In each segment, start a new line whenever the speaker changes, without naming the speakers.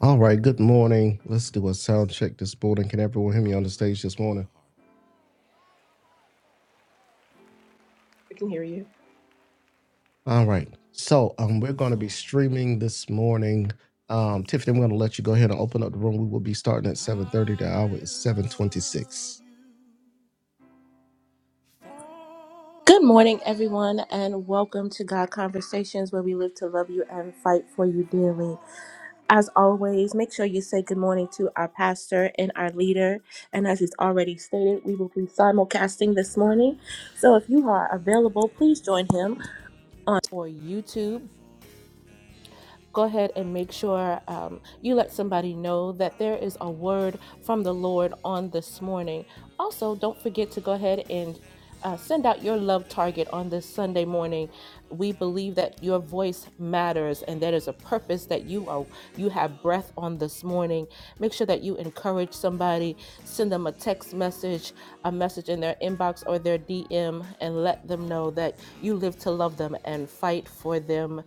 All right, good morning. Let's do a sound check this morning. Can everyone hear me on the stage this morning?
I can hear you.
All right. So um, we're going to be streaming this morning. Um, Tiffany, I'm going to let you go ahead and open up the room. We will be starting at 7.30. The hour is 7.26.
Good morning, everyone, and welcome to God Conversations, where we live to love you and fight for you dearly. As always, make sure you say good morning to our pastor and our leader. And as he's already stated, we will be simulcasting this morning. So if you are available, please join him or YouTube go ahead and make sure um, you let somebody know that there is a word from the Lord on this morning. Also, don't forget to go ahead and uh, send out your love target on this Sunday morning. We believe that your voice matters, and there is a purpose that you are you have breath on this morning. Make sure that you encourage somebody, send them a text message, a message in their inbox or their DM, and let them know that you live to love them and fight for them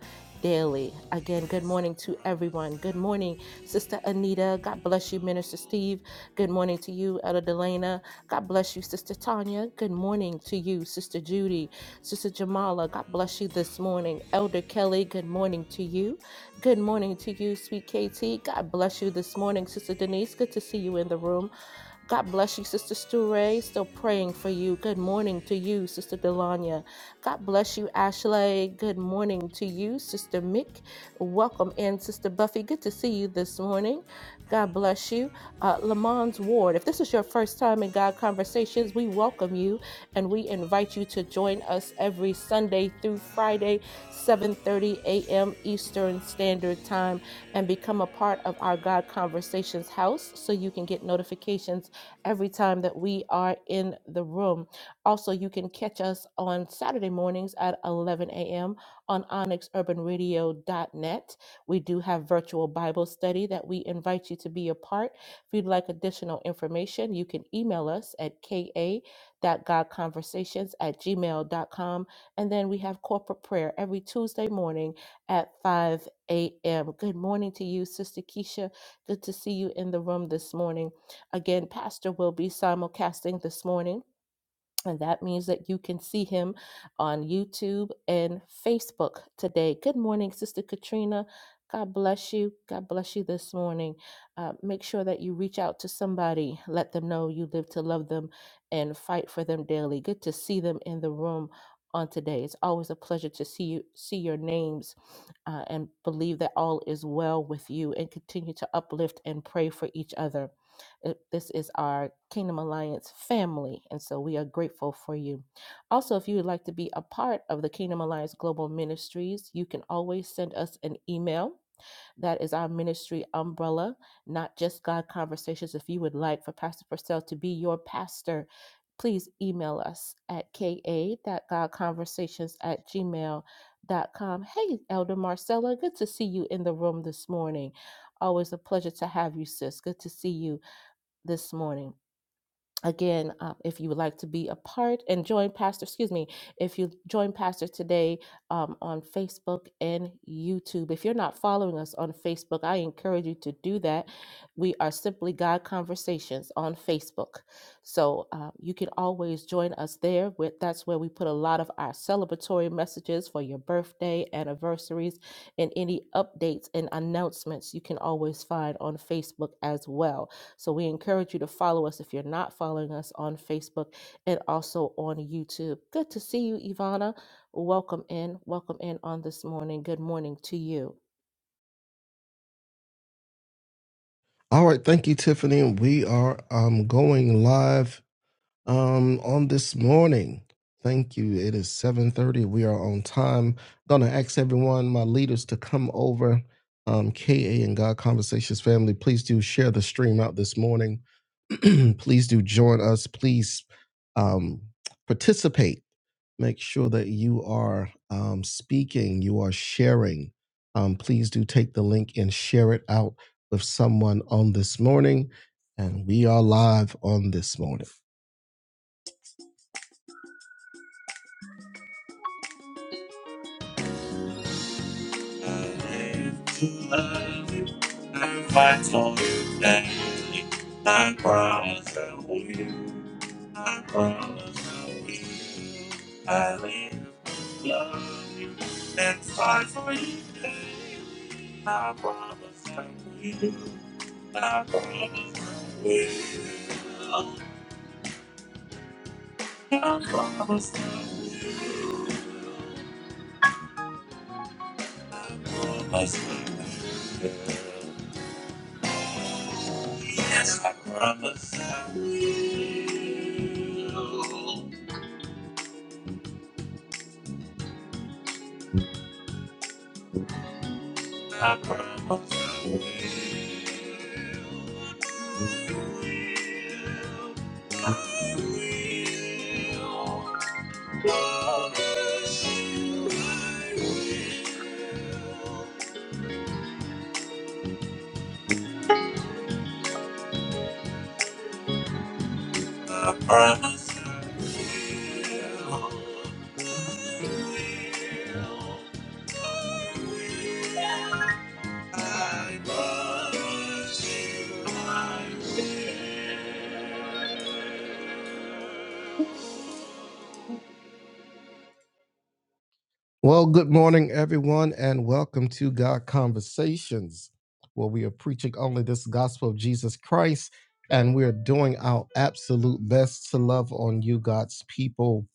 daily. Again, good morning to everyone. Good morning, Sister Anita. God bless you, Minister Steve. Good morning to you, Elder Delana. God bless you, Sister Tanya. Good morning to you, Sister Judy. Sister Jamala, God bless you this morning. Elder Kelly, good morning to you. Good morning to you, sweet KT. God bless you this morning, Sister Denise. Good to see you in the room. God bless you, Sister Stu Ray. Still praying for you. Good morning to you, Sister Delanya. God bless you, Ashley. Good morning to you, Sister Mick. Welcome in, Sister Buffy. Good to see you this morning. God bless you. Uh, Lamont's Ward, if this is your first time in God Conversations, we welcome you and we invite you to join us every Sunday through Friday, 7.30 a.m. Eastern Standard Time and become a part of our God Conversations house so you can get notifications every time that we are in the room. Also, you can catch us on Saturday mornings at 11 a.m. on onyxurbanradio.net. We do have virtual Bible study that we invite you to be a part. If you'd like additional information, you can email us at ka.godconversations at gmail.com. And then we have corporate prayer every Tuesday morning at 5 a.m. Good morning to you, Sister Keisha. Good to see you in the room this morning. Again, Pastor will be simulcasting this morning. And that means that you can see him on YouTube and Facebook today. Good morning, Sister Katrina. God bless you. God bless you this morning. Uh, make sure that you reach out to somebody. Let them know you live to love them and fight for them daily. Good to see them in the room on today. It's always a pleasure to see you, see your names, uh, and believe that all is well with you. And continue to uplift and pray for each other it- This is our Kingdom Alliance family, and so we are grateful for you. Also, if you would like to be a part of the Kingdom Alliance Global Ministries, you can always send us an email. That is our ministry umbrella, not just God Conversations. If you would like for Pastor Purcell to be your pastor, please email us at ka.godconversations at gmail.com. Hey, Elder Marcella, good to see you in the room this morning. Always a pleasure to have you, sis. Good to see you this morning. Again, uh, if you would like to be a part and join Pastor, excuse me, if you join Pastor today um, on Facebook and YouTube. If you're not following us on Facebook, I encourage you to do that. We are Simply God Conversations on Facebook. So uh, you can always join us there. With, that's where we put a lot of our celebratory messages for your birthday, anniversaries, and any updates and announcements you can always find on Facebook as well. So we encourage you to follow us if you're not following us on Facebook and also on YouTube. Good to see you, Ivana. Welcome in. Welcome in on this morning. Good morning to you.
All right. Thank you, Tiffany. We are um, going live um on this morning. Thank you. It is 7:30. We are on time. Gonna ask everyone, my leaders, to come over. Um, KA and God Conversations family, please do share the stream out this morning. please do join us. Please um, participate. Make sure that you are um, speaking, you are sharing. Um, please do take the link and share it out with someone on this morning. And we are live on this morning. I live to love you, I fight for you daily. I promise I will. I promise I will. I live to love you and fight for you daily. I promise I will. I promise I will. I promise I will. I promise I will. I promise I will. I promise I will. I promise I promise you. I will. Well, good morning, everyone, and welcome to God Conversations, where we are preaching only this gospel of Jesus Christ, and we are doing our absolute best to love on you, God's people.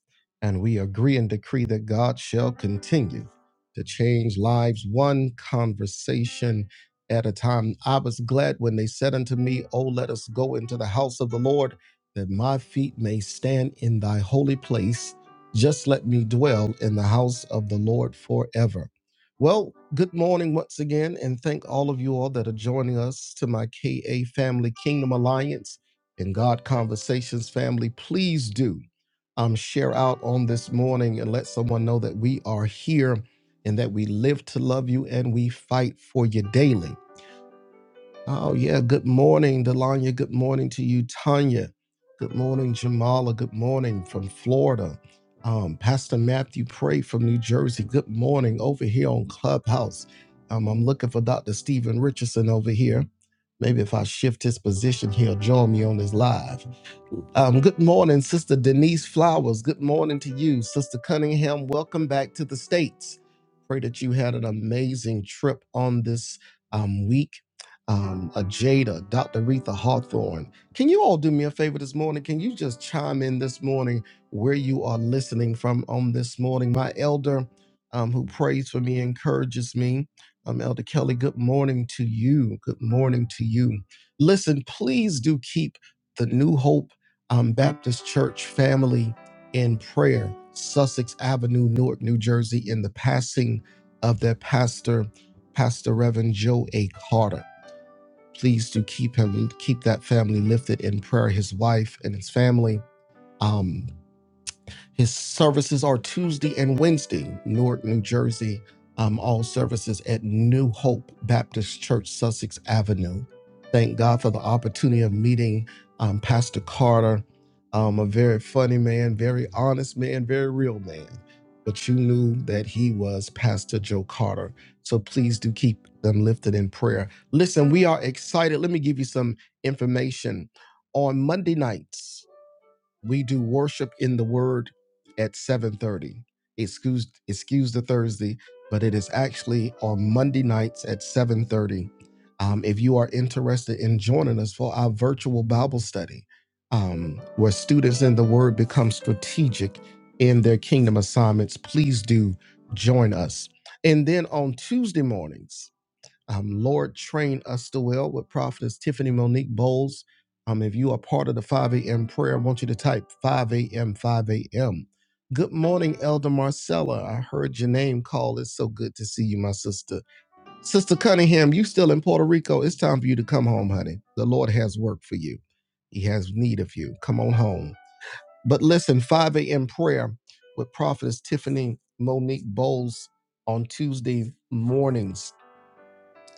And we agree and decree that God shall continue to change lives one conversation at a time. I was glad when they said unto me, Oh, let us go into the house of the Lord, that my feet may stand in thy holy place just let me dwell in the house of the Lord forever. Well, good morning once again, and thank all of you all that are joining us to my KA Family Kingdom Alliance and God Conversations family. Please do um, share out on this morning and let someone know that we are here and that we live to love you and we fight for you daily. Oh, yeah. Good morning, Delanya. Good morning to you, Tanya. Good morning, Jamala. Good morning from Florida. Um, Pastor Matthew Pray from New Jersey. Good morning over here on Clubhouse. Um, I'm looking for Dr. Stephen Richardson over here. Maybe if I shift his position, he'll join me on this live. Um, good morning, Sister Denise Flowers. Good morning to you, Sister Cunningham. Welcome back to the States. Pray that you had an amazing trip on this um, week um, a Jada, Dr. Retha Hawthorne. Can you all do me a favor this morning? Can you just chime in this morning where you are listening from on this morning? My elder, um, who prays for me, encourages me. Um, elder Kelly, good morning to you. Good morning to you. Listen, please do keep the New Hope um, Baptist Church family in prayer, Sussex Avenue, Newark, New Jersey, in the passing of their pastor, Pastor Reverend Joe A. Carter please do keep him, keep that family lifted in prayer, his wife and his family. Um, his services are Tuesday and Wednesday, Newark, New Jersey. Um, all services at New Hope Baptist Church, Sussex Avenue. Thank God for the opportunity of meeting um, Pastor Carter, um, a very funny man, very honest man, very real man. But you knew that he was Pastor Joe Carter. So please do keep them lifted in prayer. Listen, we are excited. Let me give you some information. On Monday nights, we do worship in the word at 7.30 excuse excuse the thursday but it is actually on monday nights at 7.30 um, if you are interested in joining us for our virtual bible study um, where students in the word become strategic in their kingdom assignments please do join us and then on tuesday mornings um, Lord, train us to well with prophetess Tiffany Monique Bowles. Um, if you are part of the 5 a.m. prayer, I want you to type 5 a.m. 5 a.m. Good morning, Elder Marcella. I heard your name call. It's so good to see you, my sister. Sister Cunningham, you still in Puerto Rico. It's time for you to come home, honey. The Lord has work for you. He has need of you. Come on home. But listen, 5 a.m. prayer with prophetess Tiffany Monique Bowles on Tuesday mornings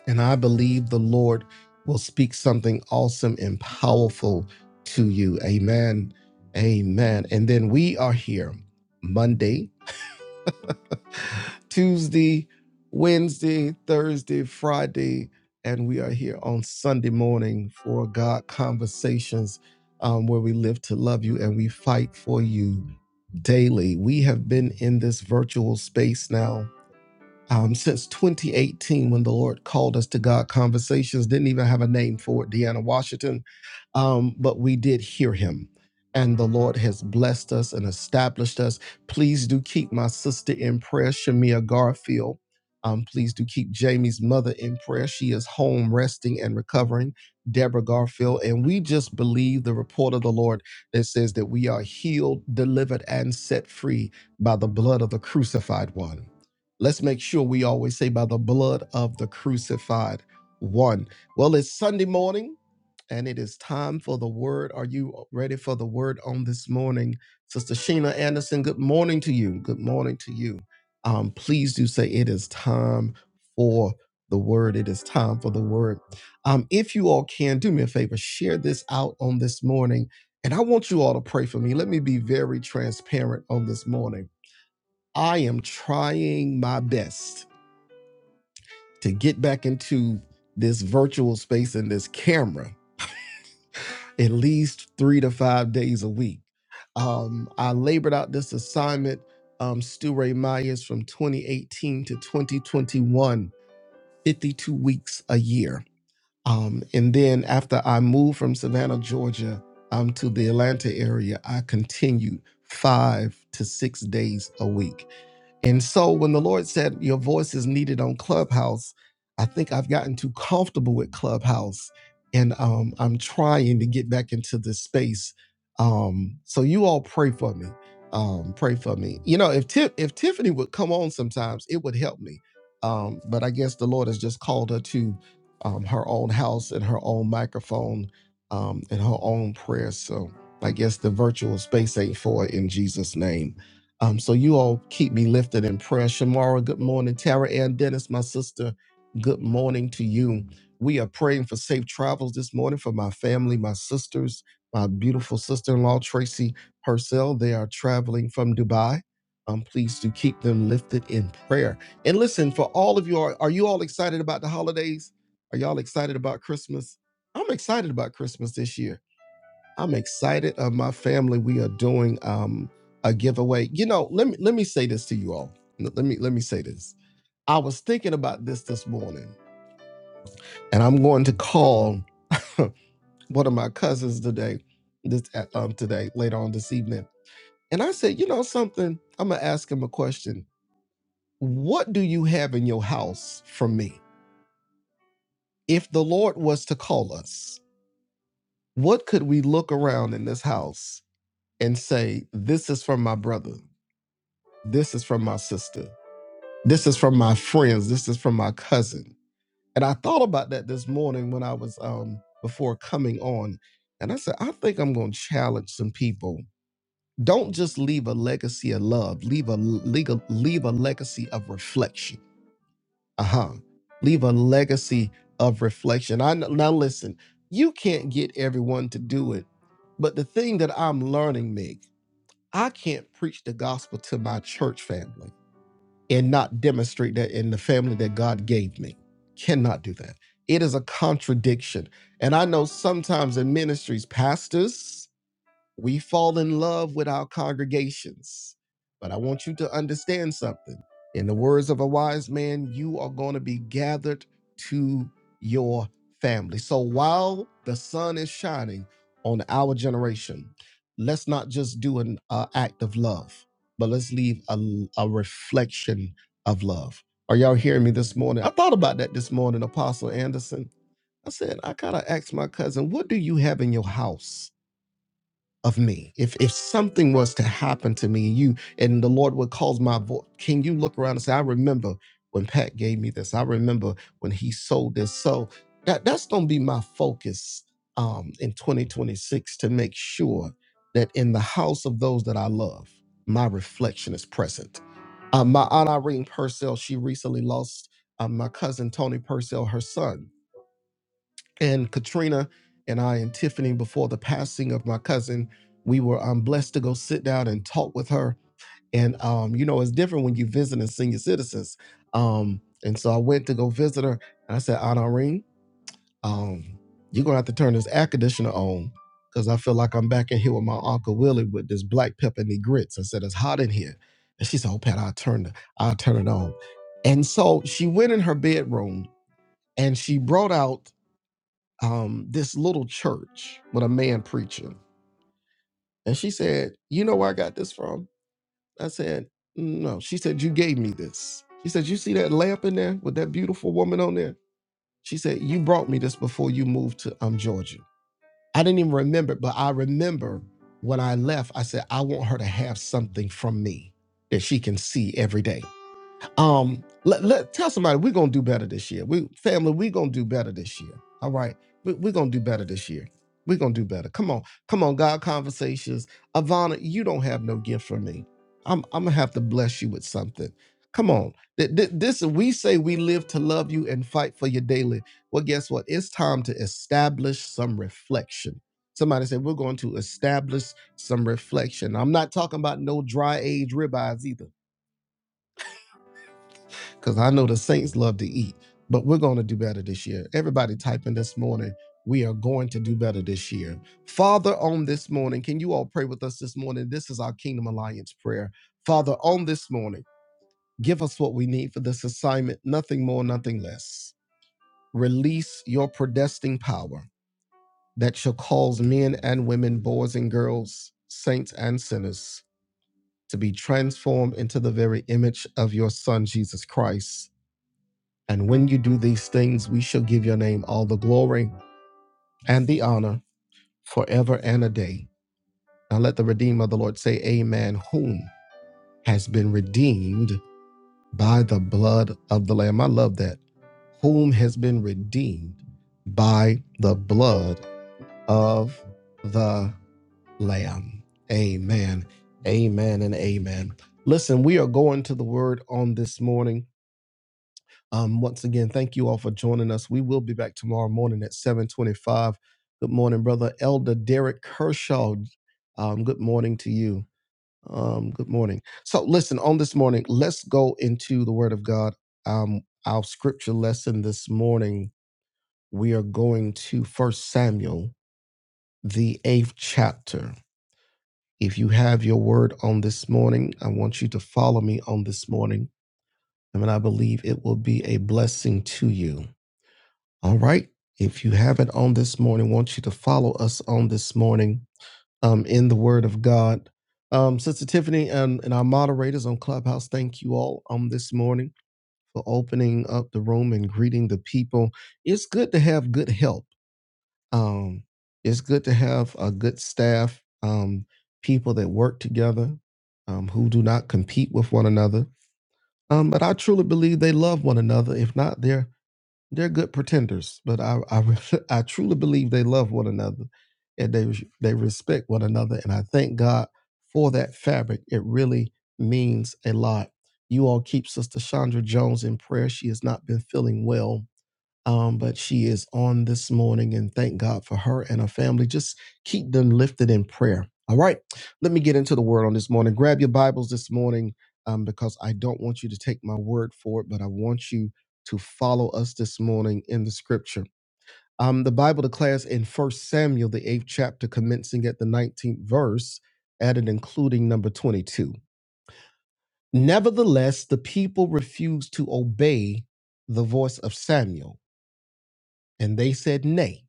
and I believe the Lord will speak something awesome and powerful to you. Amen. Amen. And then we are here Monday, Tuesday, Wednesday, Thursday, Friday, and we are here on Sunday morning for God Conversations, um, where we live to love you and we fight for you daily. We have been in this virtual space now um, since 2018 when the Lord called us to God Conversations. Didn't even have a name for it, Deanna Washington, um, but we did hear him. And the Lord has blessed us and established us. Please do keep my sister in prayer, Shamia Garfield. Um, please do keep Jamie's mother in prayer. She is home resting and recovering, Deborah Garfield. And we just believe the report of the Lord that says that we are healed, delivered, and set free by the blood of the crucified one. Let's make sure we always say by the blood of the crucified one. Well, it's Sunday morning and it is time for the word. Are you ready for the word on this morning? Sister Sheena Anderson, good morning to you. Good morning to you. Um, please do say it is time for the word. It is time for the word. Um, if you all can, do me a favor, share this out on this morning. And I want you all to pray for me. Let me be very transparent on this morning. I am trying my best to get back into this virtual space and this camera at least three to five days a week. Um, I labored out this assignment, um, Stu Ray Myers, from 2018 to 2021, 52 weeks a year. Um, and then after I moved from Savannah, Georgia, um, to the Atlanta area, I continued five to six days a week. And so when the Lord said, Your voice is needed on Clubhouse, I think I've gotten too comfortable with Clubhouse. And um, I'm trying to get back into this space. Um, so you all pray for me. Um, pray for me. You know, if Ti- if Tiffany would come on sometimes, it would help me. Um, but I guess the Lord has just called her to um, her own house and her own microphone um, and her own prayers. So I guess the virtual space ain't for it in Jesus' name. Um, so you all keep me lifted in prayer. Shamara, good morning. Tara Ann Dennis, my sister, good morning to you. We are praying for safe travels this morning for my family, my sisters, my beautiful sister-in-law, Tracy Purcell. They are traveling from Dubai. Um, please do keep them lifted in prayer. And listen, for all of you, are, are you all excited about the holidays? Are y'all excited about Christmas? I'm excited about Christmas this year. I'm excited of my family. We are doing um, a giveaway. You know, let me let me say this to you all. Let me let me say this. I was thinking about this this morning, and I'm going to call one of my cousins today, this uh, um today later on this evening. And I said, you know something? I'm gonna ask him a question. What do you have in your house from me? If the Lord was to call us, what could we look around in this house and say, this is from my brother? This is from my sister. This is from my friends. This is from my cousin. And I thought about that this morning when I was um before coming on. And I said, I think I'm going to challenge some people. Don't just leave a legacy of love. Leave a leave a, leave a legacy of reflection. Uh-huh. Leave a legacy of reflection. I kn- now listen, you can't get everyone to do it. But the thing that I'm learning, Meg, I can't preach the gospel to my church family and not demonstrate that in the family that God gave me. Cannot do that. It is a contradiction. And I know sometimes in ministries, pastors, we fall in love with our congregations. But I want you to understand something. In the words of a wise man, you are going to be gathered to your family. So while the sun is shining on our generation, let's not just do an uh, act of love, but let's leave a, a reflection of love. Are y'all hearing me this morning? I thought about that this morning, Apostle Anderson. I said, I kind of asked my cousin, what do you have in your house? of me. If if something was to happen to me and you and the Lord would cause my voice, can you look around and say, I remember when Pat gave me this. I remember when he sold this. So that that's gonna be my focus um in 2026 to make sure that in the house of those that I love, my reflection is present. Uh, my aunt Irene Purcell, she recently lost uh, my cousin Tony Purcell, her son and Katrina and I and Tiffany before the passing of my cousin, we were um, blessed to go sit down and talk with her. And um, you know, it's different when you visit as senior citizens. Um, and so I went to go visit her, and I said, Aunt Irene, um, you're gonna have to turn this air conditioner on because I feel like I'm back in here with my uncle Willie with this black pepper and the grits. I said, it's hot in here. And she said, Oh, Pat, I'll turn the, I'll turn it on. And so she went in her bedroom and she brought out um, this little church with a man preaching. And she said, You know where I got this from? I said, No. She said, You gave me this. She said, You see that lamp in there with that beautiful woman on there? She said, You brought me this before you moved to um, Georgia. I didn't even remember, it, but I remember when I left, I said, I want her to have something from me that she can see every day. Um, let, let tell somebody we're gonna do better this year. We family, we're gonna do better this year. All right. We, we're gonna do better this year. We're gonna do better. Come on, come on, God conversations. Ivana, you don't have no gift for me. I'm I'm gonna have to bless you with something. Come on. Th- th- This we say we live to love you and fight for you daily. Well, guess what? It's time to establish some reflection. Somebody said we're going to establish some reflection. I'm not talking about no dry age ribeyes either because I know the Saints love to eat, but we're going to do better this year. Everybody typing this morning. We are going to do better this year. Father, on this morning, can you all pray with us this morning? This is our Kingdom Alliance prayer. Father, on this morning, give us what we need for this assignment, nothing more, nothing less. Release your predestined power that shall cause men and women, boys and girls, saints and sinners to be transformed into the very image of your Son, Jesus Christ. And when you do these things, we shall give your name all the glory and the honor forever and a day. Now let the Redeemer of the Lord say, Amen, whom has been redeemed by the blood of the Lamb. I love that. Whom has been redeemed by the blood of the Lamb. Amen. Amen and amen. Listen, we are going to the word on this morning Um, once again, thank you all for joining us. We will be back tomorrow morning at 725. Good morning, brother Elder Derek Kershaw. Um, good morning to you. Um, good morning. So listen, on this morning, let's go into the word of God. Um, our scripture lesson this morning, we are going to First Samuel, the eighth chapter. If you have your word on this morning, I want you to follow me on this morning. I mean, I believe it will be a blessing to you. All right. If you haven't on this morning, want you to follow us on this morning um, in the Word of God. Um, Sister Tiffany and, and our moderators on Clubhouse, thank you all on this morning for opening up the room and greeting the people. It's good to have good help. Um, it's good to have a good staff, um, people that work together, um, who do not compete with one another. Um, but I truly believe they love one another. If not, they're they're good pretenders, but I I, I truly believe they love one another, and they they respect one another, and I thank God for that fabric. It really means a lot. You all keep Sister Chandra Jones in prayer. She has not been feeling well um, but she is on this morning and thank God for her and her family. Just keep them lifted in prayer. All right, let me get into the word on this morning. Grab your Bibles this morning um, because I don't want you to take my word for it, but I want you to follow us this morning in the scripture. Um, the Bible declares in First Samuel, the eighth chapter, commencing at the 19th verse, at and including number 22. Nevertheless, the people refused to obey the voice of Samuel, and they said, Nay.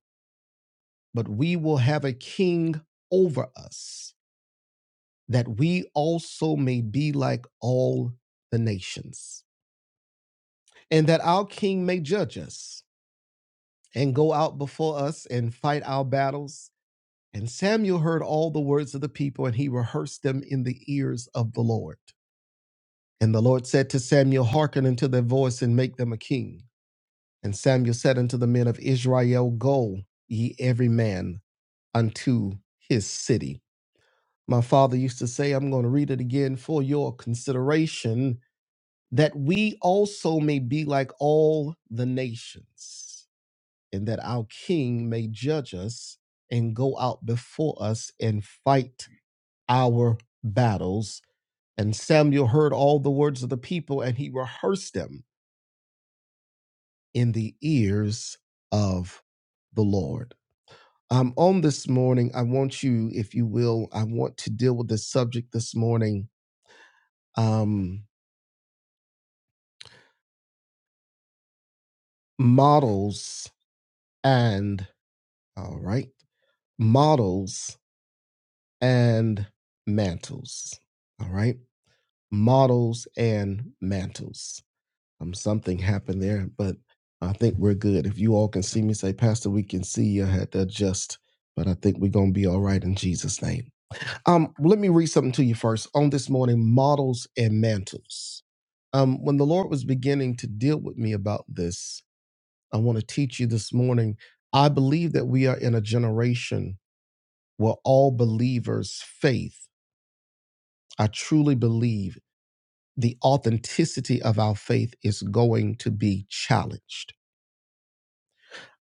but we will have a king over us, that we also may be like all the nations, and that our king may judge us, and go out before us and fight our battles. And Samuel heard all the words of the people, and he rehearsed them in the ears of the Lord. And the Lord said to Samuel, Hearken unto their voice, and make them a king. And Samuel said unto the men of Israel, Go ye every man unto his city. My father used to say, I'm going to read it again for your consideration, that we also may be like all the nations, and that our king may judge us and go out before us and fight our battles. And Samuel heard all the words of the people, and he rehearsed them in the ears of the Lord. Um, on this morning, I want you, if you will, I want to deal with this subject this morning. Um, models and all right models and mantles all right models and mantles um something happened there but i think we're good if you all can see me say pastor we can see you I had to adjust but i think we're gonna be all right in jesus name um let me read something to you first on this morning models and mantles um when the lord was beginning to deal with me about this I want to teach you this morning. I believe that we are in a generation where all believers' faith, I truly believe the authenticity of our faith is going to be challenged.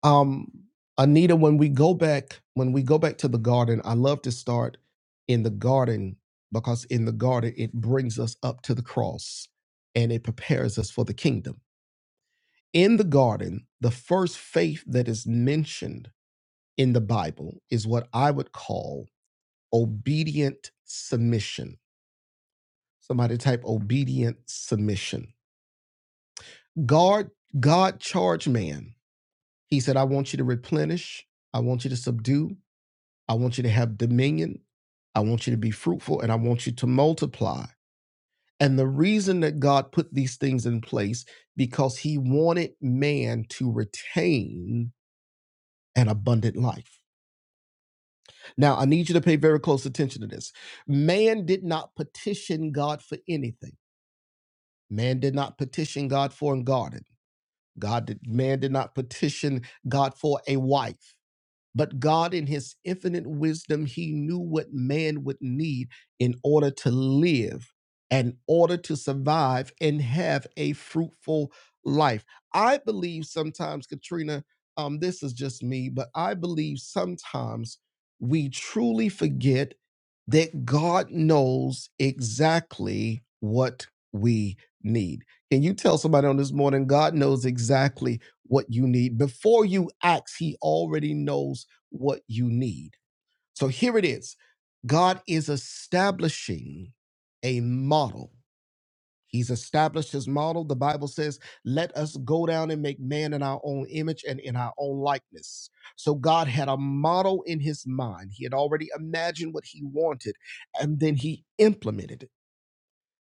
Um, Anita, when we go back, when we go back to the garden, I love to start in the garden because in the garden it brings us up to the cross and it prepares us for the kingdom. In the garden, the first faith that is mentioned in the Bible is what I would call obedient submission. Somebody type obedient submission. God, God charged man. He said, I want you to replenish, I want you to subdue, I want you to have dominion, I want you to be fruitful, and I want you to multiply. And the reason that God put these things in place because he wanted man to retain an abundant life. Now, I need you to pay very close attention to this. Man did not petition God for anything. Man did not petition God for a garden. God did, man did not petition God for a wife. But God, in his infinite wisdom, he knew what man would need in order to live, in order to survive, and have a fruitful life. I believe sometimes, Katrina, um, this is just me, but I believe sometimes we truly forget that God knows exactly what we need. Can you tell somebody on this morning, God knows exactly what you need? Before you ask, He already knows what you need. So here it is God is establishing a model. He's established his model. The Bible says, let us go down and make man in our own image and in our own likeness. So God had a model in his mind. He had already imagined what he wanted, and then he implemented it.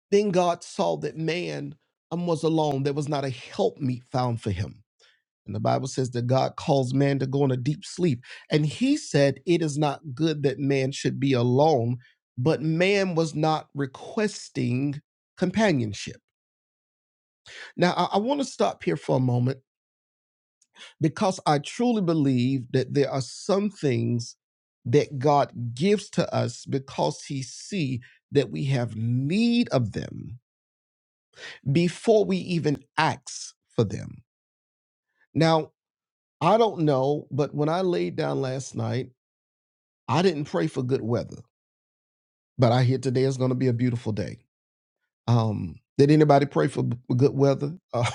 Then God saw that man um, was alone. There was not a helpmeet found for him. And the Bible says that God calls man to go in a deep sleep. And he said, It is not good that man should be alone, but man was not requesting companionship. Now, I, I want to stop here for a moment because I truly believe that there are some things that God gives to us because he see that we have need of them before we even ask for them. Now, I don't know, but when I laid down last night, I didn't pray for good weather, but I hear today is going to be a beautiful day. Um, did anybody pray for b- good weather? Uh,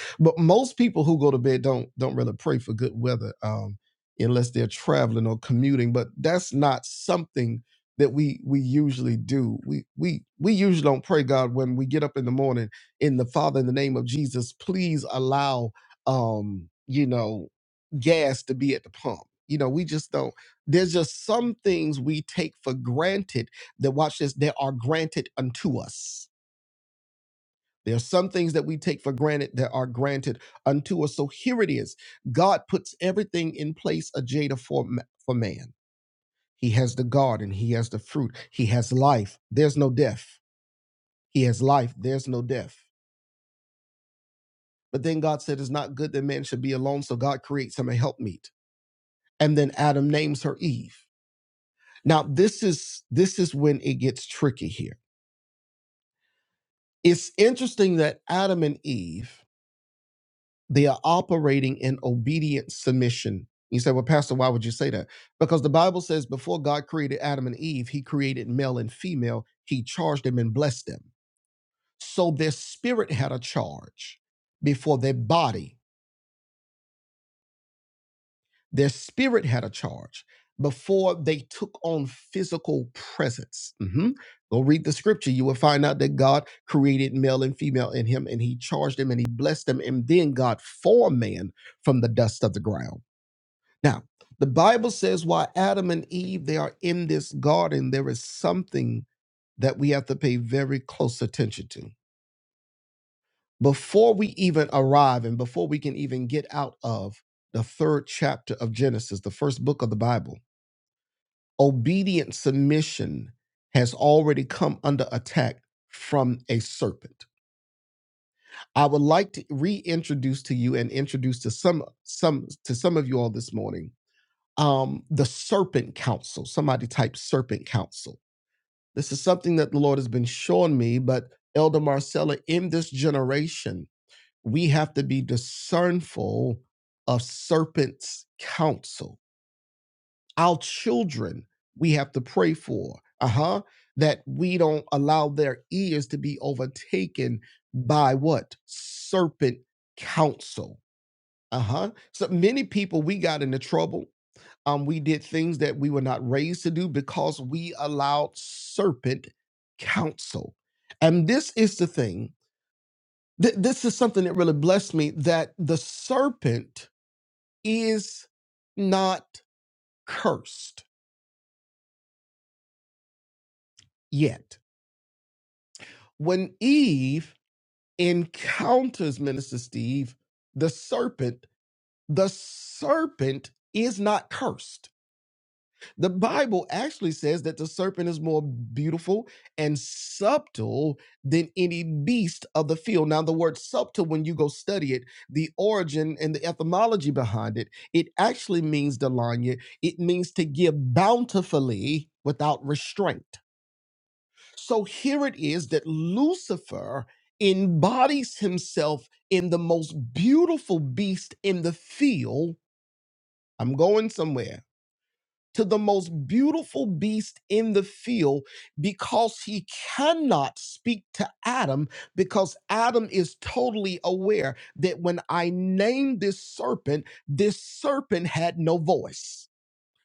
but most people who go to bed don't don't really pray for good weather, um, unless they're traveling or commuting. But that's not something that we we usually do. We we we usually don't pray God when we get up in the morning in the Father in the name of Jesus. Please allow um, you know gas to be at the pump. You know, we just don't. There's just some things we take for granted that watch this. They are granted unto us there are some things that we take for granted that are granted unto us. So here it is. God puts everything in place, a Jada, for, ma- for man. He has the garden, he has the fruit, he has life. There's no death. He has life, there's no death. But then God said, It's not good that man should be alone, so God creates him a helpmeet. And then Adam names her Eve. Now, this is this is when it gets tricky here. It's interesting that Adam and Eve They are operating in obedient submission. You say, well, Pastor, why would you say that? Because the Bible says before God created Adam and Eve, he created male and female, he charged them and blessed them. So their spirit had a charge before their body, their spirit had a charge before they took on physical presence. Mhm. Go read the scripture. You will find out that God created male and female in him, and he charged them and he blessed them. And then God formed man from the dust of the ground. Now, the Bible says while Adam and Eve they are in this garden, there is something that we have to pay very close attention to. Before we even arrive and before we can even get out of the third chapter of Genesis, the first book of the Bible, obedient submission has already come under attack from a serpent. I would like to reintroduce to you and introduce to some some to some of you all this morning um, the serpent council. Somebody type serpent council. This is something that the Lord has been showing me, but Elder Marcella, in this generation, we have to be discernful of serpent's counsel. Our children, we have to pray for, uh huh, that we don't allow their ears to be overtaken by what? Serpent counsel, uh huh. So many people we got into trouble um, we did things that we were not raised to do because we allowed serpent counsel. And this is the thing. Th- this is something that really blessed me that the serpent is not cursed yet. When Eve encounters Minister Steve, the serpent, the serpent is not cursed The Bible actually says that the serpent is more beautiful and subtle than any beast of the field. Now, the word subtle, when you go study it, the origin and the etymology behind it, it actually means, Delanya, it means to give bountifully without restraint. So here it is that Lucifer embodies himself in the most beautiful beast in the field. I'm going somewhere to the most beautiful beast in the field because he cannot speak to Adam because Adam is totally aware that when I named this serpent, this serpent had no voice.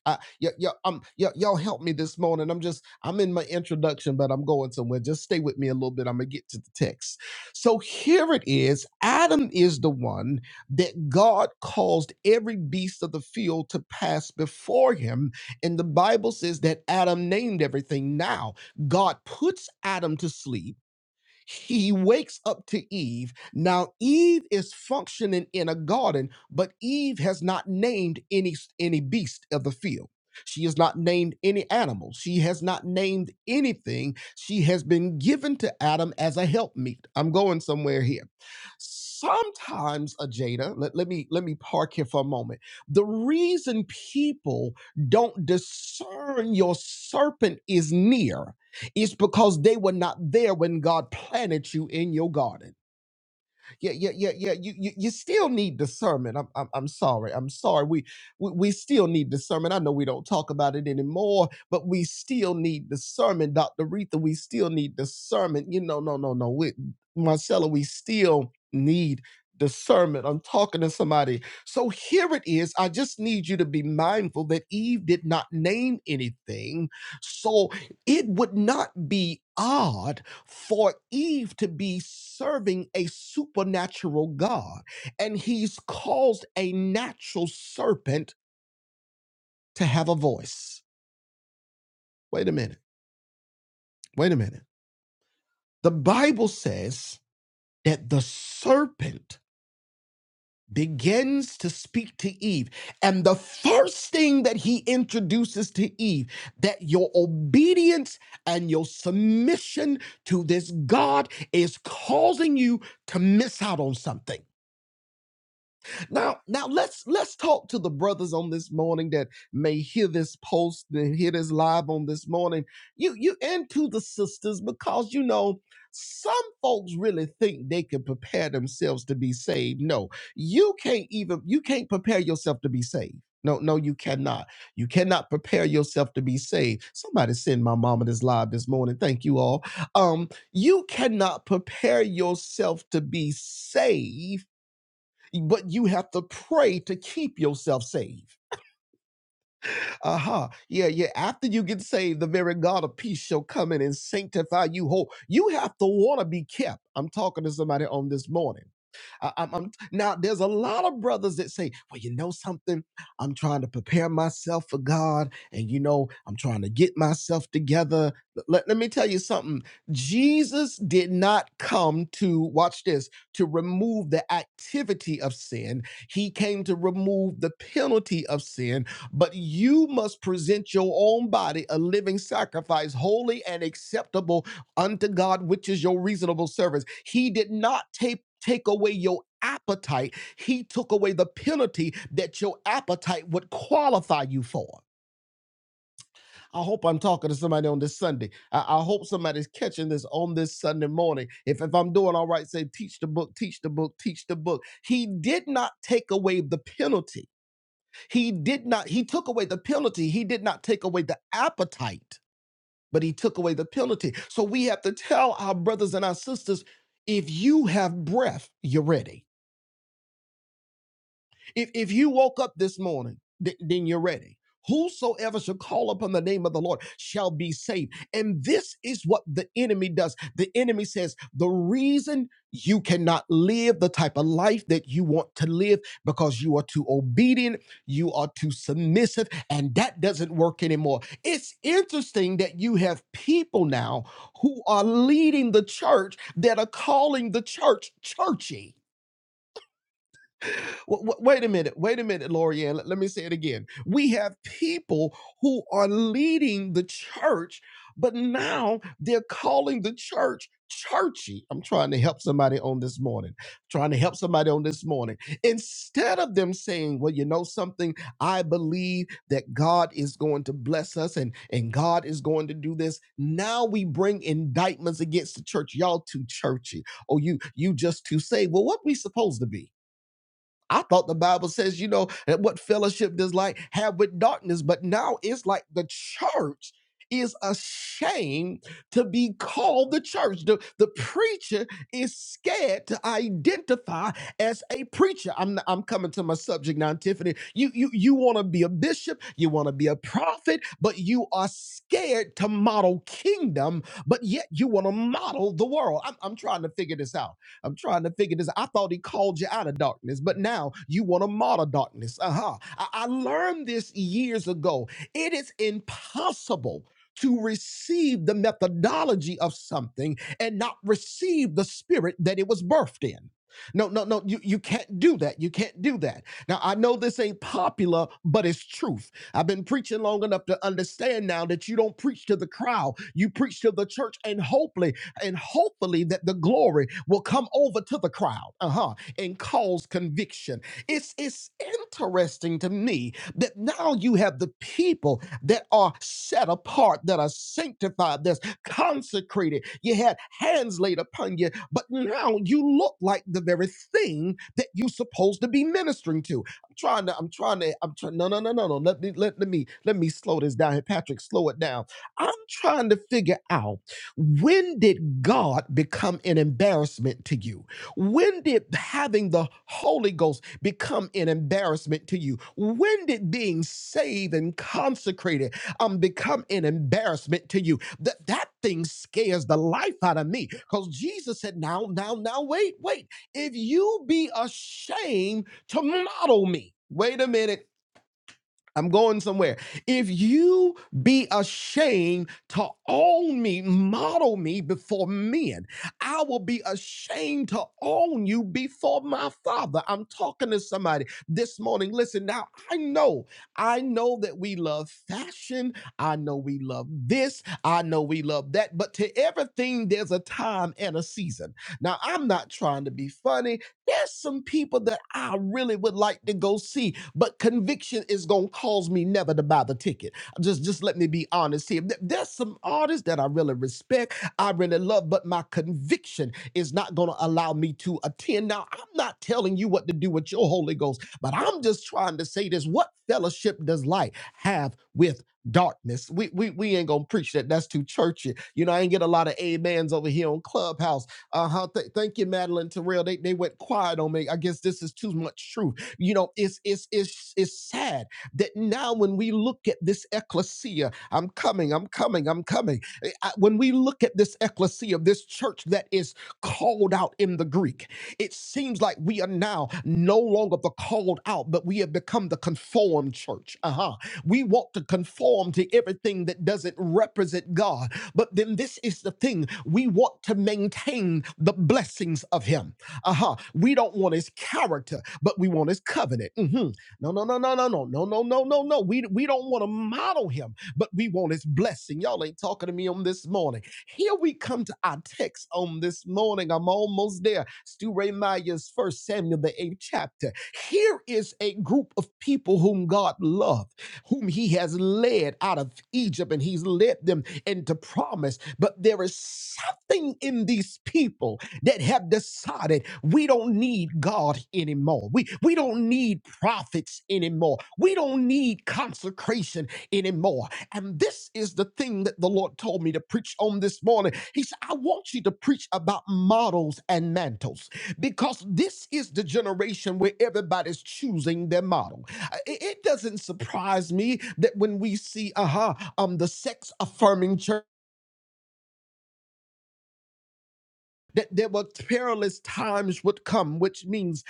I, yo, um, yo, y'all help me this morning. I'm just, I'm in my introduction, but I'm going somewhere. Just stay with me a little bit. I'm gonna get to the text. So here it is. Adam is the one that God caused every beast of the field to pass before him, and the Bible says that Adam named everything. Now God puts Adam to sleep he wakes up to Eve. Now Eve is functioning in a garden, but Eve has not named any any beast of the field. She has not named any animal. She has not named anything. She has been given to Adam as a helpmeet. I'm going somewhere here. Sometimes, Ajada, let, let me let me park here for a moment. The reason people don't discern your serpent is near it's because they were not there when God planted you in your garden yeah, yeah, yeah, yeah. You, you, you still need discernment. I'm, I'm, I'm sorry. I'm sorry. We, we, we still need discernment. I know we don't talk about it anymore, but we still need discernment, Dr. Retha. We still need discernment. You know, no, no, no. We, Marcella, we still need discernment. I'm talking to somebody. So here it is. I just need you to be mindful that Eve did not name anything. So it would not be odd for Eve to be serving a supernatural God, and he's caused a natural serpent to have a voice. Wait a minute. Wait a minute. The Bible says that the serpent begins to speak to Eve, and the first thing that he introduces to Eve that your obedience and your submission to this God is causing you to miss out on something. Now, now let's let's talk to the brothers on this morning that may hear this post and hear this live on this morning. You you and to the sisters because you know some folks really think they can prepare themselves to be saved. No, you can't even you can't prepare yourself to be saved. No, no, you cannot. You cannot prepare yourself to be saved. Somebody send my mama this live this morning. Thank you all. Um, you cannot prepare yourself to be saved but you have to pray to keep yourself saved. Uh-huh. Yeah, yeah. After you get saved, the very God of peace shall come in and sanctify you whole. You have to want to be kept. I'm talking to somebody on this morning. I, am now there's a lot of brothers that say, well, you know something, I'm trying to prepare myself for God, and you know, I'm trying to get myself together. Let, let me tell you something. Jesus did not come to watch this to remove the activity of sin. He came to remove the penalty of sin but you must present your own body a living sacrifice, holy and acceptable unto God, which is your reasonable service. He did not take, take away your appetite, He took away the penalty that your appetite would qualify you for. I hope I'm talking to somebody on this Sunday. I, I hope somebody's catching this on this Sunday morning. If, if I'm doing all right, say, teach the book, teach the book, teach the book. He did not take away the penalty he did not, he took away the penalty. He did not take away the appetite, but he took away the penalty. So we have to tell our brothers and our sisters if you have breath, you're ready. If if you woke up this morning, th- then you're ready. Whosoever shall call upon the name of the Lord shall be saved. And this is what the enemy does. The enemy says, the reason you cannot live the type of life that you want to live because you are too obedient, you are too submissive, and that doesn't work anymore. It's interesting that you have people now who are leading the church that are calling the church churchy. W- w- wait a minute, wait a minute, Lorianne. Let, let me say it again. We have people who are leading the church, but now they're calling the church churchy. I'm trying to help somebody on this morning. Trying to help somebody on this morning. Instead of them saying, well, you know something, I believe that God is going to bless us and, and God is going to do this. Now we bring indictments against the church. Y'all too churchy. Oh, you you just too saved. Well, what we supposed to be? I thought the Bible says, you know, that what fellowship does light have with darkness, but now it's like the church is ashamed to be called the church. The, the preacher is scared to identify as a preacher. I'm I'm coming to my subject now, Tiffany. You you you want to be a bishop, you want to be a prophet, but you are scared to model kingdom, but yet you want to model the world. I'm, I'm trying to figure this out. I'm trying to figure this. I thought he called you out of darkness, but now you want to model darkness. Uh huh. I, I learned this years ago. It is impossible to receive the methodology of something and not receive the spirit that it was birthed in. No, no, no, you, you can't do that. You can't do that. Now, I know this ain't popular, but it's truth. I've been preaching long enough to understand now that you don't preach to the crowd, you preach to the church, and hopefully and hopefully that the glory will come over to the crowd, uh-huh, and cause conviction. It's it's interesting to me that now you have the people that are set apart, that are sanctified, that's consecrated. You had hands laid upon you, but now you look like the very thing that you're supposed to be ministering to. I'm trying to, I'm trying to, I'm trying. No, no, no, no, no. Let me, let, let me, let me slow this down here, Patrick. Slow it down. I'm trying to figure out. When did God become an embarrassment to you? When did having the Holy Ghost become an embarrassment to you? When did being saved and consecrated um become an embarrassment to you? That that thing scares the life out of me. Because Jesus said, Now, now, now, wait, wait. If you be ashamed to model me. Wait a minute. I'm going somewhere. If you be ashamed to own me, model me before men, I will be ashamed to own you before my father. I'm talking to somebody this morning. Listen, now I know, I know that we love fashion. I know we love this. I know we love that. But to everything, there's a time and a season. Now, I'm not trying to be funny. There's some people that I really would like to go see but conviction is gonna cause me never to buy the ticket. Just just let me be honest here. There- There's some artists that I really respect, I really love, but my conviction is not gonna allow me to attend. Now, I'm not telling you what to do with your Holy Ghost, but I'm just trying to say this. What fellowship does light have with darkness? We we we ain't gonna preach that. That's too churchy. You know, I ain't get a lot of amens over here on Clubhouse. Uh-huh. Th- thank you, Madeline Terrell. They they went quiet on me. I guess this is too much truth. You know, it's it's it's it's sad that now when we look at this ecclesia, I'm coming, I'm coming, I'm coming. Eh, I- When we look at this ecclesia, this church that is called out in the Greek, it seems like we are now no longer the called out, but we have become the conformed church. Uh-huh. We want to conform to everything that doesn't represent God. But then this is the thing we want to maintain the blessings of Him. Uh-huh. We don't want his character, but we want his covenant. Mhm. No, no, no, no, no, no, no, no, no, no, no. We, we don't want to model him, but we want his blessing. Y'all ain't talking to me on this morning. Here we come to our text on this morning. I'm almost there. Stu Ray Meyer's first Samuel, the eighth chapter. Here is a group of people whom God loved, whom he has led out of Egypt, and he's led them into promise. But there is something in these people that have decided we don't need God anymore. We, we don't need prophets anymore. We don't need consecration anymore. And this is the thing that the Lord told me to preach on this morning. He said, I want you to preach about models and mantles because this is the generation where everybody's choosing their model. Uh, It, it doesn't surprise me that when we see, uh huh, um, the sex affirming church. that there were perilous times would come, which means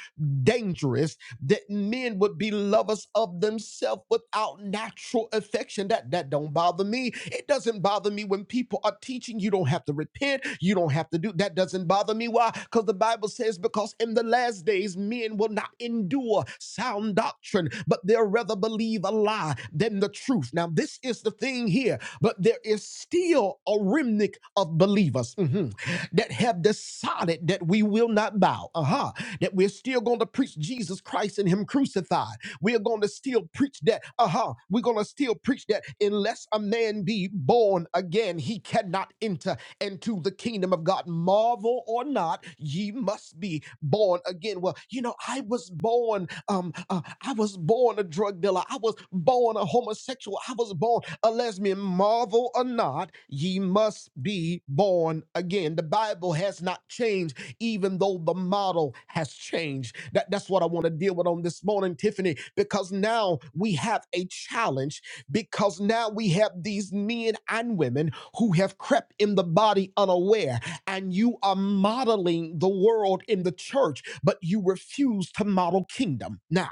dangerous, that men would be lovers of themselves without natural affection. That that don't bother me. It doesn't bother me when people are teaching you don't have to repent, you don't have to do that doesn't bother me. Why? Because the Bible says, because in the last days men will not endure sound doctrine, but they'll rather believe a lie than the truth. Now, this is the thing here, but there is still a remnant of believers mhm, that have decided that we will not bow, uh-huh, that we're still going to preach Jesus Christ and Him crucified. We're going to still preach that, uh-huh, we're going to still preach that unless a man be born again, he cannot enter into the kingdom of God. Marvel or not, ye must be born again. Well, you know, I was born born, um, uh, I was born a drug dealer. I was born a homosexual. I was born a lesbian. Marvel or not, ye must be born again. The Bible has not changed, even though the model has changed. That, that's what I want to deal with on this morning, Tiffany, because now we have a challenge because now we have these men and women who have crept in the body unaware and you are modeling the world in the church, but you refuse to model kingdom. Now,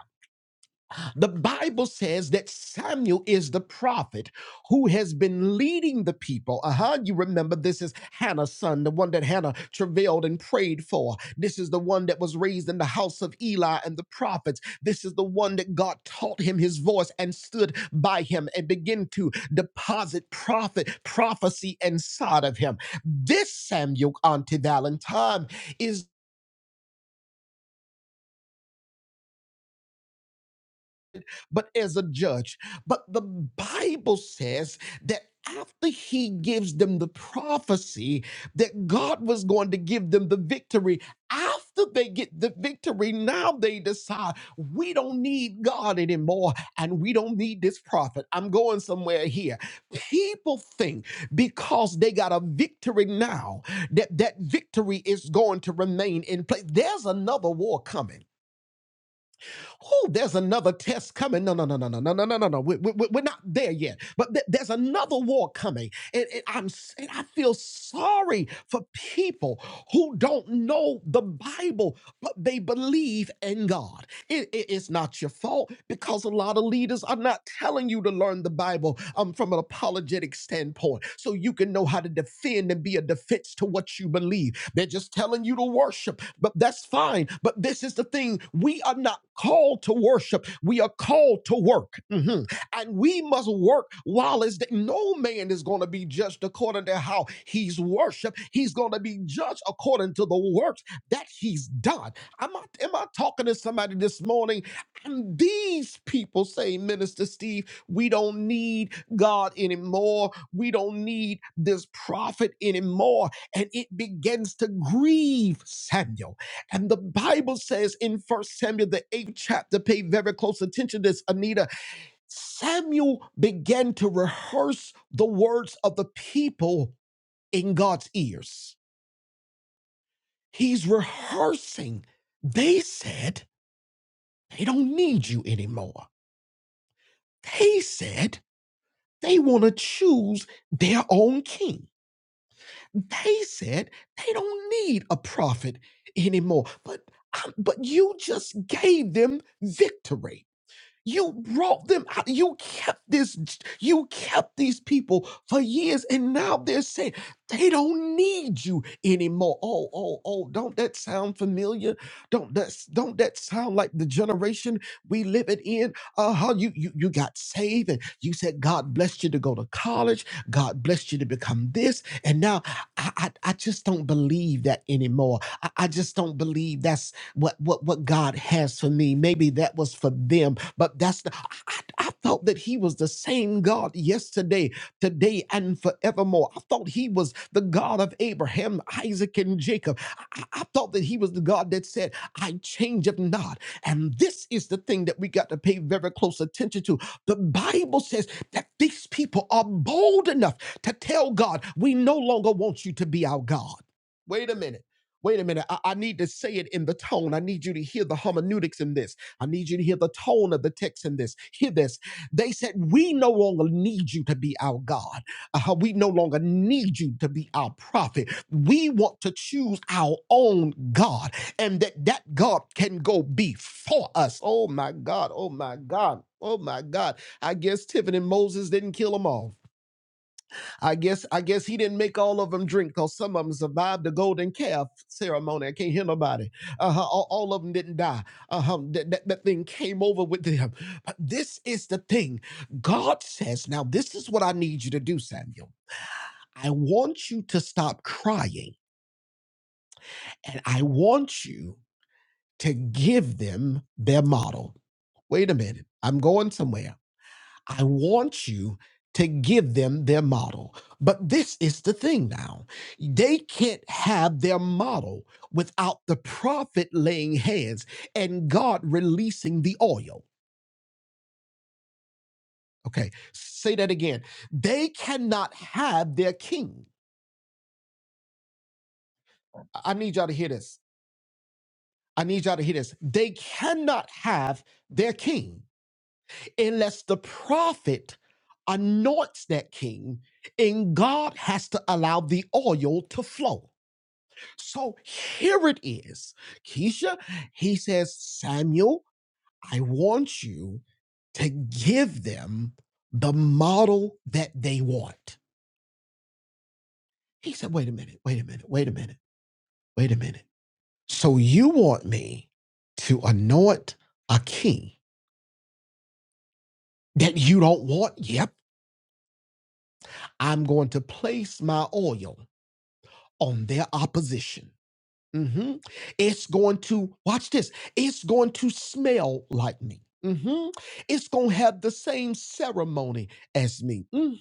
the Bible says that Samuel is the prophet who has been leading the people. Uh huh. You remember this is Hannah's son, the one that Hannah travailed and prayed for. This is the one that was raised in the house of Eli and the prophets. This is the one that God taught him his voice and stood by him and began to deposit prophet prophecy inside of him. This Samuel Auntie Valentine is. but as a judge. But the Bible says that after he gives them the prophecy that God was going to give them the victory, after they get the victory, now they decide we don't need God anymore and we don't need this prophet. I'm going somewhere here. People think because they got a victory now that that victory is going to remain in place. There's another war coming. Oh, there's another test coming. No, no, no, no, no, no, no, no, no, no. We, we, we- we're not there yet. But th- there's another war coming. And, and I'm s- and I feel sorry for people who don't know the Bible, but they believe in God. It, it- it's not your fault because a lot of leaders are not telling you to learn the Bible um, from an apologetic standpoint so you can know how to defend and be a defense to what you believe. They're just telling you to worship, but that's fine. But this is the thing we are not called to worship, we are called to work. Mhm and we must work while it's day. No man is going to be judged according to how he's worshiped. He's going to be judged according to the works that he's done. Am I, am I talking to somebody this morning? And these people say, Minister Steve, we don't need God anymore. We don't need this prophet anymore. And it begins to grieve Samuel. And the Bible says in First Samuel, the eighth chapter, pay very close attention to this, Anita. Samuel began to rehearse the words of the people in God's ears. He's rehearsing. They said they don't need you anymore. They said they want to choose their own king. They said they don't need a prophet anymore. But I- but you just gave them victory. You brought them out. You kept this, you kept these people for years, and now they're saying they don't need you anymore. Oh, oh, oh, don't that sound familiar? Don't that don't that sound like the generation we live it in? Uh-huh. You you you got saved and you said God blessed you to go to college, God blessed you to become this, and now I I, I just don't believe that anymore. I, I just don't believe that's what what what God has for me. Maybe that was for them, but that's the I, I I thought that He was the same God yesterday, today, and forevermore. I thought He was the God of Abraham, Isaac, and Jacob. I, I I thought that He was the God that said, "I change if not." And this is the thing that we got to pay very close attention to. The Bible says that these people are bold enough to tell God, "We no longer want you to be our God." Wait a minute. Wait a minute. I, I need to say it in the tone. I need you to hear the hermeneutics in this. I need you to hear the tone of the text in this. Hear this. They said, We no longer need you to be our God. Uh, we no longer need you to be our prophet. We want to choose our own God and that that God can go before us. Oh my God. Oh my God. Oh my God. I guess Tiffany Moses didn't kill them all. I guess I guess he didn't make all of them drink because some of them survived the golden calf ceremony. I can't hear nobody. Uh-huh, all, all of them didn't die. Uh-huh, that, that, that thing came over with them. But this is the thing. God says, now this is what I need you to do, Samuel. I want you to stop crying and I want you to give them their model. Wait a minute. I'm going somewhere. I want you to give them their model. But this is the thing now they can't have their model without the prophet laying hands and God releasing the oil. Okay, say that again. They cannot have their king. I I need y'all to hear this. I need y'all to hear this. They cannot have their king unless the prophet anoints that king and God has to allow the oil to flow. So here it is. Keisha, he says, Samuel, I want you to give them the model that they want. He said, wait a minute, wait a minute, wait a minute, wait a minute. So you want me to anoint a king that you don't want? Yep, I'm going to place my oil on their opposition. hmm It's going to, watch this, it's going to smell like me. hmm It's going to have the same ceremony as me. hmm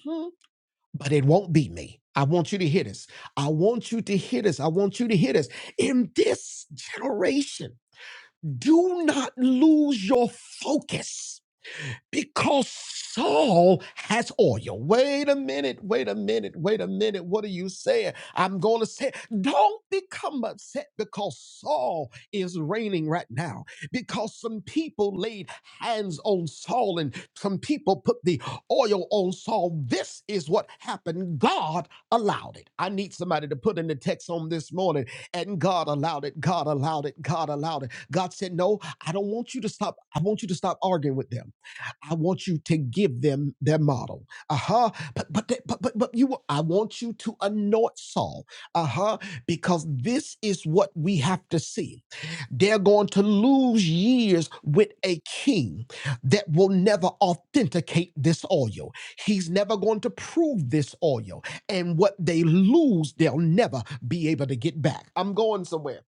But it won't be me. I want you to hear this. I want you to hear this. I want you to hear this. In this generation, do not lose your focus because Saul has oil. Wait a minute, wait a minute, wait a minute. What are you saying? I'm going to say, don't become upset because Saul is reigning right now. Because some people laid hands on Saul and some people put the oil on Saul. This is what happened. God allowed it. I need somebody to put in the text on this morning, and God allowed it. God allowed it. God allowed it. God said, No, I don't want you to stop. I want you to stop arguing with them. I want you to give them their model. Uh-huh. But but they- but but, but you I want you to anoint Saul. Uh-huh. Because this is what we have to see. They're going to lose years with a king that will never authenticate this oil. He's never going to prove this oil. And what they lose, they'll never be able to get back. I'm going somewhere.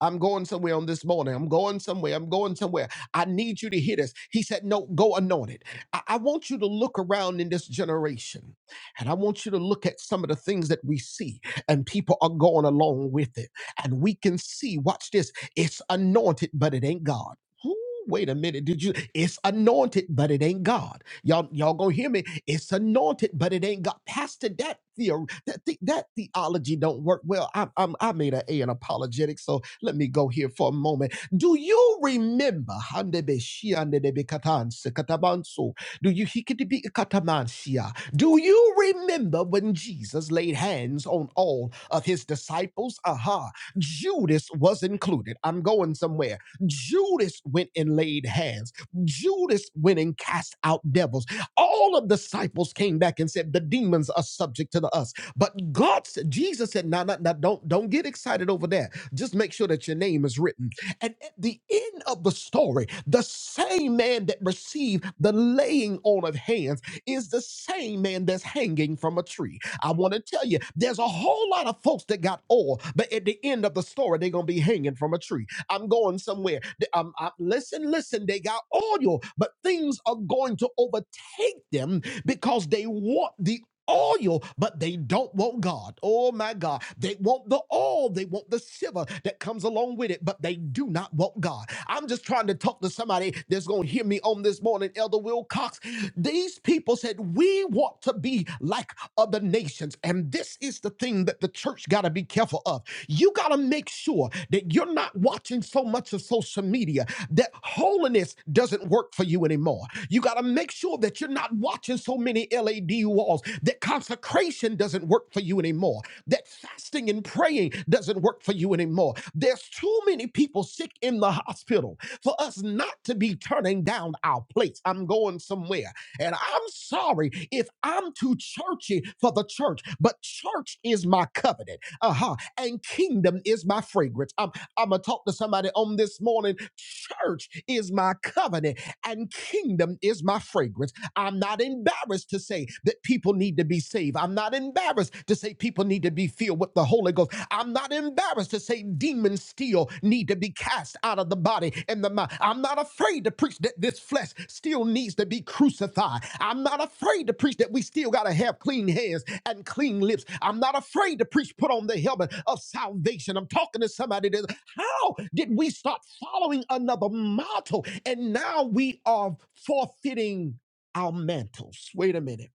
I'm going somewhere on this morning. I'm going somewhere. I'm going somewhere. I need you to hear this. He said, No, go anointed. I, I want you to look around in this generation and I want you to look at some of the things that we see, and people are going along with it. And we can see, watch this, it's anointed, but it ain't God. Ooh, Wait a minute, did you? It's anointed, but it ain't God. Y'all, y'all gonna hear me? It's anointed, but it ain't God. Pastor, that theory, that, the, that theology don't work well. I, I'm, I made an A in apologetics, so let me go here for a moment do you remember? Handebe shi Handebeshi, handebekatan, sekatabanso. Do you hikidibi katamansia? Do you remember when Jesus laid hands on all of his disciples? Aha, Judas was included. I'm going somewhere. Judas went and laid hands. Judas went and cast out devils. All of the disciples came back and said, "The demons are subject to the us." But God, said, Jesus said, "No, no, no, don't, don't get excited over that. Just make sure that your name is written. And at the end of the story, the same man that received the laying on of hands is the same man that's hanging from a tree. I want to tell you, there's a whole lot of folks that got oil, but at the end of the story, they're going to be hanging from a tree. I'm going somewhere. Th- um, I- listen, listen, they got oil, but things are going to overtake hate them because they want the oil, but they don't want God. Oh my God. They want the oil, they want the silver that comes along with it, but they do not want God. I'm just trying to talk to somebody that's going to hear me on this morning, Elder Will Cox. These people said, We want to be like of the nations. And this is the thing that the church got to be careful of. You got to make sure that you're not watching so much of social media that holiness doesn't work for you anymore. You got to make sure that you're not watching so many LED walls, that consecration doesn't work for you anymore, that fasting and praying doesn't work for you anymore. There's too many people sick in the hospital for us not to be turning down our plates. I'm going somewhere. And I'm sorry if I'm too churchy for the church, but church is my covenant. Uh-huh. And kingdom is my fragrance. I'm, I'm going to talk to somebody on this morning. Church is my covenant and kingdom is my fragrance. I'm not embarrassed to say that people need to be saved. I'm not embarrassed to say people need to be filled with the Holy Ghost. I'm not embarrassed embarrassed to say demons still need to be cast out of the body and the mind. I'm not afraid to preach that this flesh still needs to be crucified. I'm not afraid to preach that we still got to have clean hands and clean lips. I'm not afraid to preach put on the helmet of salvation. I'm talking to somebody that how did we start following another motto and now we are forfeiting our mantles? Wait a minute.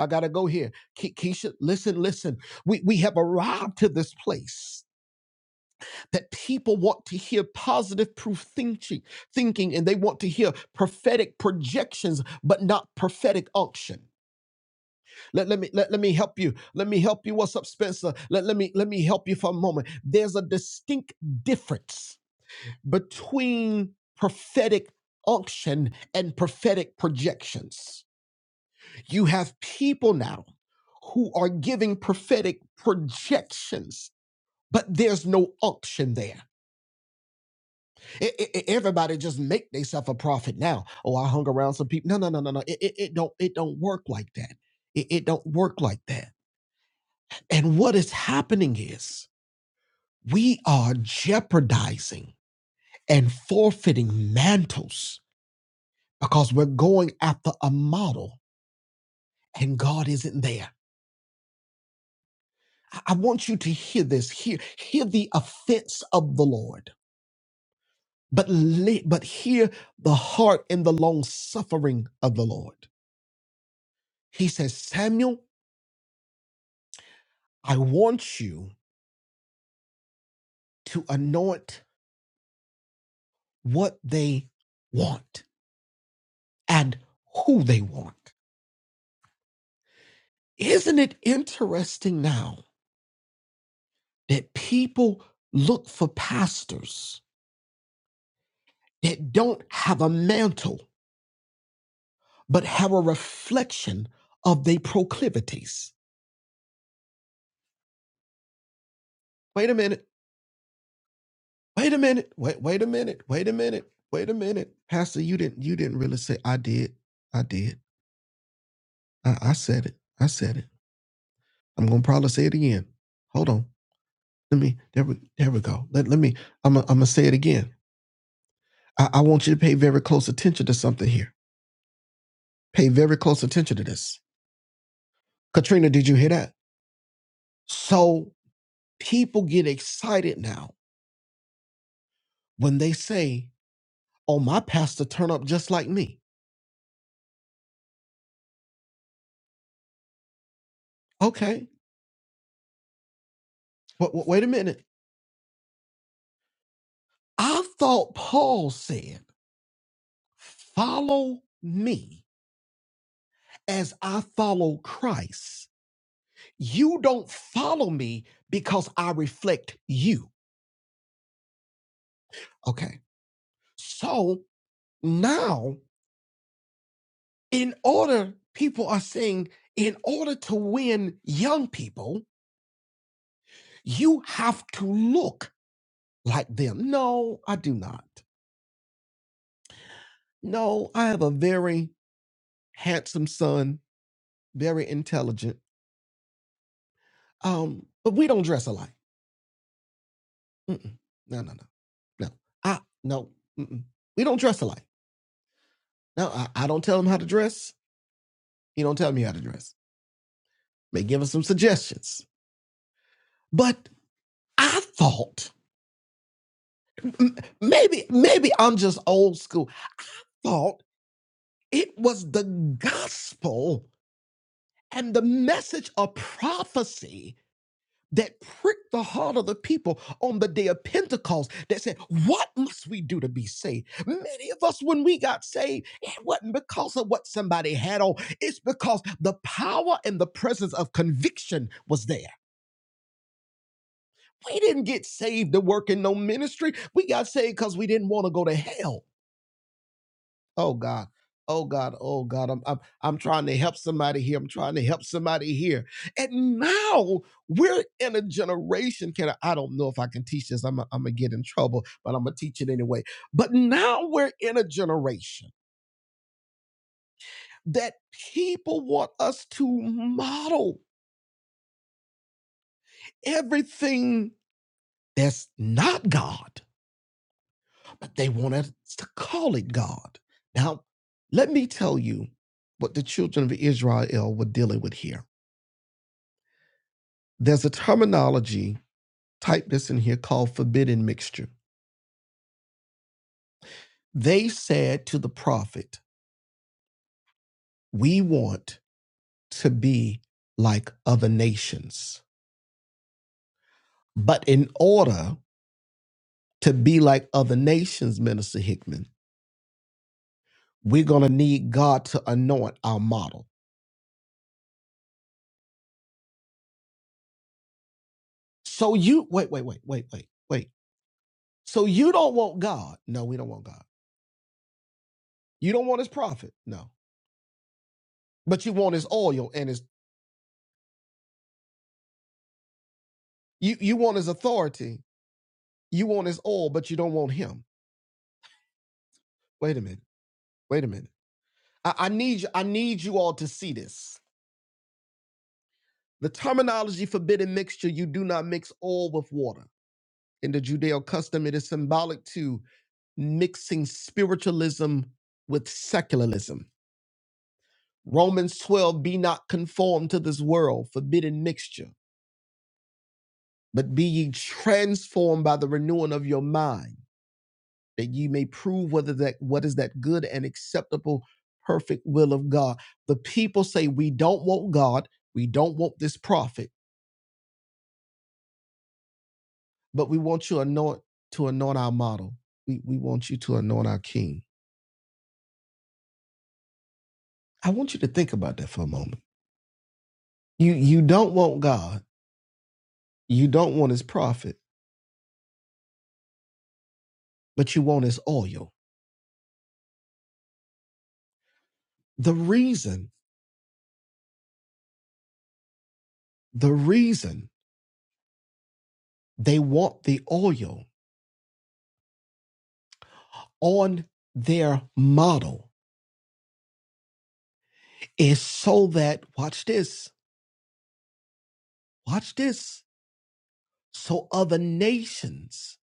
I got to go here. Ke- Keisha, listen, listen. We, we have arrived to this place that people want to hear positive proof thinking, thinking, and they want to hear prophetic projections, but not prophetic unction. Let, let me let, let me help you. Let me help you. What's up, Spencer? Let, let me let me help you for a moment. There's a distinct difference between prophetic unction and prophetic projections. You have people now who are giving prophetic projections, but there's no unction there It, it, it- everybody just make themselves a prophet now. Oh, I hung around some people. No, no, no, no, no. It, it, it don't it don't work like that. It, it don't work like that. And what is happening is we are jeopardizing and forfeiting mantles because we're going after a model and God isn't there. I I want you to hear this. Hear, hear the offense of the Lord, but li- but hear the heart and the long suffering of the Lord. He says, Samuel I want you to anoint what they want and who they want. Isn't it interesting now that people look for pastors that don't have a mantle but have a reflection of their proclivities? Wait a minute. Wait a minute. Wait wait a minute. Wait a minute. Wait a minute. Pastor, you didn't you didn't really say I did. I did. I, I said it. I said it. I'm gonna probably say it again. Hold on. Let me there we there we go. Let, let me I'm going I'm gonna say it again. I, I want you to pay very close attention to something here. Pay very close attention to this. Katrina, did you hear that? So people get excited now when they say, Oh, my pastor turn up just like me. Okay, but but wait a minute. I thought Paul said, follow me as I follow Christ. You don't follow me because I reflect you. Okay. So. Now, in order, people are saying, in order to win young people, you have to look like them. No, I do not. No, I have a very handsome son, very intelligent. Um, but we don't dress alike. Mm-mm. No, no, no, no. I no. Mm-mm. We don't dress alike. No, I, I don't tell him how to dress. He don't tell me how to dress. May give us some suggestions. But I thought M- maybe maybe I'm just old school. Thought it was the gospel and the message of prophecy that pricked the heart of the people on the day of Pentecost that said, What must we do to be saved? Many of us, when we got saved, it wasn't because of what somebody had on, it's because the power and the presence of conviction was there. We didn't get saved to work in no ministry. We got saved because we didn't want to go to hell. Oh God. Oh God. Oh God. I'm, I'm I'm trying to help somebody here. I'm trying to help somebody here. And now we're in a generation. Can I, I don't know if I can teach this. I'm i I'm gonna get in trouble, but I'm gonna teach it anyway. But now we're in a generation that people want us to model everything that's not God, but they want us to call it God. Now, let me tell you what the children of Israel were dealing with here There's a terminology, type this in here, called forbidden mixture. They said to the prophet, We want to be like other nations. But in order to be like other nations, Minister Hickman, we're going to need God to anoint our model. So you, wait, wait, wait, wait, wait, wait. So you don't want God. No, we don't want God. You don't want his prophet. No. But you want his oil and his, you, you want his authority. You want his oil, but you don't want him. Wait a minute. Wait a minute. I, I need you, I need you all to see this. The terminology forbidden mixture, you do not mix oil with water. In the Judeo custom, it is symbolic to mixing spiritualism with secularism. Romans 12, be not conformed to this world, forbidden mixture, but be ye transformed by the renewing of your mind that ye may prove whether that what is that good and acceptable perfect will of God. The people say we don't want God, we don't want this prophet, but we want you anoint to anoint our model. We we want you to anoint our king. I want you to think about that for a moment. You you don't want God, you don't want his prophet, but you want his oil. The reason, the reason they want the oil on their model is so that watch this Watch this. So other nations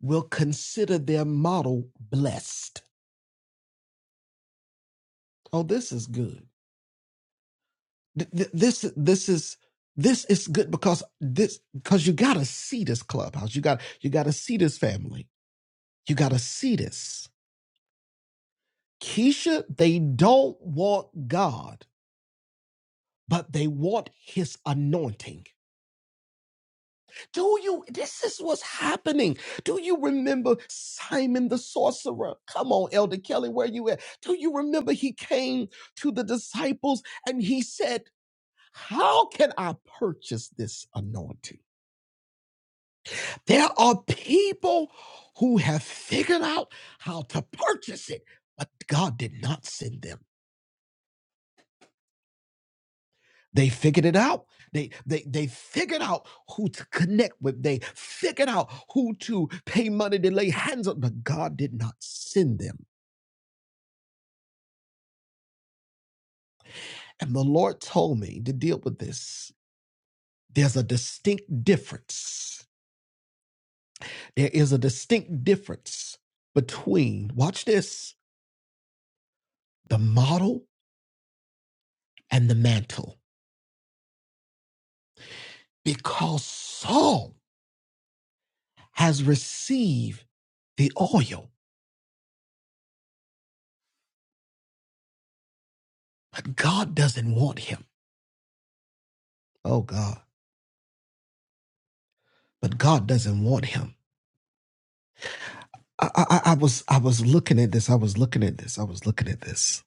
will consider their model blessed. Oh, this is good. Th- th- This this is this is good because this because you gotta see this clubhouse. You got you gotta see this family. You gotta see this. Keisha, they don't want God, but they want his anointing. Do you, this is what's happening. Do you remember Simon the sorcerer? Come on, Elder Kelly, where you at? Do you remember he came to the disciples and he said, How can I purchase this anointing? There are people who have figured out how to purchase it, but God did not send them. They figured it out. They they they figured out who to connect with. They figured out who to pay money to lay hands on, but God did not send them. And the Lord told me to deal with this. There's a distinct difference. There is a distinct difference between, watch this, the model and the mantle. Because Saul has received the oil, but God doesn't want him. Oh God. But God doesn't want him. I, I, I was I was looking at this. I was looking at this. I was looking at this,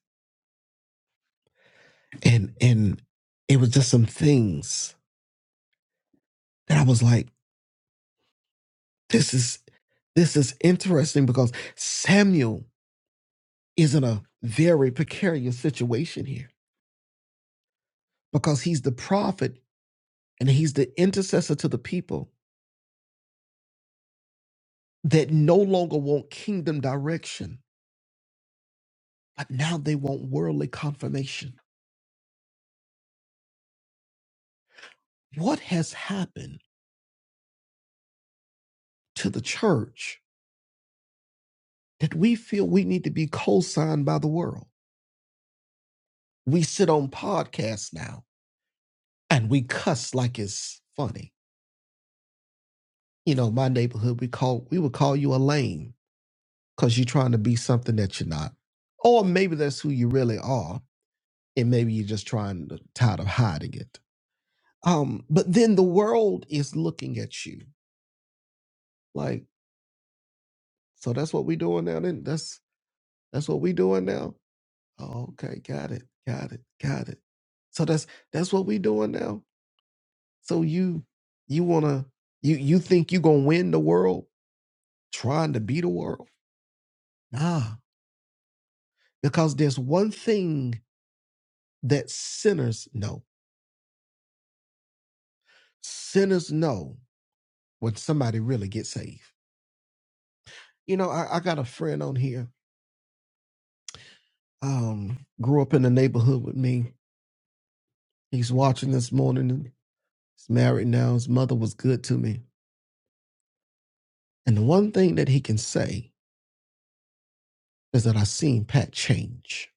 and and it was just some things that I was like, this is this is interesting because Samuel is in a very precarious situation here because he's the prophet and he's the intercessor to the people that no longer want kingdom direction, but now they want worldly confirmation. What has happened to the church that we feel we need to be co-signed by the world? We sit on podcasts now and we cuss like it's funny. You know, my neighborhood, we call we would call you a lame because you're trying to be something that you're not. Or maybe that's who you really are, and maybe you're just trying to tired of hiding it. Um, but then the world is looking at you like, so that's what we doing now. Then that's that's what we doing now. Oh, okay, got it, got it, got it. So that's that's what we doing now. So you you wanna you you think you gonna win the world trying to be the world? Nah, because there's one thing that sinners know. Sinners know when somebody really gets saved. You know, I, I got a friend on here. Um, grew up in the neighborhood with me. He's watching this morning. and He's married now. His mother was good to me. And the one thing that he can say is that I seen Pat change.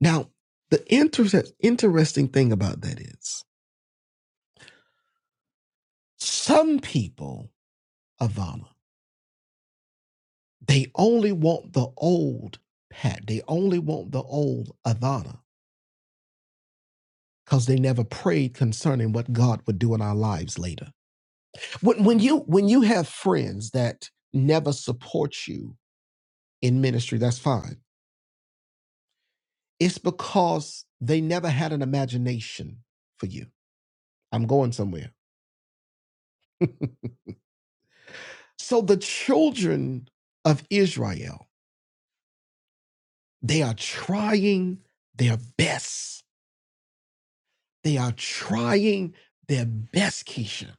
Now, the inter- interesting thing about that is Some people, Ivana, they only want the old Pat. They only want the old Ivana because they never prayed concerning what God would do in our lives later. When, when you when you have friends that never support you in ministry, that's fine. It's because they never had an imagination for you. I'm going somewhere. So the children of Israel, they are trying their best They are trying their best, Keisha,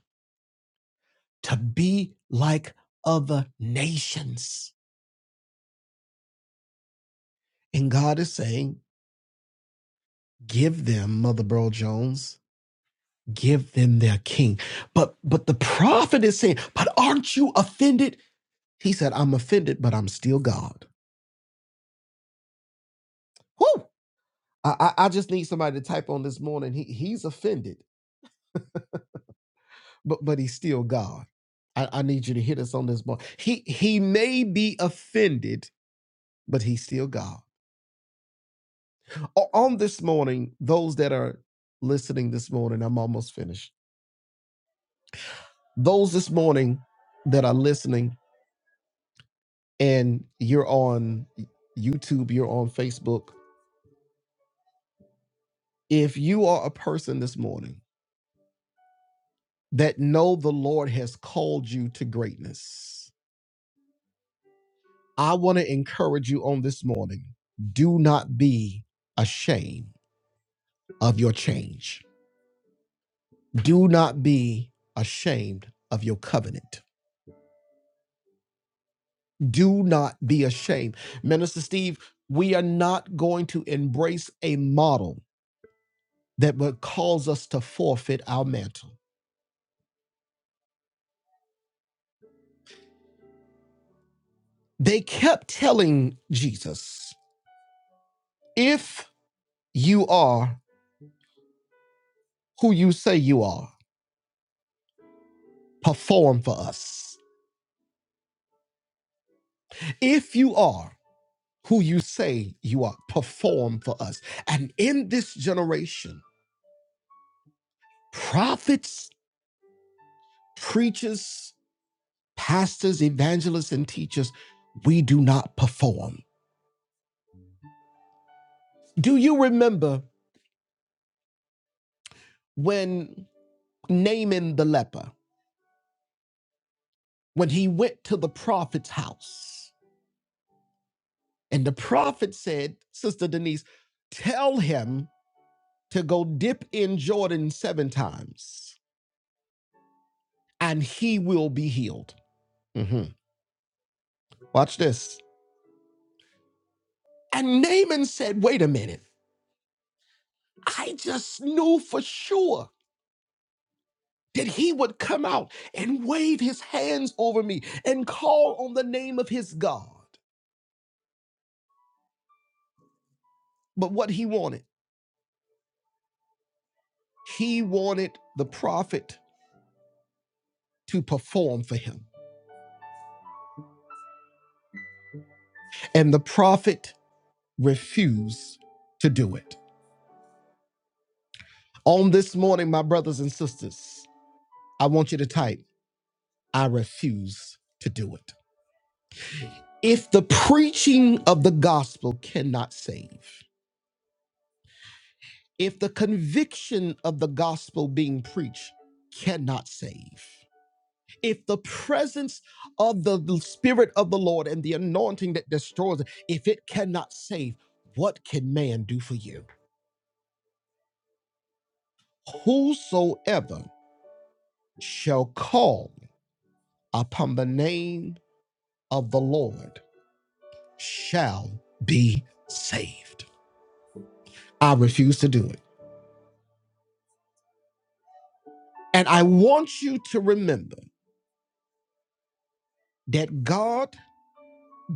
to be like other nations. And God is saying, give them, Mother Burl Jones, give them their king. But but the prophet is saying, but aren't you offended? He said, I'm offended, but I'm still God. Whoo! I, I, I just need somebody to type on this morning. He he's offended, but but he's still God. I, I need you to hit us on this morning. He he may be offended, but he's still God. o- on this morning, those that are listening this morning, I'm almost finished. Those this morning that are listening and you're on YouTube, you're on Facebook, if you are a person this morning that know the Lord has called you to greatness, I want to encourage you on this morning. Do not be ashamed of your change. Do not be ashamed of your covenant. Do not be ashamed. Minister Steve, we are not going to embrace a model that would cause us to forfeit our mantle. They kept telling Jesus, if you are who you say you are, perform for us. If you are who you say you are, perform for us. And in this generation, prophets, preachers, pastors, evangelists, and teachers, we do not perform Do you remember when Naaman the leper, when he went to the prophet's house, and the prophet said, Sister Denise, tell him to go dip in Jordan seven times and he will be healed. Mhm. Watch this. And Naaman said, Wait a minute. I just knew for sure that he would come out and wave his hands over me and call on the name of his God. But what he wanted, He wanted the prophet to perform for him, and the prophet refused to do it. On this morning, my brothers and sisters, I want you to type, I refuse to do it. If the preaching of the gospel cannot save, if the conviction of the gospel being preached cannot save, if the presence of the spirit of the lord and the anointing that destroys if it cannot save what can man do for you whosoever shall call upon the name of the lord shall be saved i refuse to do it and i want you to remember that god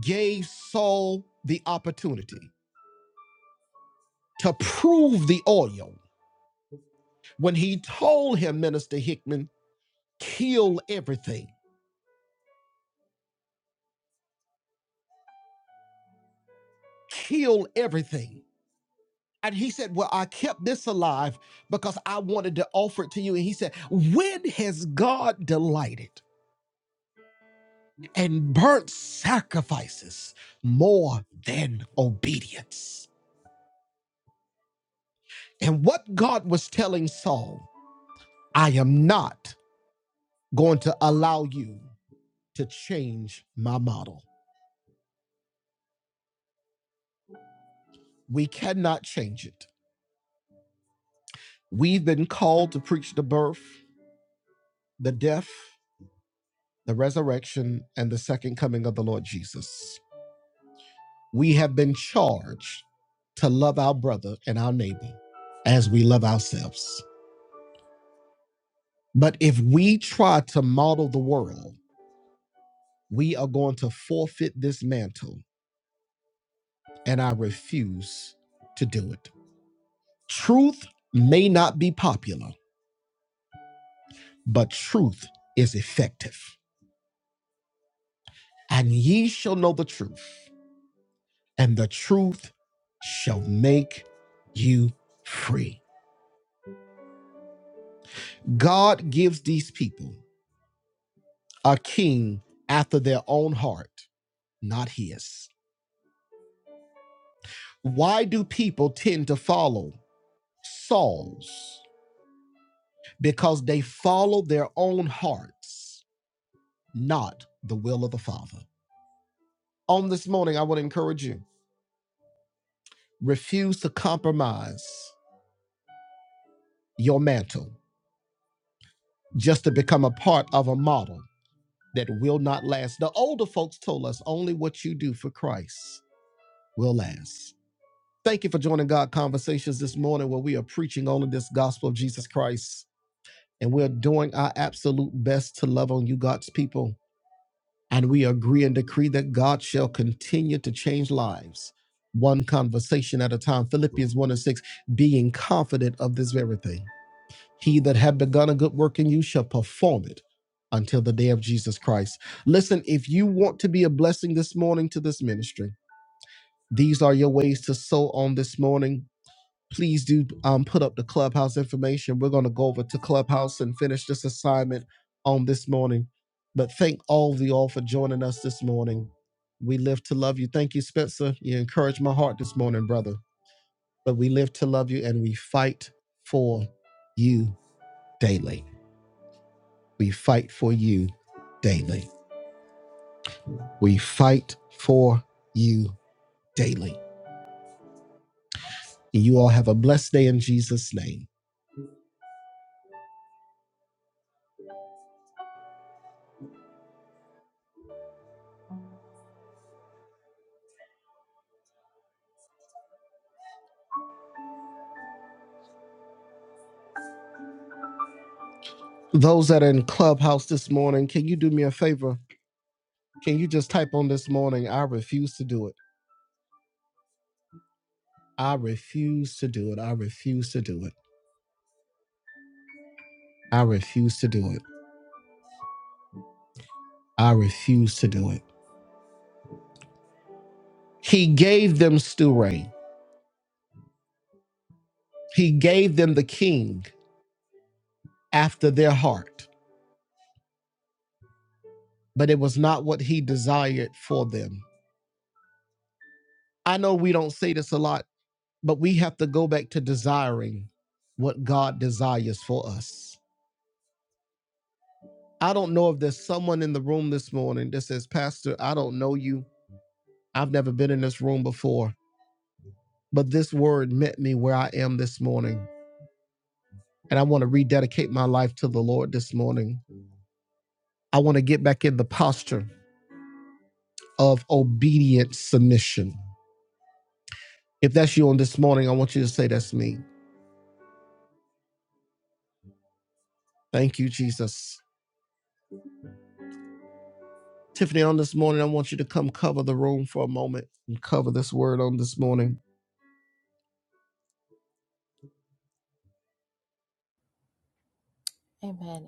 gave saul the opportunity to prove the oil when he told him minister hickman kill everything, kill everything. And he said, Well, I kept this alive because I wanted to offer it to you. And he said, When has God delighted and burnt sacrifices more than obedience? And what God was telling Saul, I am not going to allow you to change my model. We cannot change it. We've been called to preach the birth, the death. the resurrection, and the second coming of the Lord Jesus. We have been charged to love our brother and our neighbor as we love ourselves. But if we try to model the world, we are going to forfeit this mantle, and I refuse to do it. Truth may not be popular, but truth is effective. And ye shall know the truth, and the truth shall make you free. God gives these people a king after their own heart, not his. Why do people tend to follow Saul's? Because they follow their own hearts, not the will of the Father. On this morning, I would encourage you refuse to compromise your mantle just to become a part of a model that will not last. The older folks told us only what you do for Christ will last. Thank you for joining God Conversations this morning, where we are preaching only this gospel of Jesus Christ. And we're doing our absolute best to love on you, God's people. And we agree and decree that God shall continue to change lives, one conversation at a time. Philippians 1 and 6, being confident of this very thing. He that hath begun a good work in you shall perform it until the day of Jesus Christ. Listen, if you want to be a blessing this morning to this ministry, these are your ways to sow on this morning please do um, put up the clubhouse information. We're going to go over to clubhouse and finish this assignment on this morning. But thank all of you all for joining us this morning. We live to love you. Thank you, Spencer. You encouraged my heart this morning, brother. But we live to love you and we fight for you daily. We fight for you daily. We fight for you daily. And you all have a blessed day in Jesus' name. Those that are in Clubhouse this morning, can you do me a favor? Can you just type on this morning, I refuse to do it? I refuse to do it. I refuse to do it. I refuse to do it. I refuse to do it. He gave them Sturay. He gave them the king after their heart. but it was not what he desired for them. I know we don't say this a lot, but we have to go back to desiring what God desires for us. I don't know if there's someone in the room this morning that says, Pastor, I don't know you. I've never been in this room before, but this word met me where I am this morning. And I want to rededicate my life to the Lord this morning. I want to get back in the posture of obedient submission. If that's you on this morning, I want you to say, That's me. Thank you, Jesus. Tiffany, on this morning, I want you to come cover the room for a moment and cover this word on this morning.
Amen.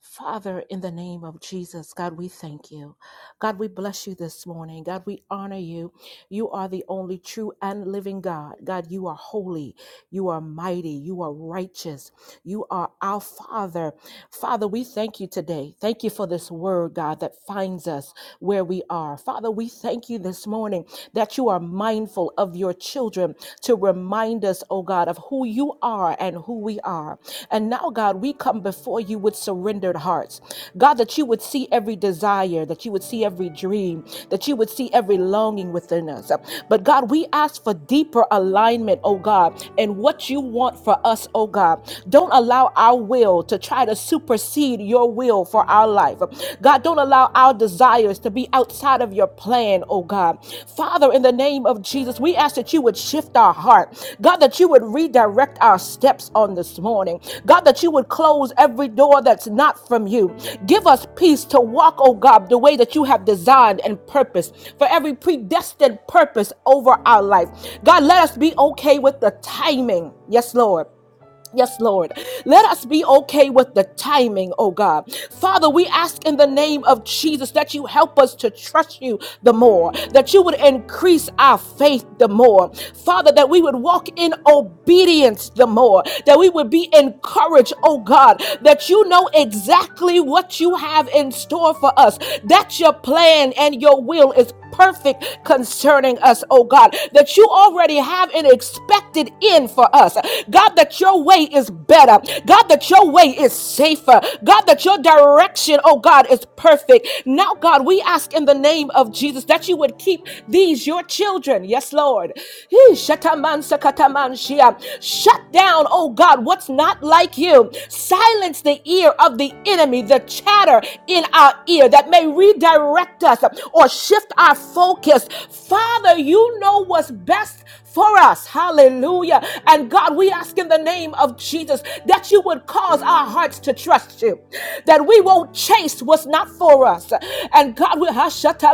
Father, in the name of Jesus, God, we thank you. God, we bless you this morning. God, we honor you. You are the only true and living God. God, you are holy. You are mighty. You are righteous. You are our Father. Father, we thank you today. Thank you for this word, God, that finds us where we are. Father, we thank you this morning that you are mindful of your children to remind us, oh God, of who you are and who we are. And now, God, we come before you with surrendered hearts. God, that you would see every desire, that you would see every dream, that you would see every longing within us. But God, we ask for deeper alignment, oh God, and what you want for us, oh God. Don't allow our will to try to supersede your will for our life. God, don't allow our desires to be outside of your your plan, oh God. Father, in the name of Jesus, we ask that you would shift our heart. God, that you would redirect our steps on this morning. God, that you would close every door that's not from you. Give us peace to walk, oh God, the way that you have designed and purposed for every predestined purpose over our life. God, let us be okay with the timing. Yes, Lord. Yes, Lord. Let us be okay with the timing, oh God. Father, we ask in the name of Jesus that you help us to trust you the more, that you would increase our faith the more. Father, that we would walk in obedience the more, that we would be encouraged, oh God, that you know exactly what you have in store for us, that your plan and your will is perfect perfect concerning us, oh God, that you already have an expected end for us. God, that your way is better. God, that your way is safer. God, that your direction, oh God, is perfect. Now, God, we ask in the name of Jesus that you would keep these, your children. Yes, Lord. Hee, shataman sakataman shia. Shut down, oh God, what's not like you. Silence the ear of the enemy, the chatter in our ear that may redirect us or shift our focus. Father, you know what's best for us. Hallelujah. And God, we ask in the name of Jesus that you would cause our hearts to trust you, that we won't chase what's not for us. And God, we hashata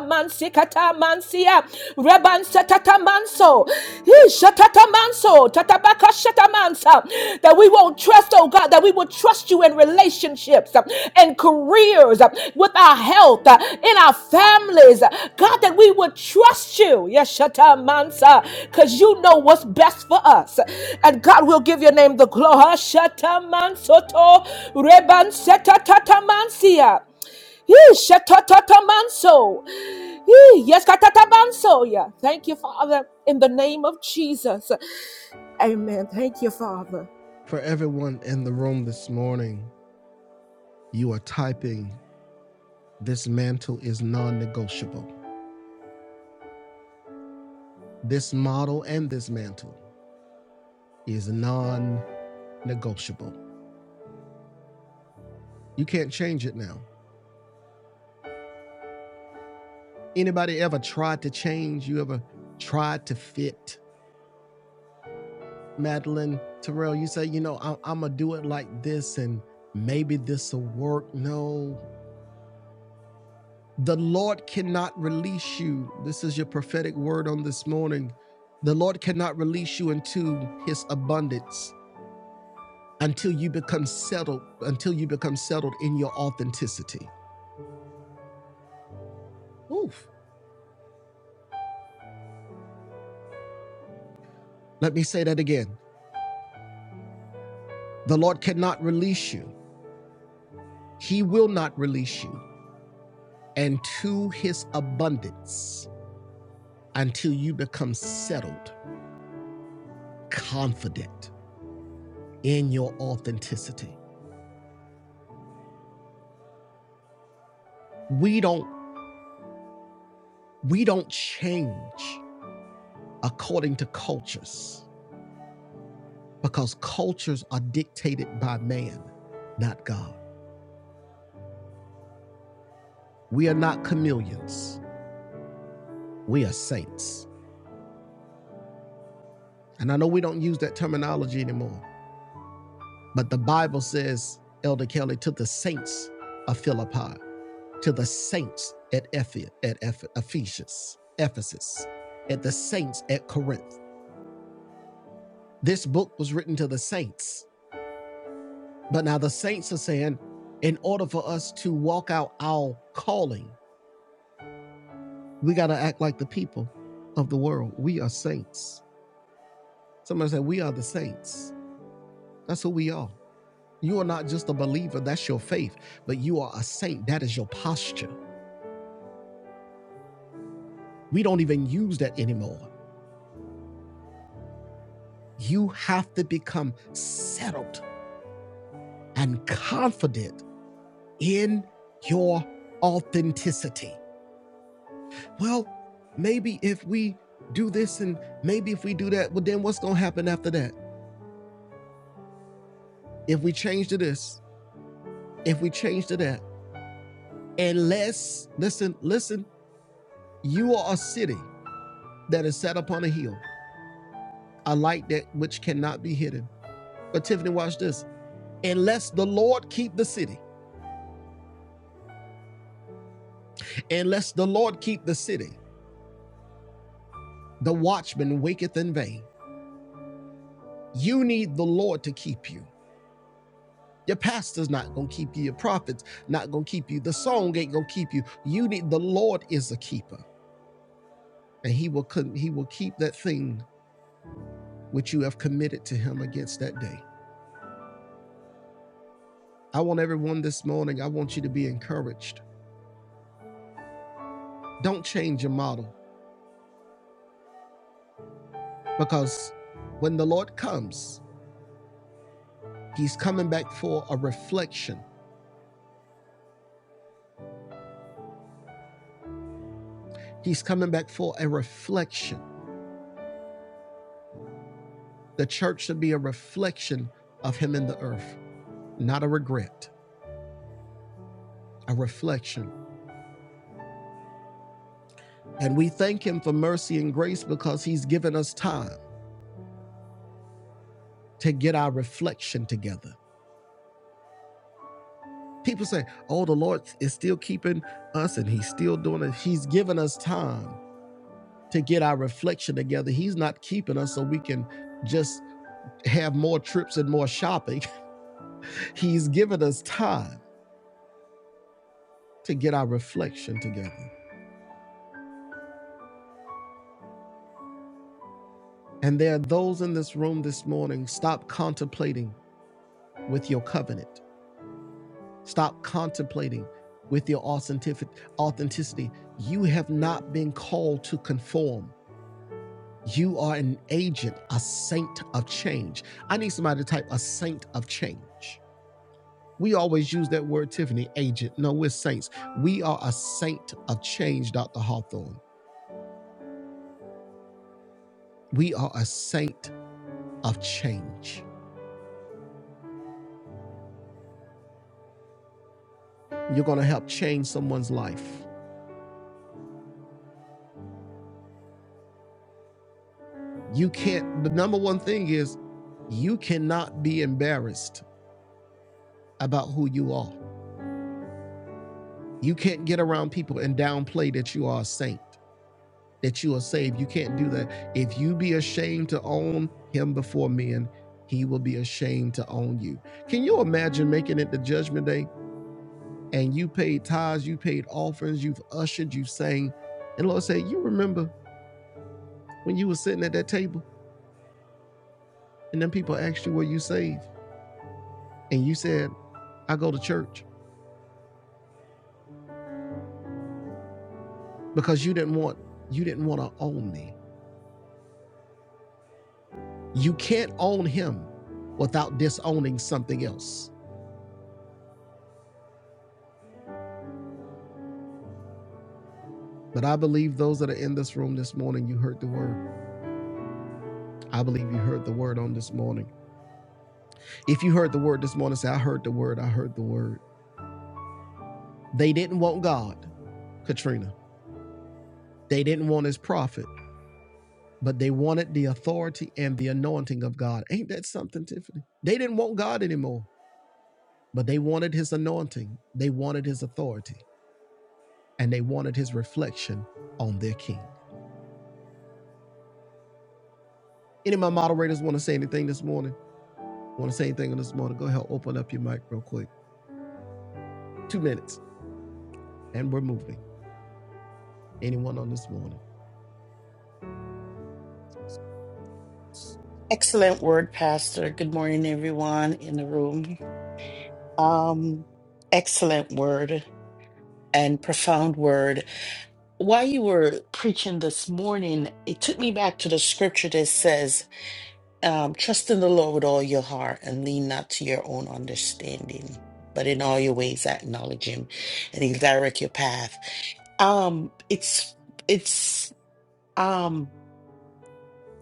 he shatatamanso, tatabakashatamansa. That we won't trust, oh God, that we will trust you in relationships uh, and careers, uh, with our health, uh, in our families. uh, God, that we would trust you. Yes, shatamansa, because you know what's best for us. And God will give your name the glory. Shatamansoto rebansetatamansia. Yee, shatatamanso. Yee, Yes, katatabanso. Yeah. Thank you, Father, in the name of Jesus. Amen. Thank you, Father.
For everyone in the room this morning, you are typing, This mantle is non negotiable. This model and this mantle is non negotiable. You can't change it now. Anybody ever tried to change? You ever tried to fit? Madeline Terrell, you say, you know, I, I'm going to do it like this and maybe this will work. No, the Lord cannot release you. This is your prophetic word on this morning. The Lord cannot release you into his abundance until you become settled, until you become settled in your authenticity. Oof. Let me say that again. The Lord cannot release you. He will not release you into his abundance until you become settled confident in your authenticity. We don't we don't change according to cultures because cultures are dictated by man, not God. We are not chameleons. We are saints. And I know we don't use that terminology anymore, but the Bible says, Elder Kelly, to the saints of Philippi, to the saints at, Ephi- at Ephesus, Ephesus, at the saints at Corinth. This book was written to the saints. But now the saints are saying, in order for us to walk out our calling, we got to act like the people of the world. We are saints. Somebody said, We are the saints. That's who we are. You are not just a believer, that's your faith, but you are a saint. That is your posture. We don't even use that anymore. You have to become settled and confident in your authenticity. well, maybe if we do this and maybe if we do that, well, then what's going to happen after that? If we change to this, if we change to that, unless, listen, listen, you are a city that is set upon a hill, a light that which cannot be hidden. But Tiffany, watch this. Unless the Lord keep the city, unless the Lord keep the city, the watchman waketh in vain. You need the Lord to keep you. Your pastor's not gonna keep you. Your prophet's not gonna keep you. The song ain't gonna keep you. You need the Lord is a keeper, and He will He will keep that thing which you have committed to Him against that day. I want everyone this morning. I want you to be encouraged. Don't change your model, because when the Lord comes, He's coming back for a reflection. He's coming back for a reflection. The church should be a reflection of Him in the earth, not a regret. A reflection And we thank Him for mercy and grace because He's given us time to get our reflection together. People say, oh, the Lord is still keeping us and He's still doing it. He's given us time to get our reflection together. He's not keeping us so we can just have more trips and more shopping. He's given us time to get our reflection together. And there are those in this room this morning, stop contemplating with your covenant. Stop contemplating with your authenticity. You have not been called to conform. You are an agent, a saint of change. I need somebody to type a saint of change. We always use that word, Tiffany, agent. No, we're saints. We are a saint of change, Dr. Hawthorne. We are a saint of change. You're going to help change someone's life. You can't, the number one thing is you cannot be embarrassed about who you are. You can't get around people and downplay that you are a saint, that you are saved. You can't do that. If you be ashamed to own him before men, he will be ashamed to own you. Can you imagine making it the judgment day and you paid tithes, you paid offerings, you've ushered, you have sang, and Lord said, You remember when you were sitting at that table and then people asked you, Were you saved? And you said, I go to church because you didn't want you didn't want to own me. You can't own him without disowning something else. But I believe those that are in this room this morning, you heard the word. I believe you heard the word on this morning. If you heard the word this morning, say, I heard the word, I heard the word. They didn't want God, Katrina. They didn't want his prophet, but they wanted the authority and the anointing of God. Ain't that something, Tiffany? They didn't want God anymore, but they wanted his anointing, they wanted his authority, and they wanted his reflection on their king. Any of my moderators want to say anything this morning? Want to say anything on this morning? Go ahead, open up your mic real quick. Two minutes, and we're moving. Anyone on this morning?
Excellent word, Pastor. Good morning, everyone in the room. Um, excellent word and profound word. While you were preaching this morning, it took me back to the scripture that says, um, Trust in the Lord with all your heart and lean not to your own understanding, but in all your ways acknowledge Him and He'll direct your path. Um, it's, it's, um,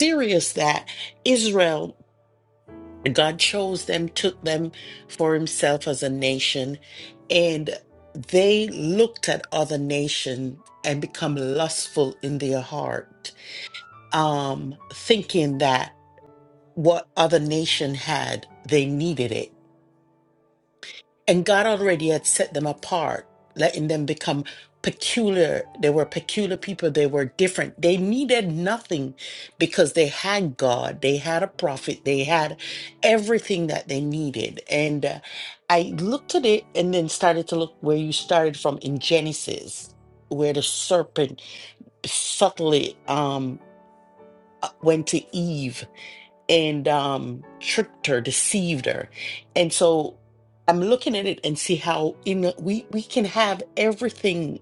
serious that Israel. God chose them, took them for himself as a nation, and they looked at other nation and become lustful in their heart, um, thinking that what other nation had, they needed it and God already had set them apart, letting them become peculiar. They were peculiar people. They were different. They needed nothing because they had God. They had a prophet. They had everything that they needed. And uh, I looked at it and then started to look where you started from in Genesis, where the serpent subtly um, uh, went to Eve and um, tricked her, deceived her. And so I'm looking at it and see how in we we can have everything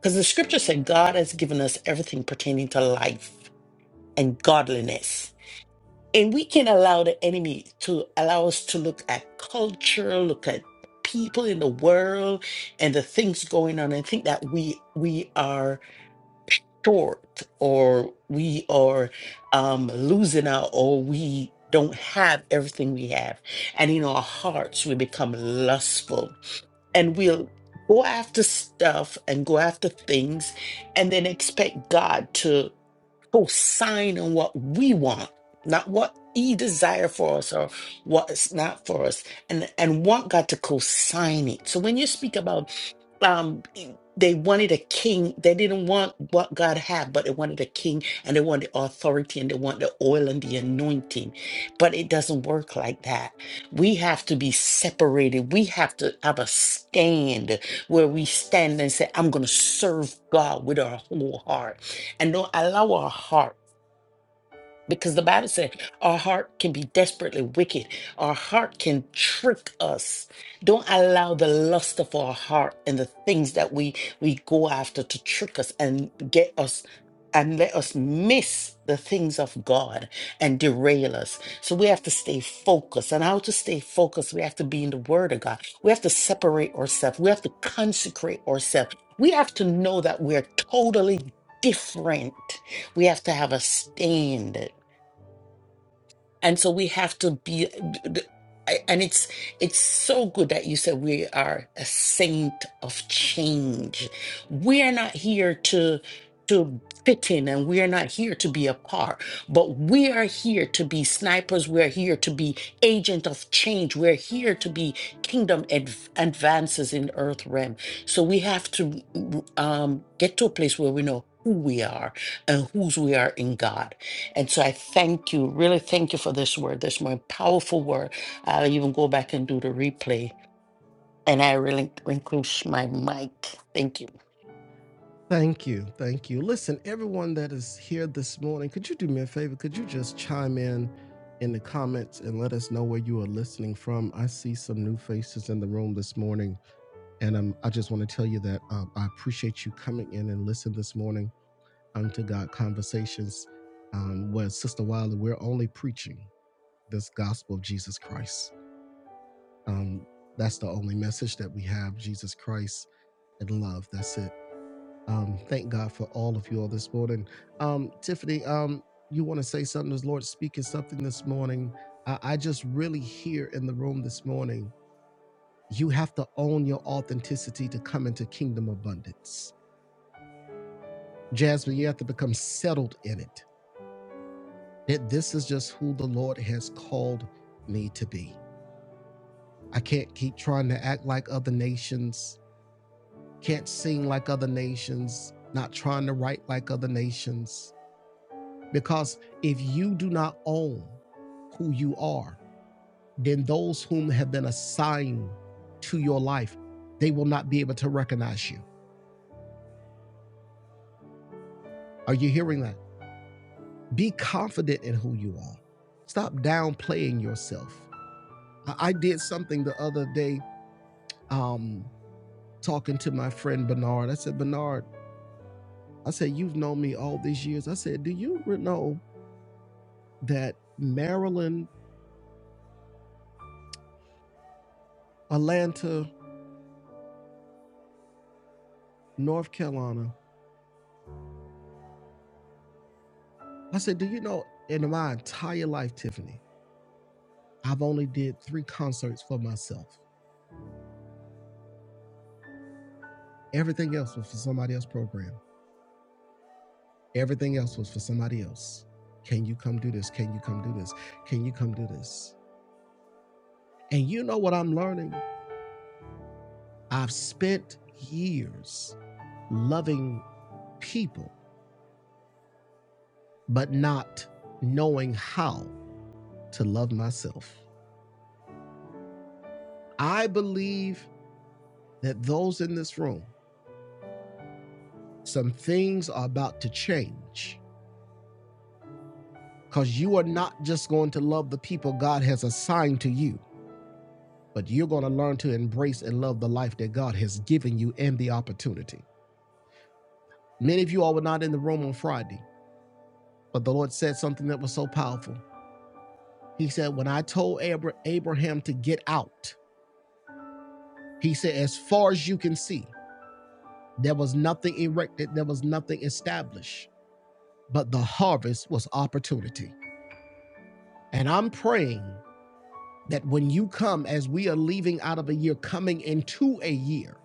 because the scripture said God has given us everything pertaining to life and godliness. And we can allow the enemy to allow us to look at culture, look at people in the world and the things going on and think that we we are short or we are um, losing out or we don't have everything we have. And in our hearts, we become lustful and we'll go after stuff and go after things and then expect God to co-sign on what we want, not what he desire for us or what is not for us and and want God to co-sign it. So when you speak about um they wanted a king they didn't want what god had but they wanted a king and they wanted authority and they want the oil and the anointing but it doesn't work like that we have to be separated we have to have a stand where we stand and say i'm going to serve god with our whole heart and don't allow our heart because the Bible said our heart can be desperately wicked. Our heart can trick us. Don't allow the lust of our heart and the things that we we go after to trick us and get us and let us miss the things of God and derail us. So we have to stay focused. And how to stay focused, we have to be in the Word of God. We have to separate ourselves. We have to consecrate ourselves. We have to know that we're totally different. We have to have a stand and so we have to be I- and it's it's so good that you said we are a saint of change we are not here to to fit in and we are not here to be a part but we are here to be snipers we are here to be agent of change we're here to be kingdom adv- advances in earth realm so we have to mm, um, get to a place where we know who we are and whose we are in god and so I thank you, really thank you for this word, this more powerful word. I'll even go back and do the replay. And I really relinquish my mic. Thank you.
Thank you. Thank you. Listen, everyone that is here this morning, could you do me a favor? Could you just chime in in the comments and let us know where you are listening from? I see some new faces in the room this morning, and um, I just want to tell you that um, I appreciate you coming in and listen this morning um, to God Conversations um, where Sister Wiley, we're only preaching. this gospel of Jesus Christ. Um, that's the only message that we have Jesus Christ and love. That's it. Um, thank God for all of you all this morning. Um, Tiffany, um, you want to say something? Is Lord speaking something this morning? I, I just really hear in the room this morning, you have to own your authenticity to come into kingdom abundance. Jasmine, you have to become settled in it. That this is just who the Lord has called me to be. I can't keep trying to act like other nations can't sing like other nations, not trying to write like other nations. Because if you do not own who you are, then those whom have been assigned to your life, they will not be able to recognize you. Are you hearing that? Be confident in who you are. Stop downplaying yourself. I did something the other day um, talking to my friend Bernard. I said, Bernard, I said, you've known me all these years. I said, do you know that Marilyn Atlanta, North Carolina. I said, Do you know in my entire life, Tiffany, I've only did three concerts for myself. Everything else was for somebody else's program. Everything else was for somebody else. Can you come do this? Can you come do this? Can you come do this? And you know what I'm learning? I've spent years loving people, but not knowing how to love myself. I believe that those in this room some things are about to change because you are not just going to love the people God has assigned to you, but you're going to learn to embrace and love the life that God has given you and the opportunity. Many of you all were not in the room on Friday, but the Lord said something that was so powerful. He said, When I told Abraham to get out, he said, As far as you can see, there was nothing erected, there was nothing established, but the harvest was opportunity. And I'm praying that when you come, as we are leaving out of a year, coming into a year,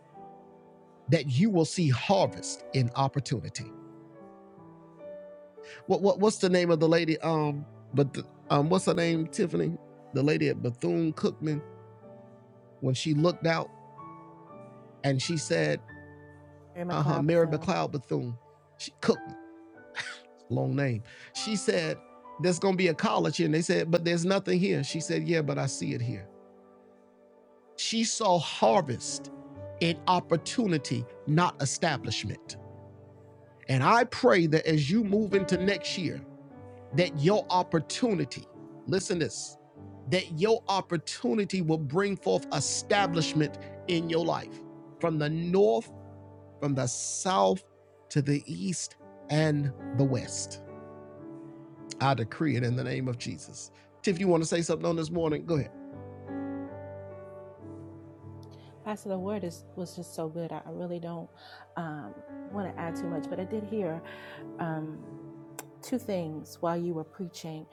that you will see harvest in opportunity. What, what what's the name of the lady? Um, but the, um, what's her name? Tiffany, the lady at Bethune Cookman, when she looked out and she said,
Mary
"Uh huh,"
McLeod
Mary
Bethune.
McLeod Bethune, she Cookman, long name. She said, "There's gonna be a college here," and they said, "But there's nothing here." She said, "Yeah, but I see it here." She saw harvest in opportunity, not establishment. And I pray that as you move into next year, that your opportunity, listen this, that your opportunity will bring forth establishment in your life from the north, from the south, to the east, and the west. I decree it in the name of Jesus. Tiff, you want to say something on this morning? Go ahead.
uh, Um, two things while you were preaching,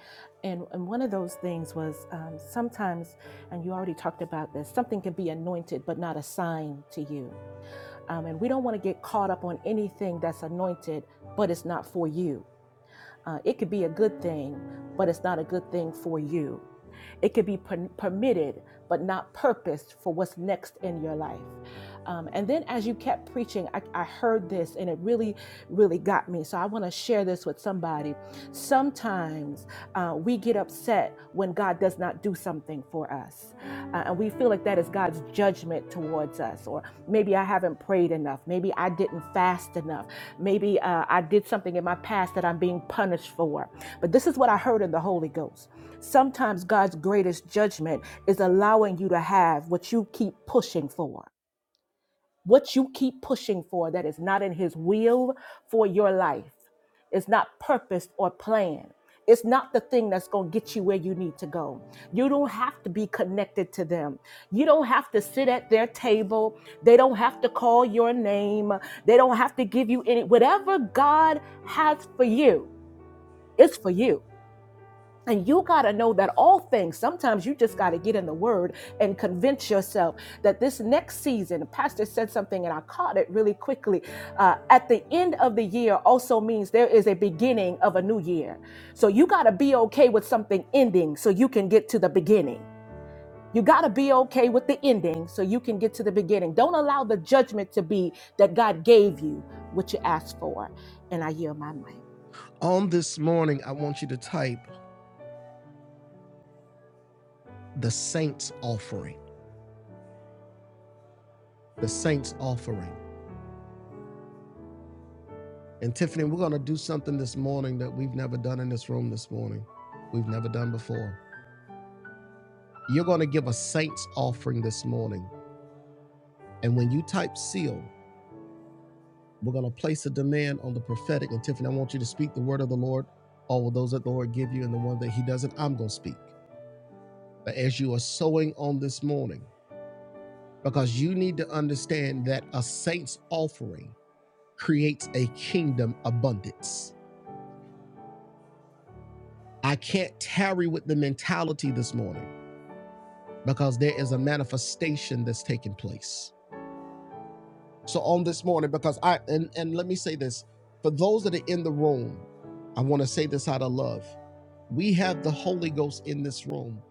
and and one of those things was um, sometimes, and you already talked about this. Something can be anointed but not assigned to you, um, and we don't want to get caught up on anything that's anointed but it's not for you. Uh, it could be a good thing, but it's not a good thing for you. It could be per- permitted, but not purposed for what's next in your life. Um, and then as you kept preaching, I, I heard this and it really really got me. So I want to share this with somebody. Sometimes uh, we get upset when God does not do something for us. Uh, and we feel like that is God's judgment towards us. Or maybe I haven't prayed enough. Maybe I didn't fast enough. Maybe uh, I did something in my past that I'm being punished for. But this is what I heard in the Holy Ghost. Sometimes God's greatest judgment is allowing you to have what you keep pushing for what you keep pushing for that is not in his will for your life. It's not purposed or planned. It's not the thing that's going to get you where you need to go. You don't have to be connected to them. You don't have to sit at their table. They don't have to call your name. They don't have to give you any, whatever God has for you, it's for you. And you got to know that all things, sometimes you just got to get in the word and convince yourself that this next season, Pastor said something and I caught it really quickly. Uh, at the end of the year also means there is a beginning of a new year. So you got to be okay with something ending so you can get to the beginning. You got to be okay with the ending so you can get to the beginning. Don't allow the judgment to be that God gave you what you asked for. And I yield my mic.
On this morning, I want you to type the saints offering. The saints offering. And Tiffany, we're going to do something this morning that we've never done in this room this morning. We've never done before. You're going to give a saints offering this morning. And when you type seal, we're going to place a demand on the prophetic. And Tiffany, I want you to speak the word of the Lord, all of those that the Lord give you, and the one that he doesn't, I'm going to speak. But as you are sowing on this morning, because you need to understand that a saints offering creates a kingdom abundance. I can't tarry with the mentality this morning because there is a manifestation that's taking place. So on this morning, because I and, and let me say this for those that are in the room, I want to say this out of love. We have the Holy Ghost in this room,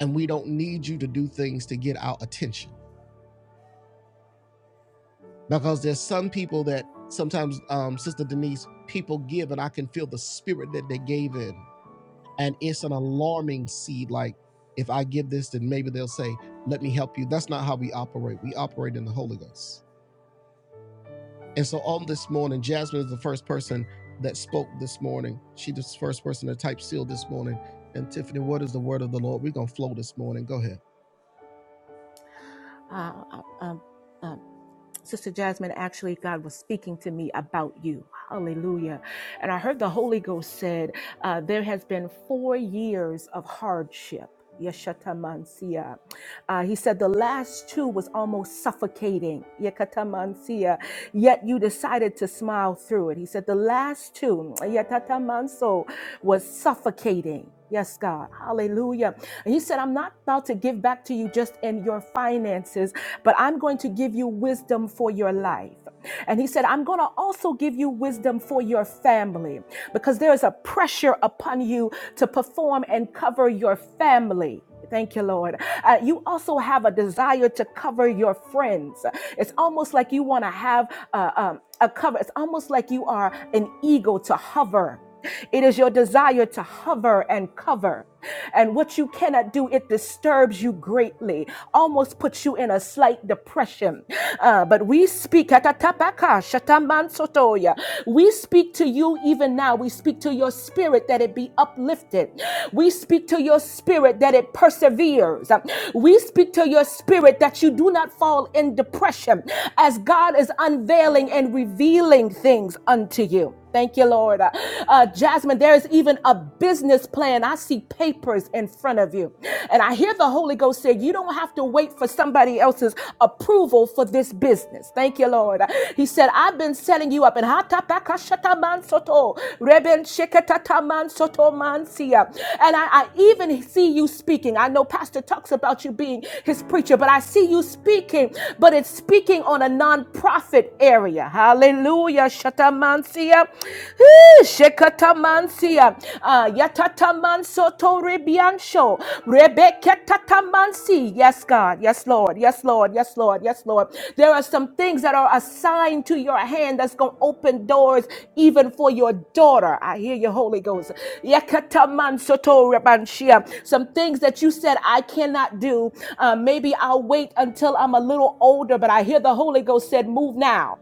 and we don't need you to do things to get our attention. Because there's some people that sometimes, um, Sister Denise, people give, and I can feel the spirit that they gave in. And it's an alarming seed. Like, if I give this, then maybe they'll say, Let me help you. That's not how we operate. We operate in the Holy Ghost. And so on this morning, Jasmine is the first person that spoke this morning. She the first person to type seal this morning. And Tiffany, what is the word of the Lord? We're gonna flow this morning. Go ahead.
Uh, uh, um, uh, Sister Jasmine, actually, God was speaking to me about you. Hallelujah. And I heard the Holy Ghost said, uh, There has been four years of hardship. Yeshatamansia. Uh, he said the last two was almost suffocating. Yakatamansia. Yet you decided to smile through it. He said the last two, Yatatamanso, was suffocating. Yes, God. Hallelujah. And he said, I'm not about to give back to you just in your finances, but I'm going to give you wisdom for your life. And he said, I'm going to also give you wisdom for your family because there is a pressure upon you to perform and cover your family. Thank you, Lord. Uh, you also have a desire to cover your friends. It's almost like you want to have uh, um, a cover. It's almost like you are an eagle to hover. It is your desire to hover and cover. And what you cannot do, it disturbs you greatly, almost puts you in a slight depression. Uh, but we speak, we speak to you even now. We speak to your spirit that that it be uplifted. We speak to your spirit that it perseveres. We speak to your spirit that you do not fall in depression as God is unveiling and revealing things unto you. Thank you, Lord. Uh, uh, Jasmine, there is even a business plan. I see papers in front of you. And I hear the Holy Ghost say, You don't have to wait for somebody else's approval for this business. Thank you, Lord. Uh, He said, I've been setting you up. And how Hata pakashata mansoto. Reben shekatata mansoto mansia. And I, I even see you speaking. I know Pastor talks about you being his preacher, but I see you speaking, but it's speaking on a nonprofit area. Hallelujah. Shatamansia. Eh, Shekatamansia. Uh, Yatatamansoto Rebiansho. Rebeketatamansi. Yes, God. Yes, Lord. Yes, Lord. Yes, Lord. Yes, Lord. There are some things that are assigned to your hand that's going to open doors even for your daughter. I hear you, Holy Ghost. Some things that you said I cannot do. Uh, maybe I'll wait until I'm a little older, but I hear the Holy Ghost said, move now.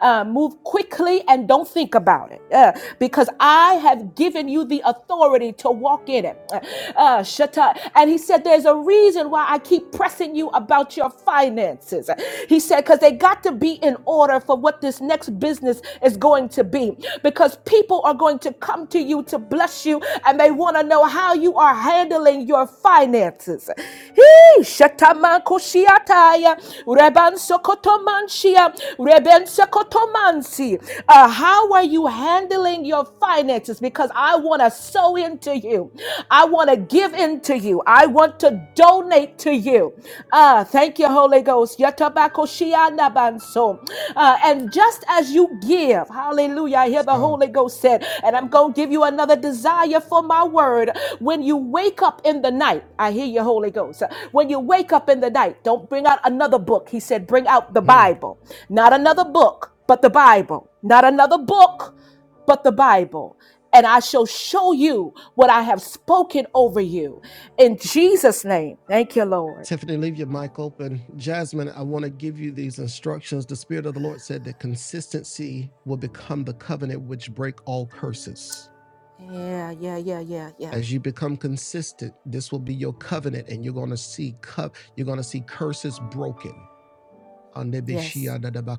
Uh, move quickly and don't think about it uh, because I have given you the authority to walk in it. Uh, uh, shut up. And he said, there's a reason reason why I keep pressing you about your finances. He said, because they got to be in order for what this next business is going to be. Because people are going to come to you to bless you and they want to know how you are handling your finances. Hee, shatamankoshiataya, rebansokotomanshia, rebensokotomansi. Uh, how are you handling your finances? Because I want to sow into to you. I want to give in to you. I want to donate to you. Ah, thank you, Holy Ghost. Yatabakoshianabanso. Uh, and just as you give, hallelujah, I hear
Yes,
the
God.
Holy Ghost said, and I'm going to give you another desire for my word. When you wake up in the night, I hear you, Holy Ghost. When you wake up in the night, don't bring out another book. He said, bring out the
Mhm.
Bible, not another book, but the Bible, not another book but the Bible. And I shall show you what I have spoken over you in Jesus' name. Thank you, Lord.
Tiffany, leave your mic open. Jasmine, I want to give you these instructions. The Spirit of the Lord said that consistency will become the covenant which break all curses.
Yeah, yeah, yeah, yeah, yeah.
As you become consistent, this will be your covenant, and you're gonna see co- you're gonna see curses broken. So
Yes.
the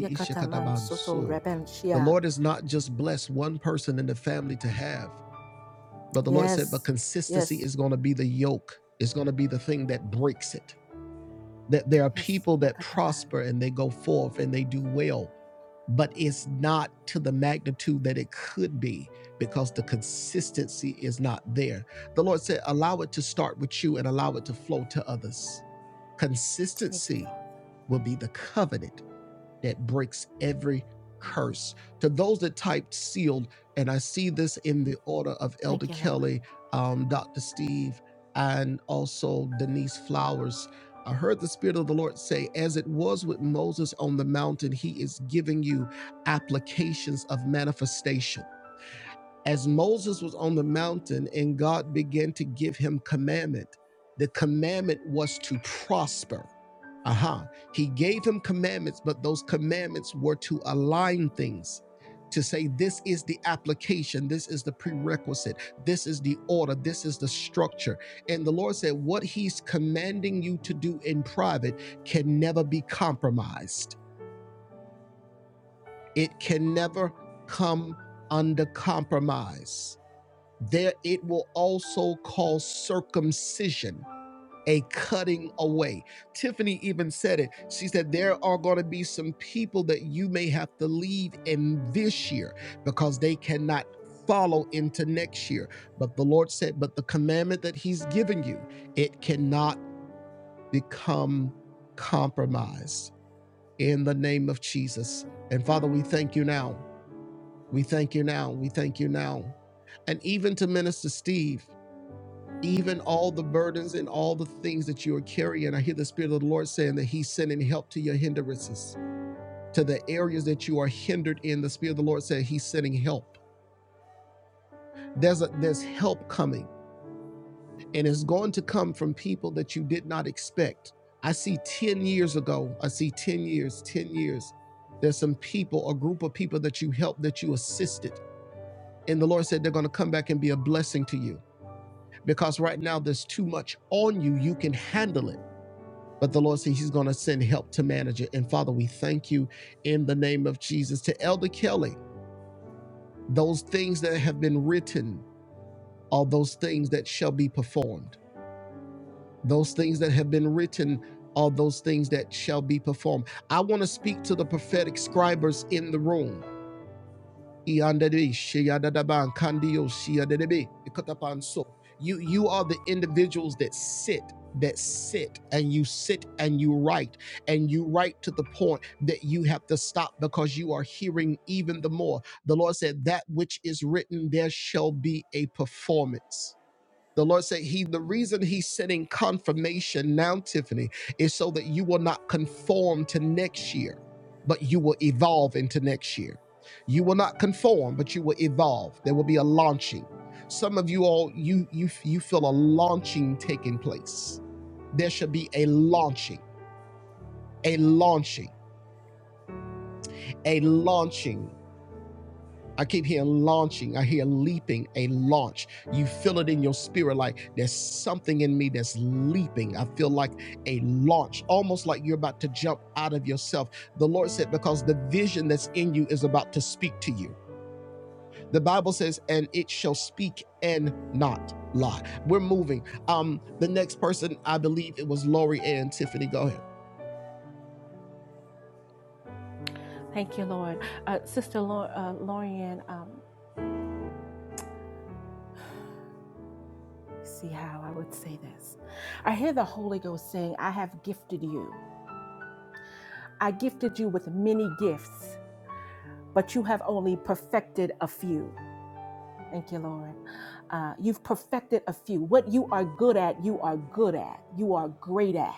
Yakataman soto rebenshia.
Lord is not just blessed one person in the family to have, but the Lord said, but
Yes,
consistency
yes,
is going to be the yoke. It's going to be the thing that breaks it. That there are
yes.
people that
Yakataban.
prosper and they go forth and they do well, but it's not to the magnitude that it could be because the consistency is not there. The Lord said, allow it to start with you and allow it to flow to others.
Thank you,
Consistency
Father.
will be the covenant that breaks every curse. To those that typed sealed, and I see this in the order of Elder
Thank you, Lord.
Kelly, um, Dr. Steve, and also Denise Flowers. I heard the Spirit of the Lord say, as it was with Moses on the mountain, He is giving you applications of manifestation as Moses was on the mountain and God began to give him commandment, the commandment was to prosper. Aha. He gave him commandments, but those commandments were to align things, to say, this is the application, this is the prerequisite, this is the order, this is the structure. And the Lord said, what he's commanding you to do in private can never be compromised, it can never come under compromise there it will also cause circumcision a cutting away tiffany even said it she said there are going to be some people that you may have to leave in this year because they cannot follow into next year but the lord said but the commandment that he's given you it cannot become compromised in the name of jesus and father we thank you now we thank you now we thank you now and even to minister steve even all the burdens and all the things that you are carrying. I hear the Spirit of the Lord saying that He's sending help to your hindrances, to the areas that you are hindered in. The Spirit of the Lord said He's sending help. There's a, there's help coming, and it's going to come from people that you did not expect. I see 10 years ago, I see 10 years, 10 years. There's some people, a group of people that you helped, that you assisted. And the Lord said they're going to come back and be a blessing to you because right now there's too much on you. You can handle it But the Lord said He's going to send help to manage it. And Father, we thank you in the name of Jesus. To Elder Kelly, those things that have been written are those things that shall be performed. Those things that have been written are those things that shall be performed. I want to speak to the prophetic scribers in the room. Yandere, sheyadadaban, kandiyo, sheyadadebe, ikatapanso. You you are the individuals that sit, that sit, and you sit and you write, and you write to the point that you have to stop because you are hearing even the more. The Lord said, That which is written, there shall be a performance. The Lord said, He the reason He's sending confirmation now, Tiffany, is so that you will not conform to next year, but you will evolve into next year. You will not conform, but you will evolve. There will be a launching. Some of you all, you you you feel a launching taking place. There should be a launching, a launching, a launching. I keep hearing launching. I hear leaping, a launch. You feel it in your spirit like there's something in me that's leaping. I feel like a launch, almost like you're about to jump out of yourself. The Lord said, because the vision that's in you is about to speak to you. The Bible says, and it shall speak and not lie. We're moving. Um, the next person, I believe it was Lori and Tiffany. Go ahead.
Thank you, Lord. Uh, Sister Lor- uh, Lorian, um, let's see how I would say this. I hear the Holy Ghost saying, I have gifted you. I gifted you with many gifts. but you have only perfected a few. Thank you, Lord. Uh, you've perfected a few. What you are good at, you are good at. You are great at.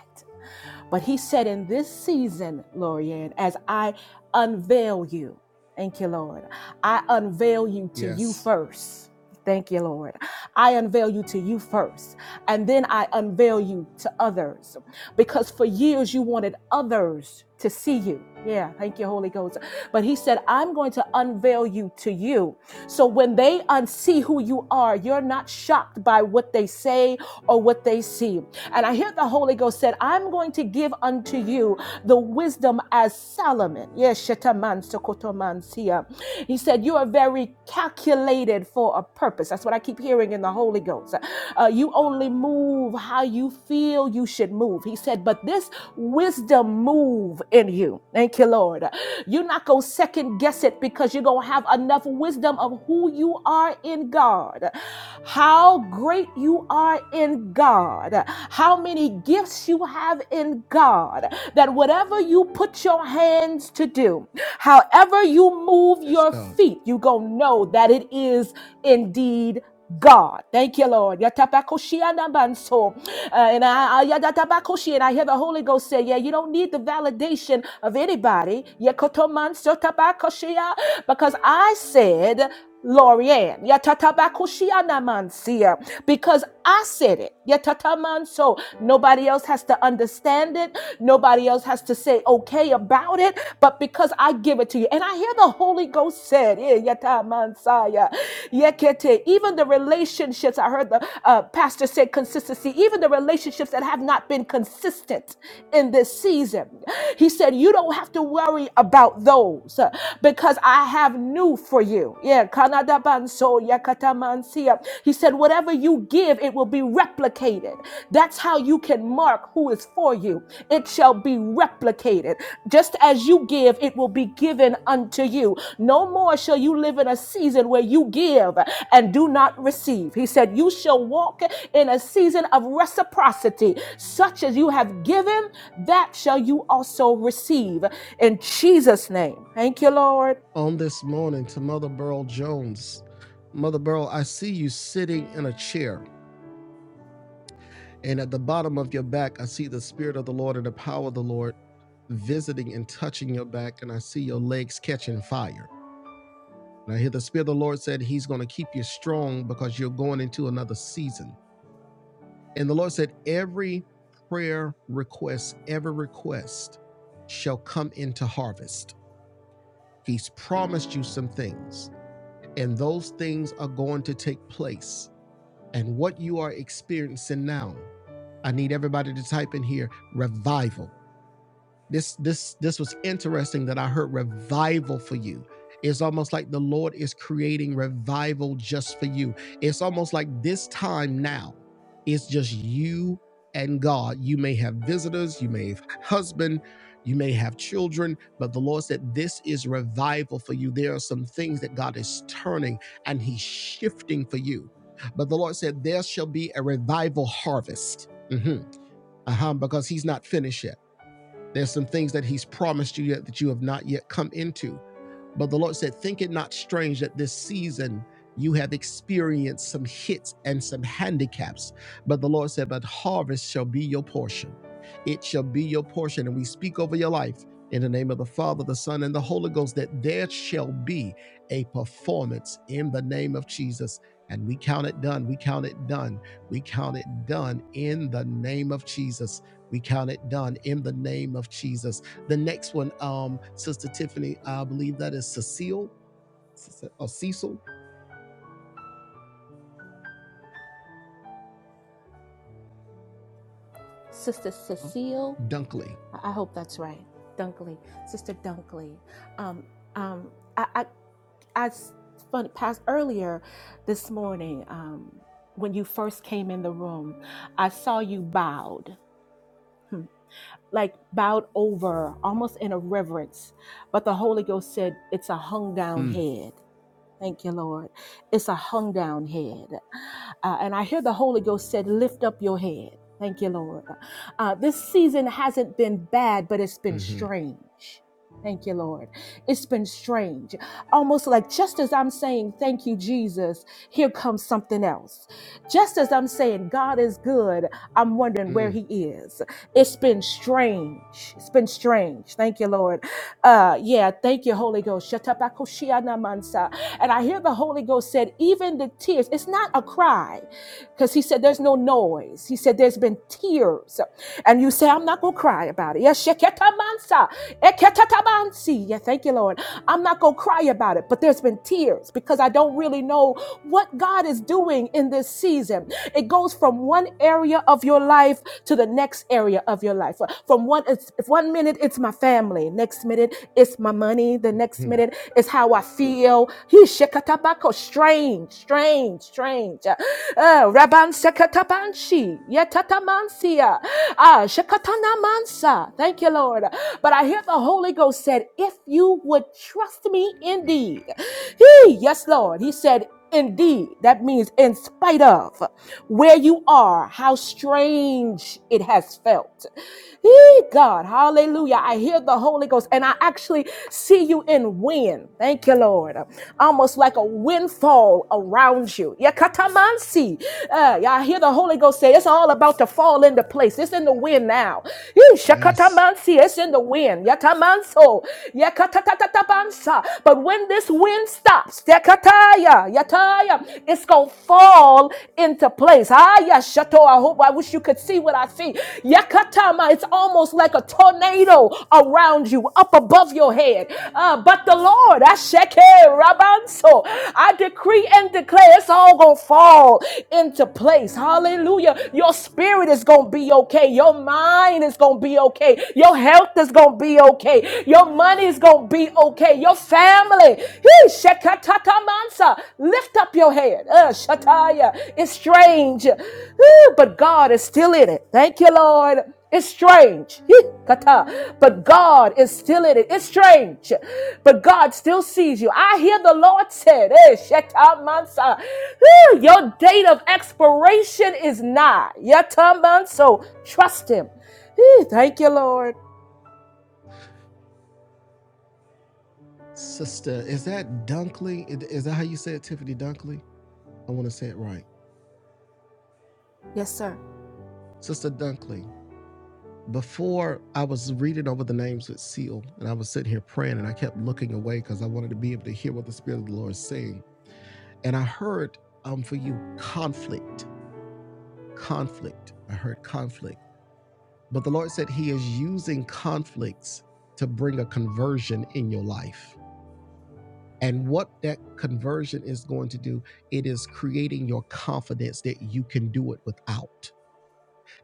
But He said, in this season, Lorianne, as I unveil you, thank you, Lord, I unveil you to you
Yes,
first. Thank you, Lord. I unveil you to you first and then I unveil you to others. Because for years you wanted others to see you. Yeah, thank you, Holy Ghost. But he said, I'm going to unveil you to you. So when they unsee who you are, you're not shocked by what they say or what they see. And I hear the Holy Ghost said, I'm going to give unto you the wisdom as Solomon. Yes, Shetaman Sokotoman Sia. He said, You are very calculated for a purpose. That's what I keep keep hearing in the Holy Ghost. Uh, you only move how you feel you should move. He said, but this wisdom move in you. Thank you, Lord. You're not going to second guess it because you're going to have enough wisdom of who you are in God, how great you are in God, how many gifts you have in God, that whatever you put your hands to do, however you move
that's
your
God.
feet, you're going to know that it is indeed God. Thank you, Lord. Yatapakushianabanso. Uh, and I, I, yatatapakushi, and I hear the Holy Ghost say, Yeah, you don't need the validation of anybody. Yekotomansotapakushia, Because I said, Lorianne, yatatabakushianamansia, because I said it. Yatatamanso. Nobody else has to understand it. Nobody else has to say okay about it, but because I give it to you. And I hear the Holy Ghost said, eh, yata mansaya, yekete. Even the relationships, I heard the uh, pastor say consistency, even the relationships that have not been consistent in this season. He said, You don't have to worry about those uh, because I have new for you. Yeah, kanadabanso, banso, yakata mansia. He said, Whatever you give, it will be replicated. That's how you can mark who is for you. It shall be replicated. Just as you give, it will be given unto you. No more shall you live in a season where you give and do not receive. He said, You shall walk in a season of reciprocity, such as you have given, that shall you also receive. In Jesus' name. Thank you, Lord.
on this morning to Mother Burl Jones. Mother Burl, I see you sitting in a chair, and at the bottom of your back, I see the Spirit of the Lord and the power of the Lord visiting and touching your back, and I see your legs catching fire. And I hear the Spirit of the Lord said He's going to keep you strong because you're going into another season. And the Lord said, Every prayer request, every request shall come into harvest. He's promised you some things. and those things are going to take place. And what you are experiencing now, I need everybody to type in here revival. This this this was interesting that I heard revival for you. It's almost like the Lord is creating revival just for you. It's almost like this time now, it's just you and God. You may have visitors, you may have husband, you may have children, but the Lord said this is revival for you. There are some things that God is turning and He's shifting for you. But the Lord said, There shall be a revival harvest. Mhm. Uh-huh, because He's not finished yet. There's some things that he's promised you yet that you have not yet come into. But the Lord said, Think it not strange that this season you have experienced some hits and some handicaps. But the Lord said, But harvest shall be your portion. It shall be your portion. And we speak over your life in the name of the Father, the Son, and the Holy Ghost that there shall be a performance in the name of Jesus. And we count it done. We count it done. We count it done in the name of Jesus. We count it done in the name of Jesus. The next one, um, Sister Tiffany, I believe that is Cecile Cece- or Cecil
Sister Cecile,
Dunkley.
I I hope that's right. Dunkley, Sister Dunkley. Um, um, I, I, I s- fun, past earlier this morning, um, when you first came in the room, I saw you bowed like bowed over, almost in a reverence. But the Holy Ghost said, It's a hung down
Mm,
head. Thank you, Lord. It's a hung down head. Uh, and I hear the Holy Ghost said, Lift up your head. Thank you, Lord. Uh, this season hasn't been bad, but it's been
hmm
strange. Thank you, Lord. It's been strange. Almost like just as I'm saying, Thank you, Jesus, here comes something else. Just as I'm saying, God is good, I'm wondering where He
hmm
is. It's been strange. It's been strange. Thank you, Lord. Uh, yeah, thank you, Holy Ghost. Shatabakoshia namansa. And I hear the Holy Ghost said, even the tears, it's not a cry because he said there's no noise. He said there's been tears. And you say, I'm not going to cry about it. Yes, sheketamansa, eketatabansi. Yeah, thank you, Lord. I'm not going to cry about it, but there's been tears because I don't really know what God is doing in this season. It goes from one area of your life to the next area of your life. From one, it's, if one minute it's my family, next minute it's my money, the next minute it's how I feel. He shekatabako, strange, strange strange, strange. Uh, Raban Sekatabanshi, Yetatamansia, Ah, Shekatana Mansa. Thank you, Lord. But I hear the Holy Ghost said, if you would trust me indeed. He, yes, Lord. He said, indeed. That means in spite of where you are, how strange it has felt. He, God, hallelujah. I hear the Holy Ghost and I actually see you in wind. Thank you, Lord. Almost like a wind windfall around you. Yakatamansi. Uh, I hear the Holy Ghost say it's all about to fall into place. It's in the wind now. Yee,
Yes.
shakatamansi. It's in the wind. Yatamanso. Yakatatatabansa. But when this wind stops, yakataya, yataya, it's going to fall into place. Ah, yashato. I hope, I wish you could see what I see. Yakatama. It's almost like a tornado around you, up above your head. Uh, but the Lord, I Rabanso. I decree and declare it's all gonna fall into place. Hallelujah. Your spirit is gonna be okay. Your mind is gonna be okay. Your health is gonna be okay. Your money is gonna be okay. Your family. Hey, shekatatamansa. Lift up your head. Uh, shataya. It's strange. Whew, But God is still in it. Thank you, Lord. It's strange. Hee, kata. But God is still in it. It's strange but God still sees you. I hear the Lord said, hey, Shetamansa, whew, your date of expiration is nigh. Yetamanso, trust him. Whew, Thank you, Lord.
Sister, is that Dunkley? Is is that how you say it, Tiffany Dunkley? I want to say it right.
Yes, sir.
Sister Dunkley, before I was reading over the names with Seal, and I was sitting here praying, and I kept looking away because I wanted to be able to hear what the Spirit of the Lord is saying. And I heard um, for you conflict, conflict. I heard conflict. But the Lord said He is using conflicts to bring a conversion in your life. And what that conversion is going to do, it is creating your confidence that you can do it without.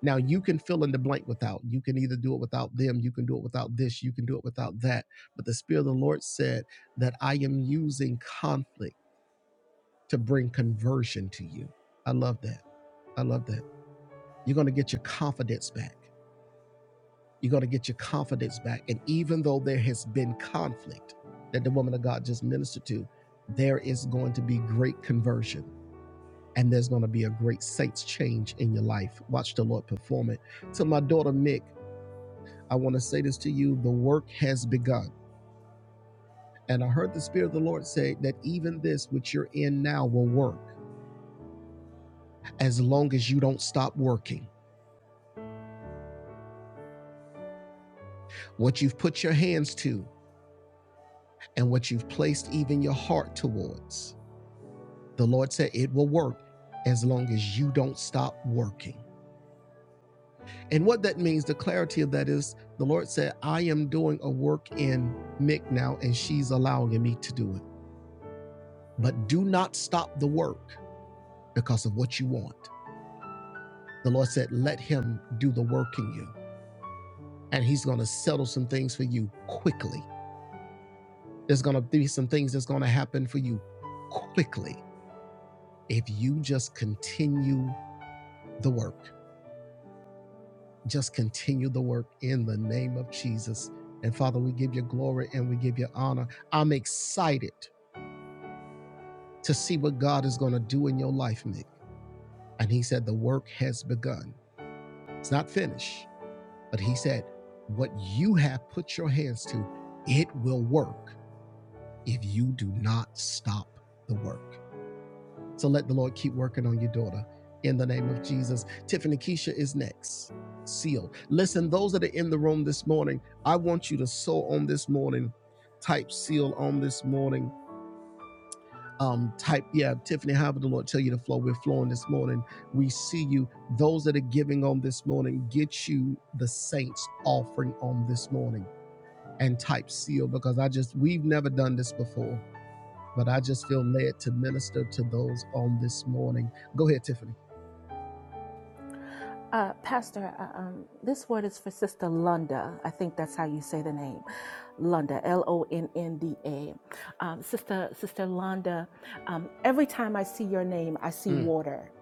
Now, you can fill in the blank without. You can either do it without them, you can do it without this, you can do it without that. But the Spirit of the Lord said that I am using conflict to bring conversion to you. I love that. I love that. You're going to get your confidence back. You're going to get your confidence back. And even though there has been conflict that the woman of God just ministered to, there is going to be great conversion and there's going to be a great saints change in your life. Watch the Lord perform it. To my daughter, Mick, I want to say this to you the work has begun. And I heard the Spirit of the Lord say that even this, which you're in now, will work as long as you don't stop working. What you've put your hands to and what you've placed even your heart towards The Lord said it will work as long as you don't stop working. And what that means, the clarity of that is the Lord said, I am doing a work in Mick now, and she's allowing me to do it. But do not stop the work because of what you want. The Lord said, Let him do the work in you. And he's going to settle some things for you quickly. There's going to be some things that's going to happen for you quickly if you just continue the work. Just continue the work in the name of Jesus. And Father, we give you glory and we give you honor. I'm excited to see what God is going to do in your life, Nick. And he said, The work has begun. It's not finished, but he said, What you have put your hands to, it will work if you do not stop the work. So let the Lord keep working on your daughter in the name of Jesus. Tiffany Keisha is next. Sealed. Listen, those that are in the room this morning, I want you to sew on this morning. Type seal on this morning. Um, type, yeah, Tiffany, however the Lord tell you to flow. We're flowing this morning. We see you. Those that are giving on this morning, get you the saints offering on this morning and type seal because I just, we've never done this before, but I just feel led to minister to those on this morning. Go ahead, Tiffany.
Uh, Pastor, uh, um, this word is for Sister Lunda. I think that's how you say the name, Lunda, L-O-N-N-D-A. Um, Sister, Sister Londa, um, every time I see your name, I see
Mm.
water,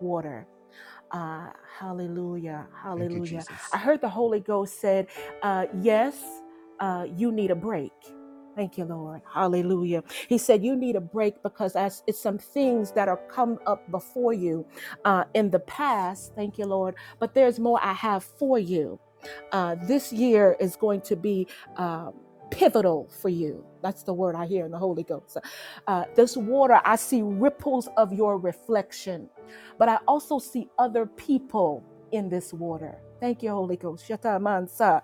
water. Uh, hallelujah.
Thank you,
Hallelujah. I
Jesus.
heard the Holy Ghost said, uh, Yes, uh, you need a break. Thank you, Lord. Hallelujah. He said, You need a break because as it's some things that are come up before you uh, in the past. Thank you, Lord. But there's more I have for you. Uh, this year is going to be. Um, Pivotal for you. That's the word I hear in the Holy Ghost. Uh, this water, I see ripples of your reflection but I also see other people in this water. Thank you, Holy Ghost. Yata mansa.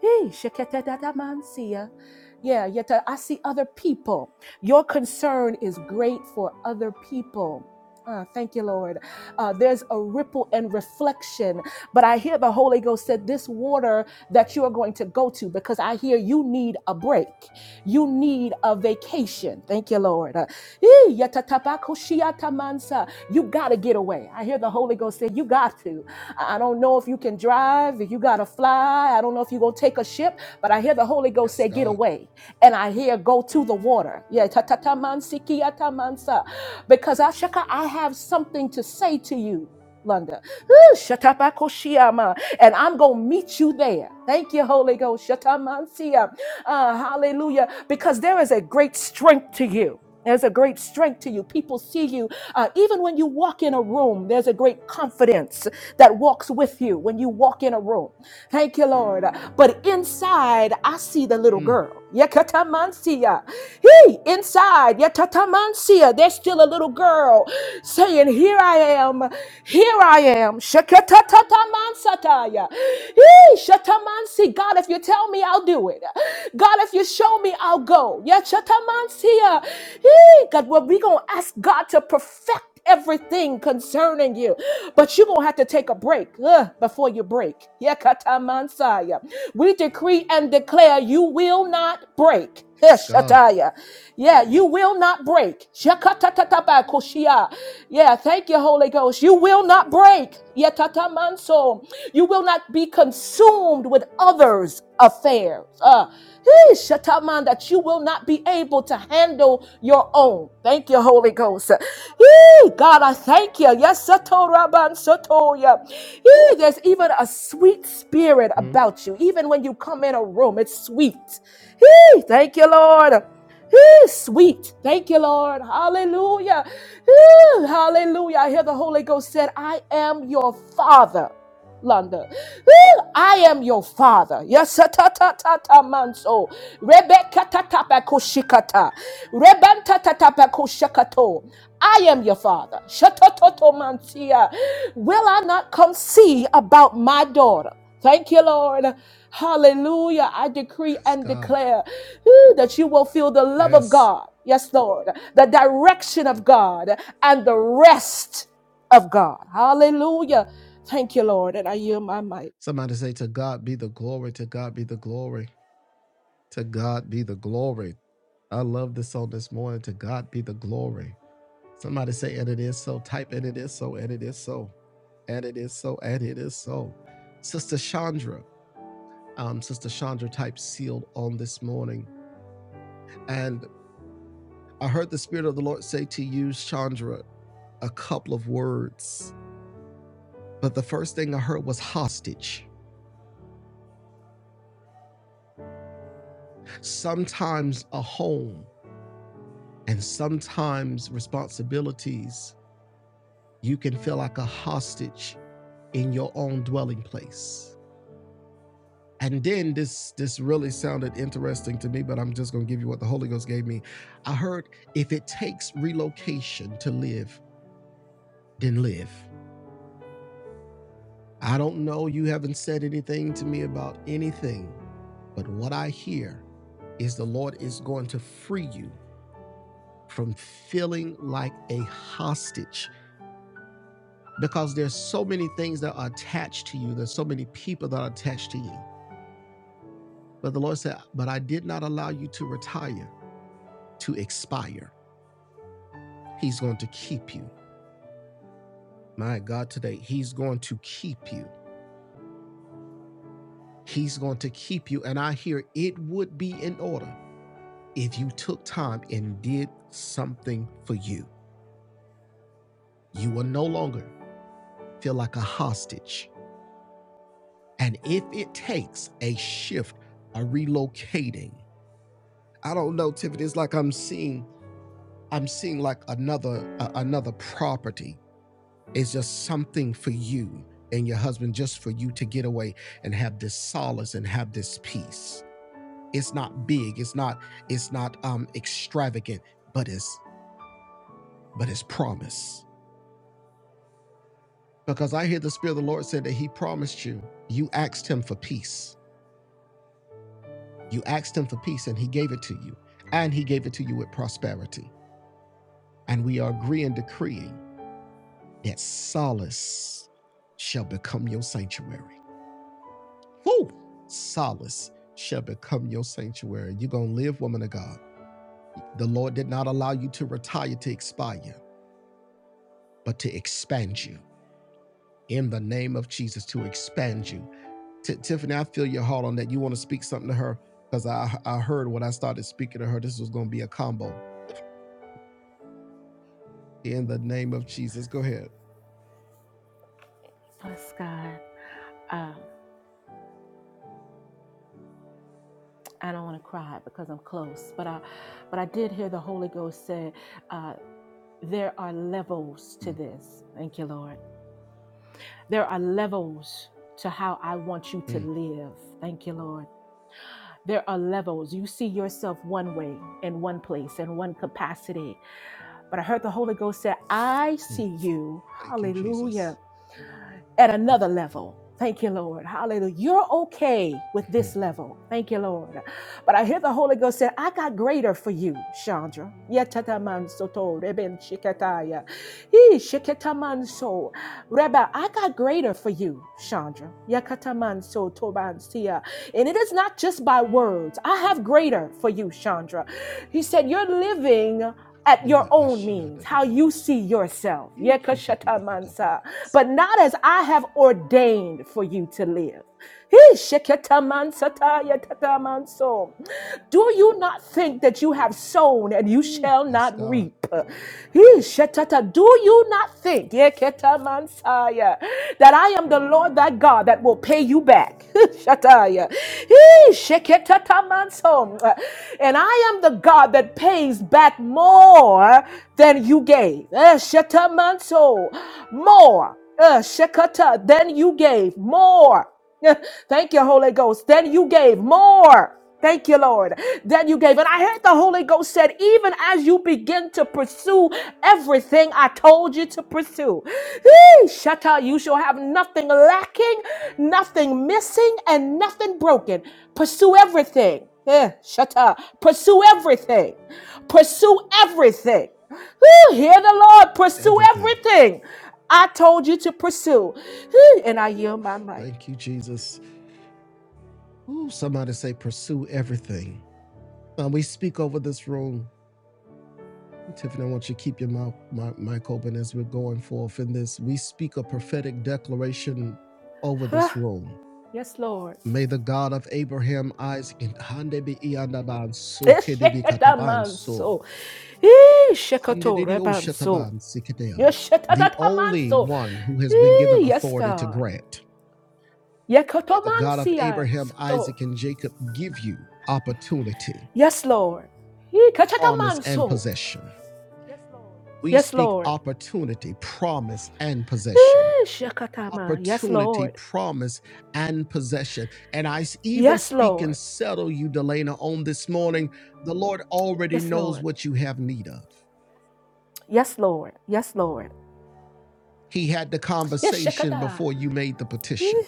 Hey, shekete dada mansia. Yeah, yeta, I see other people. Your concern is great for other people. Ah, thank you, Lord. Uh, there's a ripple and reflection, but I hear the Holy Ghost said this water that you are going to go to because I hear you need a break. You need a vacation. Thank you, Lord. Uh, ee, yatatabakushiatamansa. You got to get away. I hear the Holy Ghost say, You got to. I I don't know if you can drive, if you got to fly. I don't know if you're going to take a ship, but I hear the Holy Ghost
Yes,
say, Get
God.
away. And I hear, Go to the water. Yeah, tatatamansikiatamansa. because Ashaka, I have something to say to you. Lunda. Whew, shatabakoshiyama. And I'm going to meet you there. Thank you, Holy Ghost. Shatamansiya. Uh, hallelujah. Because there is a great strength to you. There's a great strength to you. People see you. Uh, even when you walk in a room, there's a great confidence that walks with you when you walk in a room. Thank you, Lord. But inside, I see the little girl. Yakatamansiya. Hey, inside, Yakatamansiya, there's still a little girl saying, Here I am, here I am. Shakatatataman sataya. Yee, Shatamansi, God, if you tell me, I'll do it. God, if you show me, I'll go. Yeah, Shatamansia. Yee, God, well, we're going to ask God to perfect everything concerning you. But you're going to have to take a break ugh, before you break. Yeah, Katamansaya. We decree and declare you will not break. Eh,
Yes, God.
Shataya. Yeah, you will not break. Shakatatatabakoshia. Yeah, thank you, Holy Ghost. You will not break. Yatatamanso. You will not be consumed with others' affairs. Uh, eh, shataman, that you will not be able to handle your own. Thank you, Holy Ghost. Eh, God, I thank you. Yes, Satoraban Sotoya. Eh, There's even a sweet spirit
Mhm.
about you. Even when you come in a room, it's sweet. Hey, thank you, Lord. Hey, sweet. Thank you, Lord. Hallelujah. Hey, hallelujah. I hear the Holy Ghost said, I am your father. Landa. Woo! I am your father. Yes, ta ta ta ta ta manso. Rebecca ta ta pa ko shikata. Rebanta ta ta pa ko shakato. I am your father. Shatototo mantia. Will I not come see about my daughter? Thank you, Lord. Hallelujah. I decree
Yes,
and
God.
declare woo, that you will feel the love of
Yes.
God. Yes, Lord. The direction of
Mhm.
God and the rest of God. Hallelujah. Thank you, Lord. And I yield my mic.
Somebody say, To God be the glory. To God be the glory. To God be the glory. I love this song this morning. To God be the glory. Somebody say, And it is so. Type, And it is so. And it is so. And it is so. And it is so. Sister Chandra, um, Sister Chandra type sealed on this morning. And I heard the Spirit of the Lord say to you, Chandra, a couple of words But the first thing I heard was hostage. Sometimes a home and sometimes responsibilities, you can feel like a hostage in your own dwelling place. And then this this really sounded interesting to me, but I'm just gonna give you what the Holy Ghost gave me. I heard if it takes relocation to live, then live. I don't know, you haven't said anything to me about anything, but what I hear is the Lord is going to free you from feeling like a hostage because there's so many things that are attached to you. There's so many people that are attached to you. But the Lord said, But I did not allow you to retire, to expire. He's going to keep you. My God, today, He's going to keep you. He's going to keep you. And I hear it would be in order if you took time and did something for you. You will no longer feel like a hostage And if it takes a shift, a relocating, I don't know, Tiffany. It's like I'm seeing, I'm seeing like another uh, another property. It's just something for you and your husband, just for you to get away and have this solace and have this peace. It's not big. It's not. It's not um extravagant, but it's but it's promise. Because I hear the Spirit of the Lord said that He promised you. You asked Him for peace You asked him for peace and he gave it to you, and he gave it to you with prosperity. And we are agreeing, decreeing that solace shall become your sanctuary. Woo! Solace shall become your sanctuary. You're going to live, woman of God. The Lord did not allow you to retire, to expire, but to expand you in the name of Jesus, to expand you. Ti- Tiffany, I feel your heart on that. You want to speak something to her because I, I heard when I started speaking to her, this was going to be a combo. In the name of Jesus, go ahead.
I don't want to cry because I'm close, but I, but I did hear the Holy Ghost say, uh, "There are levels to
Mm,
this." Thank you, Lord. There are levels to how I want you to
mm,
live. Thank you, Lord. There are levels. You see yourself one way in one place in one capacity, but I heard the Holy Ghost say, "I
mm.
see you."
Thank you, Jesus.
Hallelujah at another level. Thank you, Lord. Hallelujah. You're okay with this
Mhm.
level. Thank you, Lord. But I hear the Holy Ghost say, I got greater for you, Chandra. Yetataman soto reben shikataya. He shikataman so. Reba, I got greater for you, Chandra. Yakataman so toban sia. And it is not just by words. I have greater for you, Chandra. He said, You're living at your own means, how you see yourself. Yekashatamansa. But not as I have ordained for you to live. Hee, sheketamansata yetatamanso. Do you not think that you have sown and you
Mm,
shall
Yes,
not
God.
reap? Hee, shetata. Do you not think yeketamansaya, that I am the Lord thy God that will pay you back? Shataya. Hee, sheketatamanso. And I am the God that pays back back more than you gave. Eh, shetamanso. More. Uh, shekata. Than you gave. More. Eh, Thank you, Holy Ghost. Than you gave. More. Thank you, Lord, that you gave. And I heard the Holy Ghost said, even as you begin to pursue everything I told you to pursue, Hey, Shatta, you shall have nothing lacking, nothing missing, and nothing broken. Pursue everything. Yeah, Shatta, pursue everything. Pursue everything. Whew, hear the Lord. Pursue
Everything.
everything. I told you to pursue. Whew, and I yield my
Oof,
mic.
Thank you, Jesus. Ooh, somebody say, pursue everything. Now we speak over this room. Tiffany, I want you to keep your mouth, mi- mic open as we're going forth in this. We speak a prophetic declaration over this
Ah,
room.
yes, Lord.
May the God of Abraham, Isaac, and Handebe Iyandaban So Kede be Kataban So.
Eshekatamanso. Eh,
Andedidio
shekatorebanso.
Shetaban Sikadeo, the only
Yeshetatamanso.
one who has been
Eh,
given
Yes,
authority to
God.
grant. May the God of
Yekotomansia
Abraham,
soto.
Isaac, and Jacob give you opportunity,
Yes, Lord. Eh,
promise, and
kachatamanso.
possession. We
Yes,
speak
Lord.
opportunity, promise, and possession.
Eh, Shekatama. Yes,
Opportunity,
Lord.
promise, and possession. And I even
Yes,
speak
Lord.
and settle you, Delana, on this morning. The Lord already
Yes,
knows
Lord.
what you have need of.
Yes, Lord. Yes, Lord.
He had the
Yes,
conversation
Shakata.
before you made the
Eh,
petition.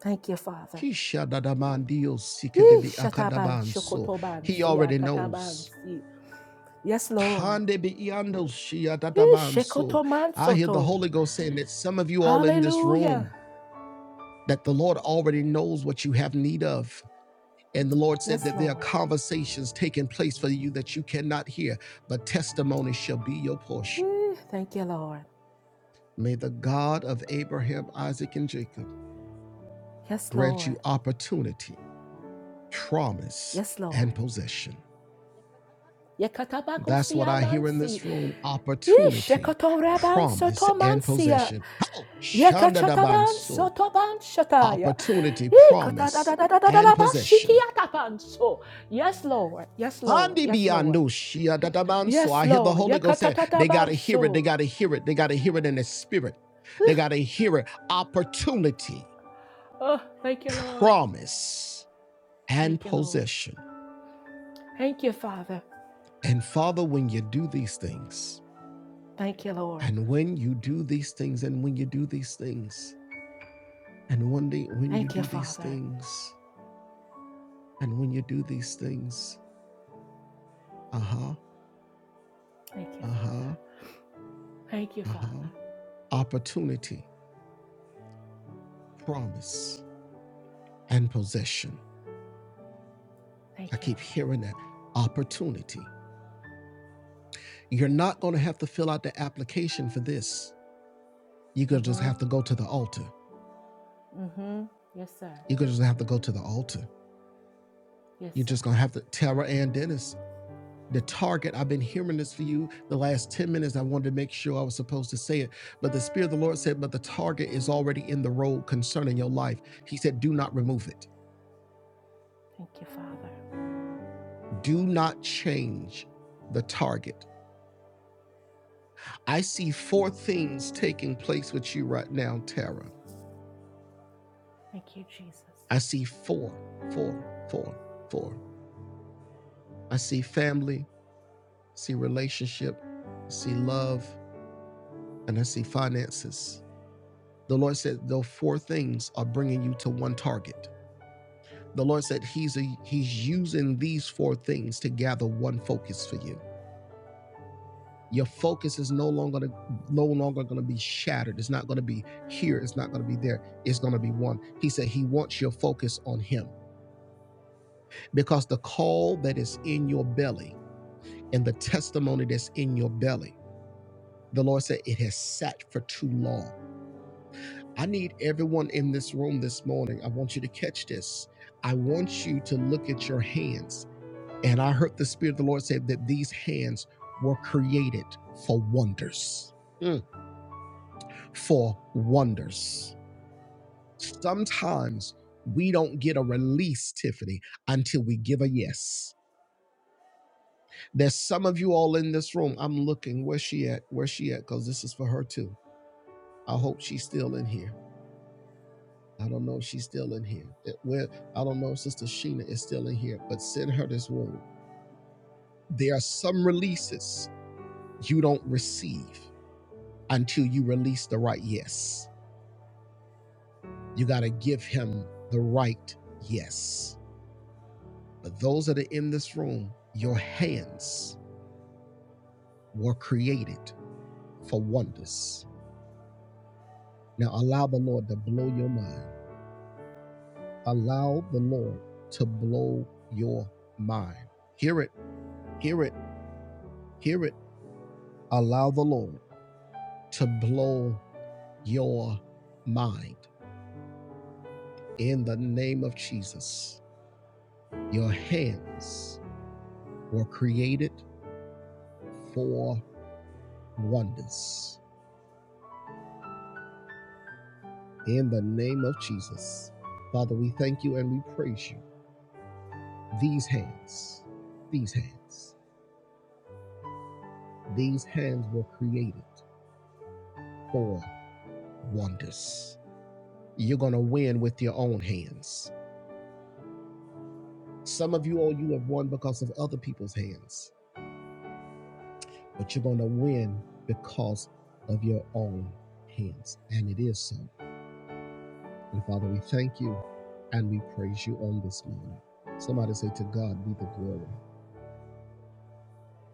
Thank you, Father.
Kishadadamandio
Eh,
sikedebi
Shataban,
akadabanso.
Shokotoban,
He already
Siakataban,
knows.
Si. Yes, Lord. Eh, Shekotoman
I hear the
Soto.
Holy Ghost saying that some of you all in this
Hallelujah.
room, that the Lord already knows what you have need of. And the Lord said
Yes,
that there are
Lord.
conversations taking place for you that you cannot hear, but testimony shall be your portion.
Eh, Thank you, Lord.
May the God of Abraham, Isaac, and Jacob
Yes,
grant you
Lord.
opportunity, promise,
Yes,
and
Lord.
possession. That's what I hear in
Yekatabakusiamansi.
this room opportunity,
Ishekatoraban
promise, and
sotomansia.
possession. Oh, Shanda
Yekachataban
Dabanso.
sotoban shataya.
Opportunity, promise, and possession.
Ikatadadadadadadabashikiatabanso. Yes, Lord. Yes, Lord.
Andi
Yes, Lord.
biando shia dadabanso.
Yes,
I hear the
Lord.
Holy Ghost saying, they got to hear it, they
Yekatatatabanso.
got to hear it, they got to hear it in the spirit. They got to hear it. Opportunity,
Oh, thank you, Lord.
promise, and
Thank you, Lord.
possession.
Thank you, Father.
And Father, when you do these things,
Thank you, Lord.
and when you do these things, and when you do these things, And one day when you
Thank you,
do these
Father.
things, and when you do these things, uh huh,
Thank you,
uh
Father.
huh,
Thank you,
uh huh,
Father.
opportunity, promise, and possession. I
Thank you,
keep
Lord.
hearing that opportunity. You're not going to have to fill out the application for this. You're going to just
Mm-hmm.
have to go to the altar.
Mm-hmm. Yes, sir.
You're going to just have to go to the altar.
Yes,
You're just
sir.
going to have to, Tara Ann Dennis, the target. I've been hearing this for you the last 10 minutes. I wanted to make sure I was supposed to say it. But the Spirit of the Lord said, But the target is already in the road concerning your life. He said, Do not remove it,
Thank you, Father.
do not change the target. I see four things taking place with you right now, Tara.
Thank you, Jesus.
I see four, four, four, four. I see family, I see relationship, I see love, and I see finances. The Lord said, Those four things are bringing you to one target. The Lord said he's a, he's using these four things to gather one focus for you. Your focus is no longer to no longer going to be shattered. It's not going to be here. It's not going to be there. It's going to be one. He said he wants your focus on him because the call that is in your belly and the testimony that's in your belly, the Lord said it has sat for too long. I need everyone in this room this morning. I want you to catch this. I want you to look at your hands And I heard the Spirit of the Lord say that these hands were created for wonders. Mm. For wonders. Sometimes we don't get a release, Tiffany, until we give a yes. There's some of you all in this room. I'm looking. Where's she at? Where's she at? Because this is for her too. I hope she's still in here. I don't know if she's still in here. It- Well, I don't know if Sister Sheena is still in here, but send her this room. There are some releases you don't receive until you release the right yes. You got to give him the right yes. But those that are in this room, your hands were created for wonders. Now allow the Lord to blow your mind. Allow the Lord to blow your mind. Hear it, hear it, hear it. Allow the Lord to blow your mind. In the name of Jesus, your hands were created for wonders. In the name of Jesus. Father, we thank you and we praise you. These hands, these hands, these hands were created for wonders. You're going to win with your own hands. Some of you, all you have won because of other people's hands, but you're going to win because of your own hands. And it is so. And Father, we thank you and we praise you on this morning. Somebody say, To God be the glory.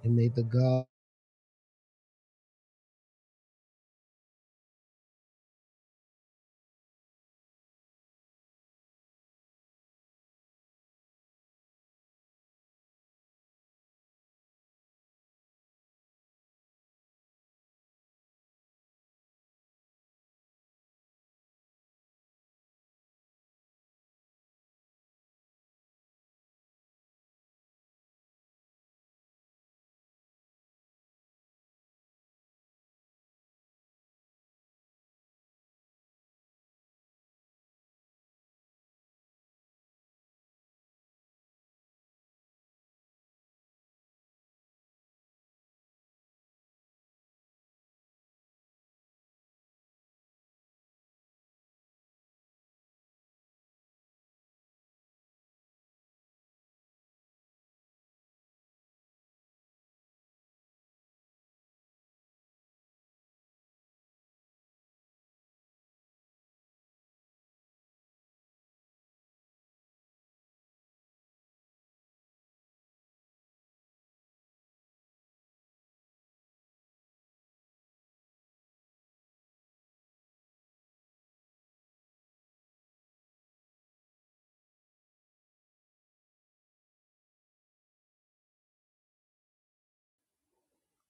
And may the God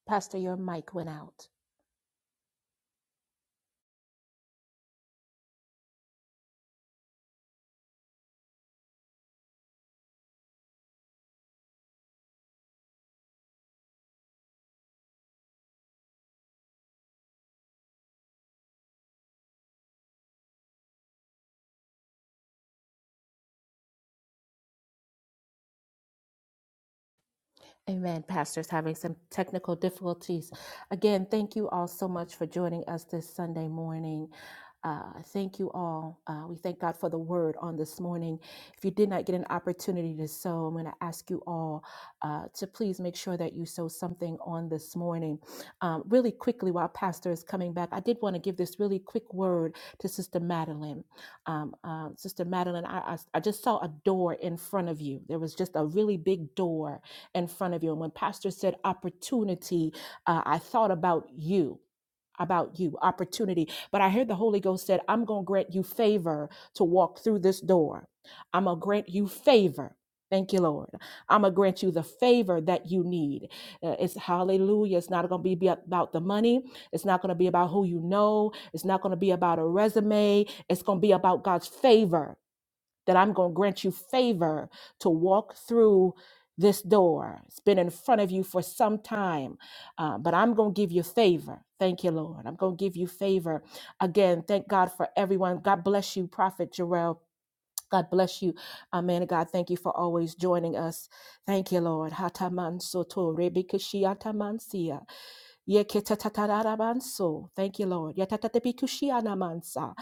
Pastor, your mic went out. Amen. Pastor's having some technical difficulties. Again, thank you all so much for joining us this Sunday morning. Uh, thank you all. Uh, we thank God for the word on this morning. If you did not get an opportunity to sow, I'm going to ask you all uh, to please make sure that you sow something on this morning. Um, really quickly, while Pastor is coming back, I did want to give this really quick word to Sister Madeline. Um, uh, Sister Madeline, I, I, I just saw a door in front of you. There was just a really big door in front of you. And when Pastor said opportunity, uh, I thought about you. About you, opportunity. But I heard the Holy Ghost said, I'm going to grant you favor to walk through this door. I'm going to grant you favor. Thank you, Lord. I'm going to grant you the favor that you need. Uh, it's hallelujah. It's not going to be about the money. It's not going to be about who you know. It's not going to be about a resume. It's going to be about God's favor that I'm going to grant you favor to walk through this door. It's been in front of you for some time, uh, but I'm going to give you favor. Thank you, Lord. I'm going to give you favor. Again, thank God for everyone. God bless you, Prophet Jarrell. God bless you. Amen. God, thank you for always joining us. Thank you, Lord. Hataman soto rebikishiatamansia. Yeketatarabanso. Thank you, Lord. Yatatatepikushianamansa.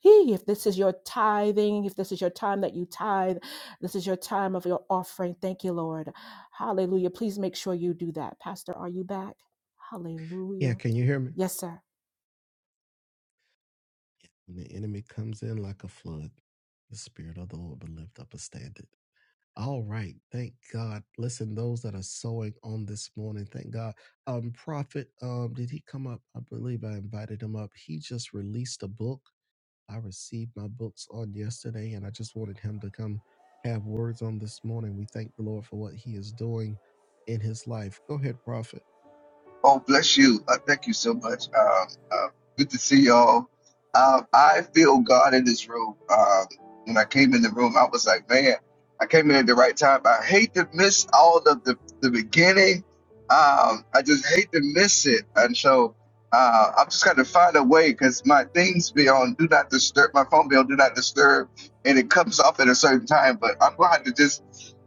He, If this is your tithing, if this is your time that you tithe, this is your time of your offering. Thank you, Lord. Hallelujah. Please make sure you do that. Pastor, are you back?
Yeah,
Hallelujah.
can you hear me?
Yes, sir.
When the enemy comes in like a flood, the Spirit of the Lord will lift up a standard. All right. Thank God. Listen, those that are sowing on this morning, thank God. Um, Prophet, um, did he come up? I believe I invited him up. He just released a book. I received my books on yesterday, and I just wanted him to come have words on this morning. We thank the Lord for what he is doing in his life. Go ahead, Prophet.
Oh, bless you. Uh, thank you so much. Um, uh, good to see y'all. Um, I feel God in this room. Um, when I came in the room, I was like, man, I came in at the right time. I hate to miss all of the, the beginning. Um, I just hate to miss it. And so uh, I'm just going to find a way because my things be on do not disturb, my phone be on do not disturb, and it comes off at a certain time. But I'm going to just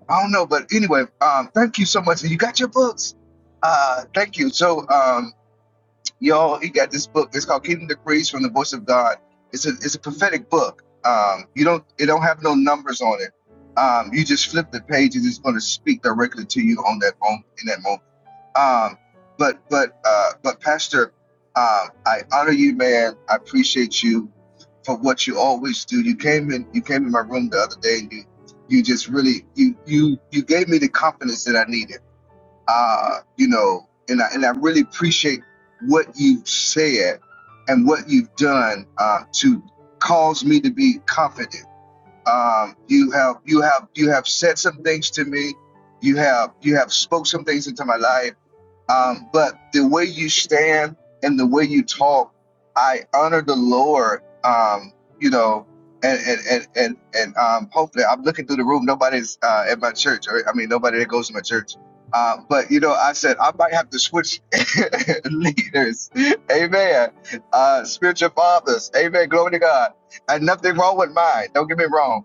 I don't know, but anyway, um, thank you so much. And you got your books. Uh, thank you. So, um, y'all, he got this book. It's called Keeping Decrees from the Voice of God. It's a it's a prophetic book. Um, you don't it don't have no numbers on it. Um, you just flip the page and it's going to speak directly to you on that moment in that moment. Um, but but uh, but Pastor, um, I honor you, man. I appreciate you for what you always do. You came in you came in my room the other day. And you you just really you you you gave me the confidence that I needed. Uh, you know, and I and I really appreciate what you said and what you've done uh, to cause me to be confident. Um, you have you have you have said some things to me. You have you have spoke some things into my life um, but the way you stand and the way you talk, I honor the Lord. Um, you know, and and and and, and um, hopefully, I'm looking through the room. Nobody's uh, at my church. Or, I mean, nobody that goes to my church. Uh, but you know, I said I might have to switch leaders. Amen. Uh, spiritual fathers. Amen. Glory to God. And nothing wrong with mine. Don't get me wrong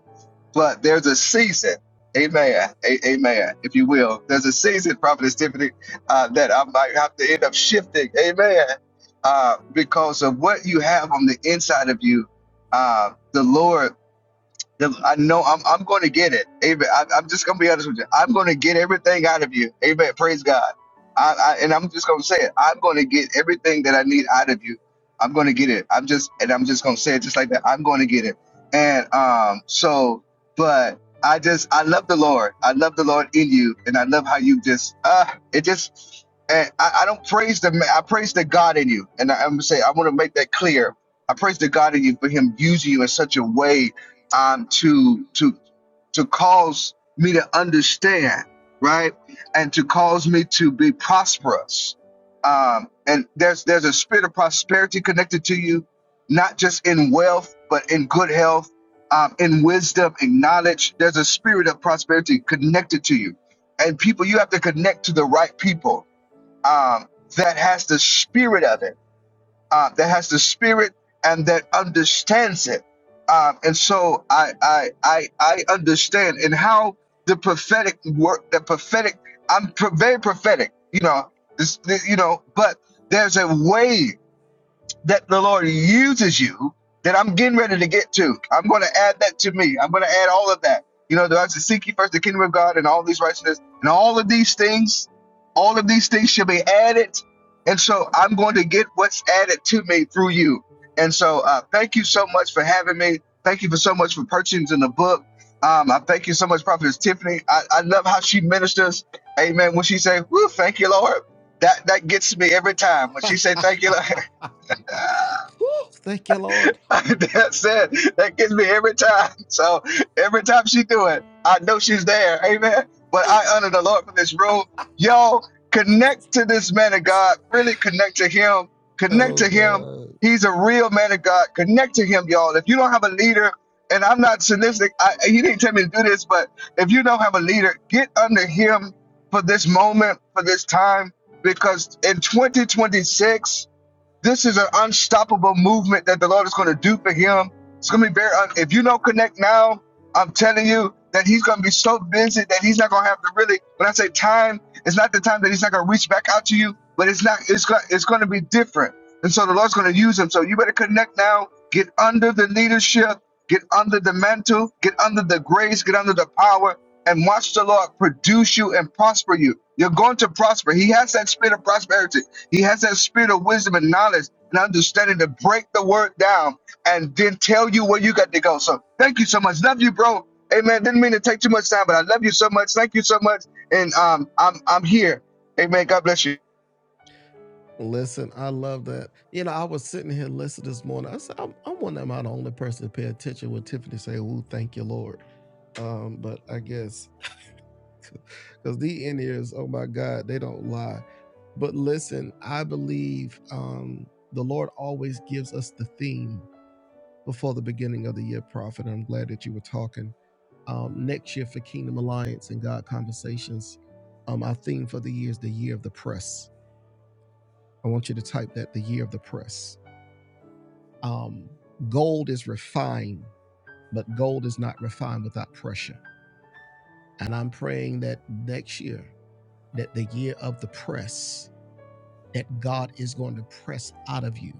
but there's a season, amen, a- amen, if you will. There's a season, Prophetess Tiffany, uh, that I might have to end up shifting, amen, uh, because of what you have on the inside of you. Uh, the Lord the- I know I'm I'm going to get it. Amen. I, I'm just going to be honest with you. I'm going to get everything out of you. Amen. Praise God. I, I and I'm just going to say it. I'm going to get everything that I need out of you. I'm going to get it. I'm just and I'm just going to say it just like that. I'm going to get it. And um so but I just I love the Lord. I love the Lord in you and I love how you just uh it just and I, I don't praise the ma- I praise the God in you. And I, I'm going to say I want to make that clear. I praise the God in you for him using you in such a way um, to to to cause me to understand, right, and to cause me to be prosperous. Um, and there's there's a spirit of prosperity connected to you, not just in wealth, but in good health, um, in wisdom, in knowledge. There's a spirit of prosperity connected to you, and people you have to connect to the right people um, that has the spirit of it uh, that has the spirit and that understands it. Um, and so I, I I I understand and how the prophetic work, the prophetic. I'm pro- very prophetic, you know. This, this, you know, but there's a way that the Lord uses you that I'm getting ready to get to. I'm going to add that to me. I'm going to add all of that. You know, I have to seek ye first the kingdom of God and all these righteousness and all of these things, all of these things shall be added. And so I'm going to get what's added to me through you. And so uh, thank you so much for having me. Thank you for so much for purchasing the book. Um, I thank you so much, Prophetess Tiffany. I, I love how she ministers. Amen. When she say, Woo, thank you, Lord. That that gets me every time. When she say
Woo,
thank you, Lord.
thank you, Lord.
That's it. That gets me every time. So every time she do it, I know she's there. Amen. But I honor the Lord for this room. Y'all connect to this man of God. Really connect to him. Connect
Oh
to
God.
him. He's a real man of God. Connect to him, y'all. If you don't have a leader, and I'm not sadistic, I, he didn't tell me to do this, but if you don't have a leader, get under him for this moment, for this time, because in 2026. This is an unstoppable movement that the Lord is going to do for him. It's going to be very, un- if you don't connect now, I'm telling you that he's going to be so busy that he's not going to have to really, when I say time, it's not the time that he's not going to reach back out to you, but it's not, it's going, it's going to be different. And so the Lord's going to use him. So you better connect now, get under the leadership, get under the mantle, get under the grace, get under the power, and watch the Lord produce you and prosper you. You're going to prosper. He has that spirit of prosperity. He has that spirit of wisdom and knowledge and understanding to break the word down and then tell you where you got to go. So thank you so much. Love you, bro. Amen. Didn't mean to take too much time, but I love you so much. Thank you so much. And um, I'm I'm here. Amen. God bless you.
Listen, I love that. You know, I was sitting here listening this morning. I said, I'm, I'm one am not the only person to pay attention when Tiffany say, "Ooh, thank you, Lord." Um, but I guess because the in ears, oh my God, they don't lie. But listen, I believe um, the Lord always gives us the theme before the beginning of the year, Prophet. I'm glad that you were talking um, next year for Kingdom Alliance and God Conversations. Um, our theme for the year is the year of the press. I want you to type that the year of the press Um, gold is refined, but gold is not refined without pressure. And I'm praying that next year, that the year of the press, that God is going to press out of you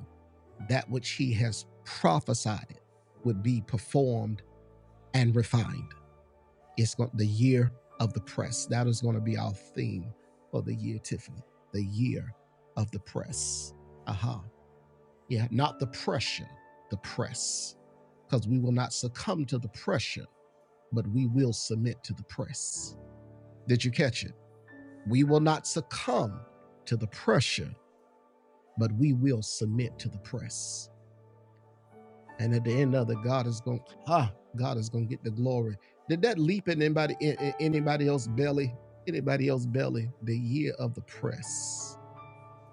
that which He has prophesied it would be performed and refined. It's going, the year of the press. That is going to be our theme for the year, Tiffany. The year of the press. Aha. Yeah, not the pressure, the press. Because we will not succumb to the pressure, but we will submit to the press. Did you catch it? We will not succumb to the pressure, but we will submit to the press. And at the end of it, God is going, ah, God is going to get the glory. Did that leap in anybody, in, in anybody else's belly? Anybody else's belly? The year of the press.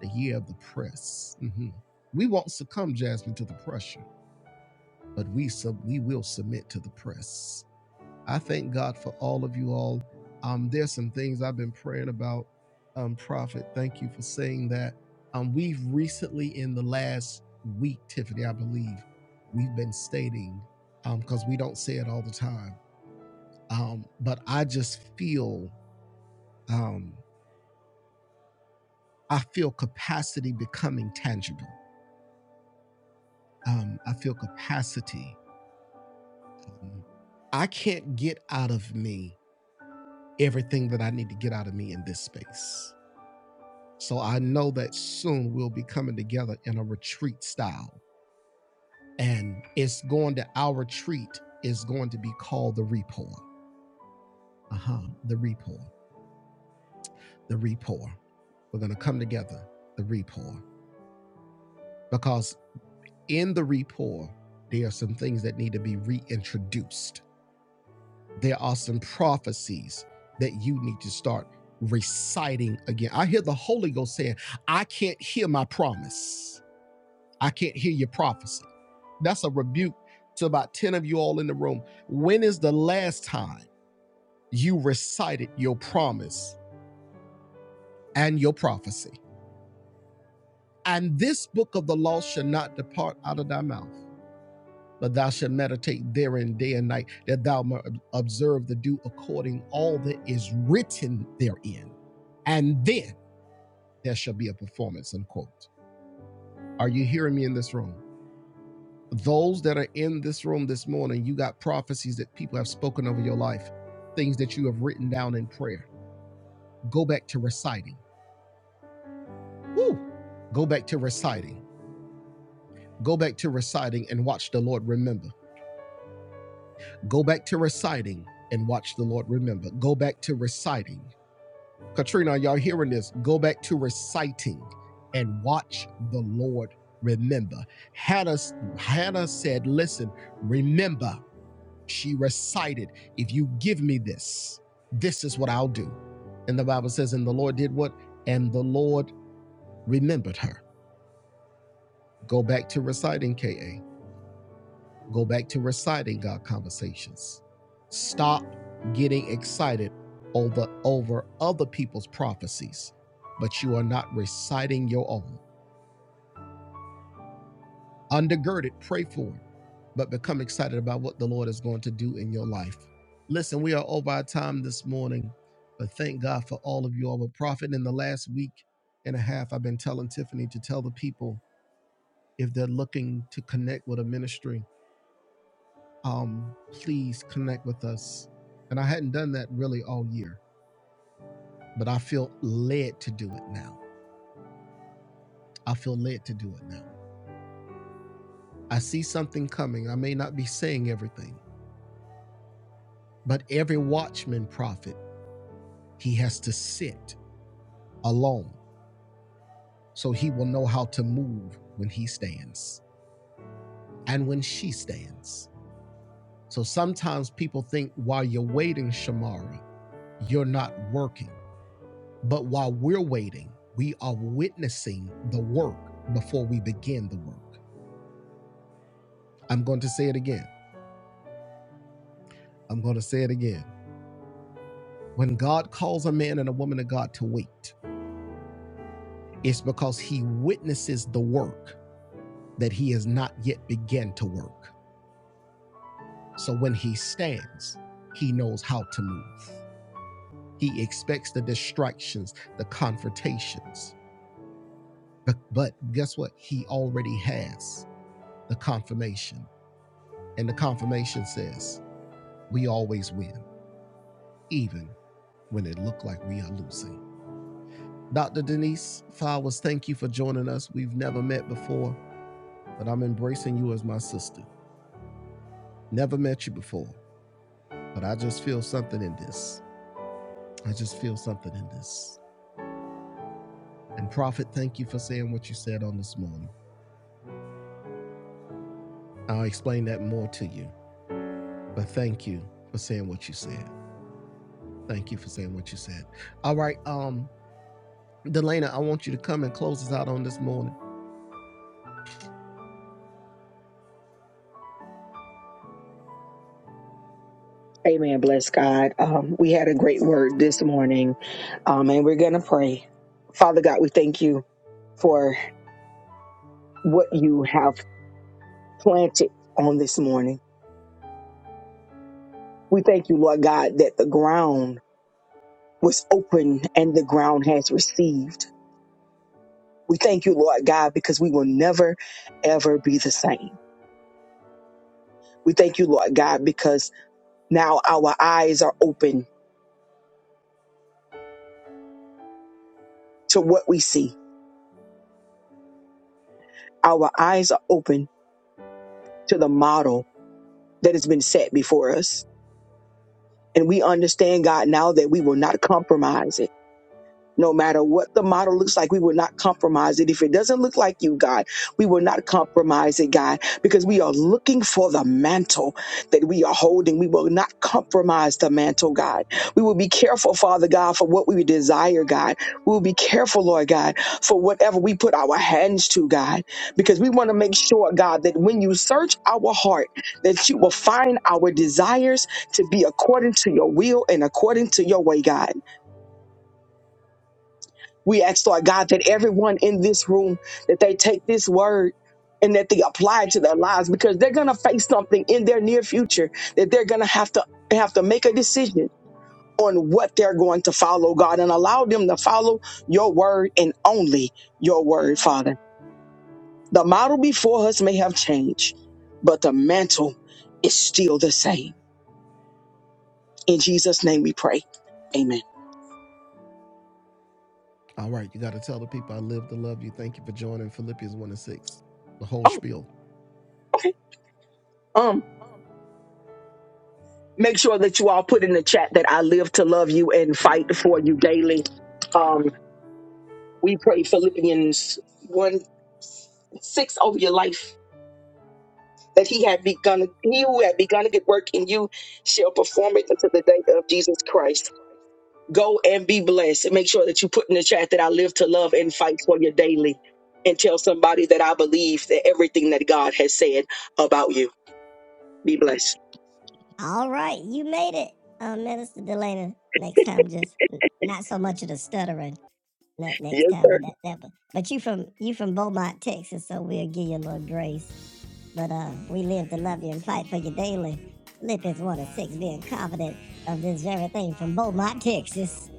The year of the press. hmm We won't succumb, Jasmine, to the pressure but we sub we will submit to the press. I thank God for all of you all. Um, there's some things I've been praying about. Um, Prophet, thank you for saying that. Um, we've recently in the last week, Tiffany, I believe, we've been stating um because we don't say it all the time. Um, but I just feel um I feel capacity becoming tangible. Um, I feel capacity. I can't get out of me everything that I need to get out of me in this space. So I know that soon we'll be coming together in a retreat style. And it's going to, our retreat is going to be called the Repour. Uh huh. The Repour. The Repour. We're going to come together, the Repour. Because in the Repour, there are some things that need to be reintroduced. There are some prophecies that you need to start reciting again. I hear the Holy Ghost saying, I can't hear my promise. I can't hear your prophecy. That's a rebuke to about 10 of you all in the room. When is the last time you recited your promise and your prophecy? And this book of the law shall not depart out of thy mouth, but thou shalt meditate therein day and night, that thou may observe to do according all that is written therein. And then there shall be a performance, unquote. Are you hearing me in this room? those that are in this room this morning, you got prophecies that people have spoken over your life, things that you have written down in prayer. Go back to reciting. Woo! Go back to reciting. Go back to reciting and watch the Lord remember. Go back to reciting and watch the Lord remember. Go back to reciting. Katrina, are y'all hearing this? Go back to reciting and watch the Lord remember. Hannah, Hannah said, Listen, remember She recited, If you give me this, this is what I'll do. And the Bible says, And the Lord did what? And the Lord remembered her. Go back to reciting KA. Go back to reciting God conversations. Stop getting excited over, over other people's prophecies, but you are not reciting your own. undergird it, pray for it, but become excited about what the Lord is going to do in your life. Listen, we are over our time this morning, but thank God for all of you. all. am a prophet in the last week and a half. I've been telling Tiffany to tell the people if they're looking to connect with a ministry, um, please connect with us. And I hadn't done that really all year, but I feel led to do it now. I feel led to do it now. I see something coming. I may not be saying everything, but every watchman prophet. He has to sit alone so he will know how to move when he stands and when she stands. So sometimes people think while you're waiting, Shamari, you're not working. But while we're waiting, we are witnessing the work before we begin the work. I'm going to say it again. I'm going to say it again. When God calls a man and a woman of God to wait, it's because he witnesses the work that he has not yet begun to work. So when he stands, he knows how to move. He expects the distractions, the confrontations. But, but guess what? He already has the confirmation. And the confirmation says, we always win, even when it looked like we are losing. Dr. Denise Flowers, thank you for joining us. We've never met before, but I'm embracing you as my sister. Never met you before, but I just feel something in this. I just feel something in this. And Prophet, thank you for saying what you said on this morning. I'll explain that more to you. But thank you for saying what you said. Thank you for saying what you said. All right, um, Delana, I want you to come and close us out on this morning.
Amen. Bless God. Um, we had a great word this morning, um, and we're going to pray. Father God, we thank you for what you have planted on this morning. We thank you, Lord God, that the ground was open and the ground has received. We thank you, Lord God, because we will never, ever be the same. We thank you, Lord God, because now our eyes are open to what we see. Our eyes are open to the model that has been set before us. And we understand, God, now that we will not compromise it no matter what the model looks like, we will not compromise it. If it doesn't look like you, God, we will not compromise it, God, because we are looking for the mantle that we are holding. We will not compromise the mantle, God. We will be careful, Father God, for what we desire, God. We will be careful, Lord God, for whatever we put our hands to, God, because we want to make sure, God, that when you search our heart, that you will find our desires to be according to your will and according to your way, God. We ask, Lord God, that everyone in this room, that they take this word and that they apply it to their lives because they're going to face something in their near future that they're going to have to have to make a decision on what they're going to follow, God, and allow them to follow your word and only your word, Father. The model before us may have changed, but the mantle is still the same. In Jesus' name we pray. Amen.
All right, you got to tell the people I live to love you. Thank you for joining Philippians 1 and 6, the whole
Oh,
spiel.
okay. Um, make sure that you all put in the chat that I live to love you and fight for you daily. Um, we pray Philippians 1 6 over your life that he had begun, he who had begun a good work in you shall perform it until the day of Jesus Christ. Go and be blessed. And make sure that you put in the chat that I live to love and fight for you daily. And tell somebody that I believe that everything that God has said about you. Be blessed.
All right, you made it, uh, Minister Delana. Next time, just not so much of the stuttering. Not next
Yes,
time, but that, that but but you from you from Beaumont, Texas, so we'll give you a little grace. But uh, we live to love you and fight for you daily. Lip is one of six, being confident of this very thing from Beaumont, Texas.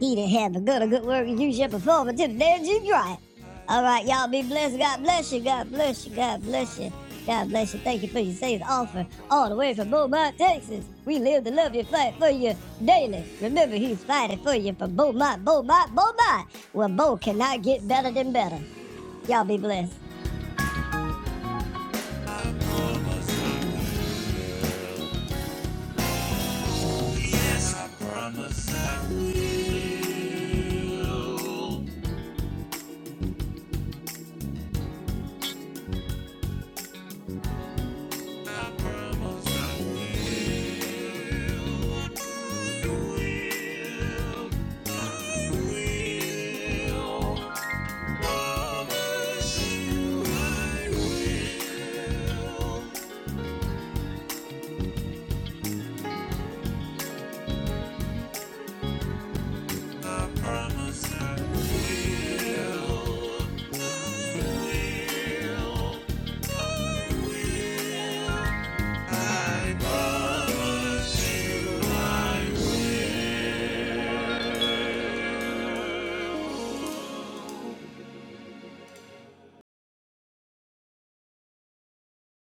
He that had begun a good work, you shall perform until the day of Jesus Christ. All right, y'all be blessed. God bless you. God bless you. God bless you. God bless you. Thank you for your saved offer all the way from Beaumont, Texas. We live to love you, fight for you daily. Remember, he's fighting for you from Beaumont, Beaumont, Beaumont, where Bo cannot get better than better. Y'all be blessed. I promise, I promise.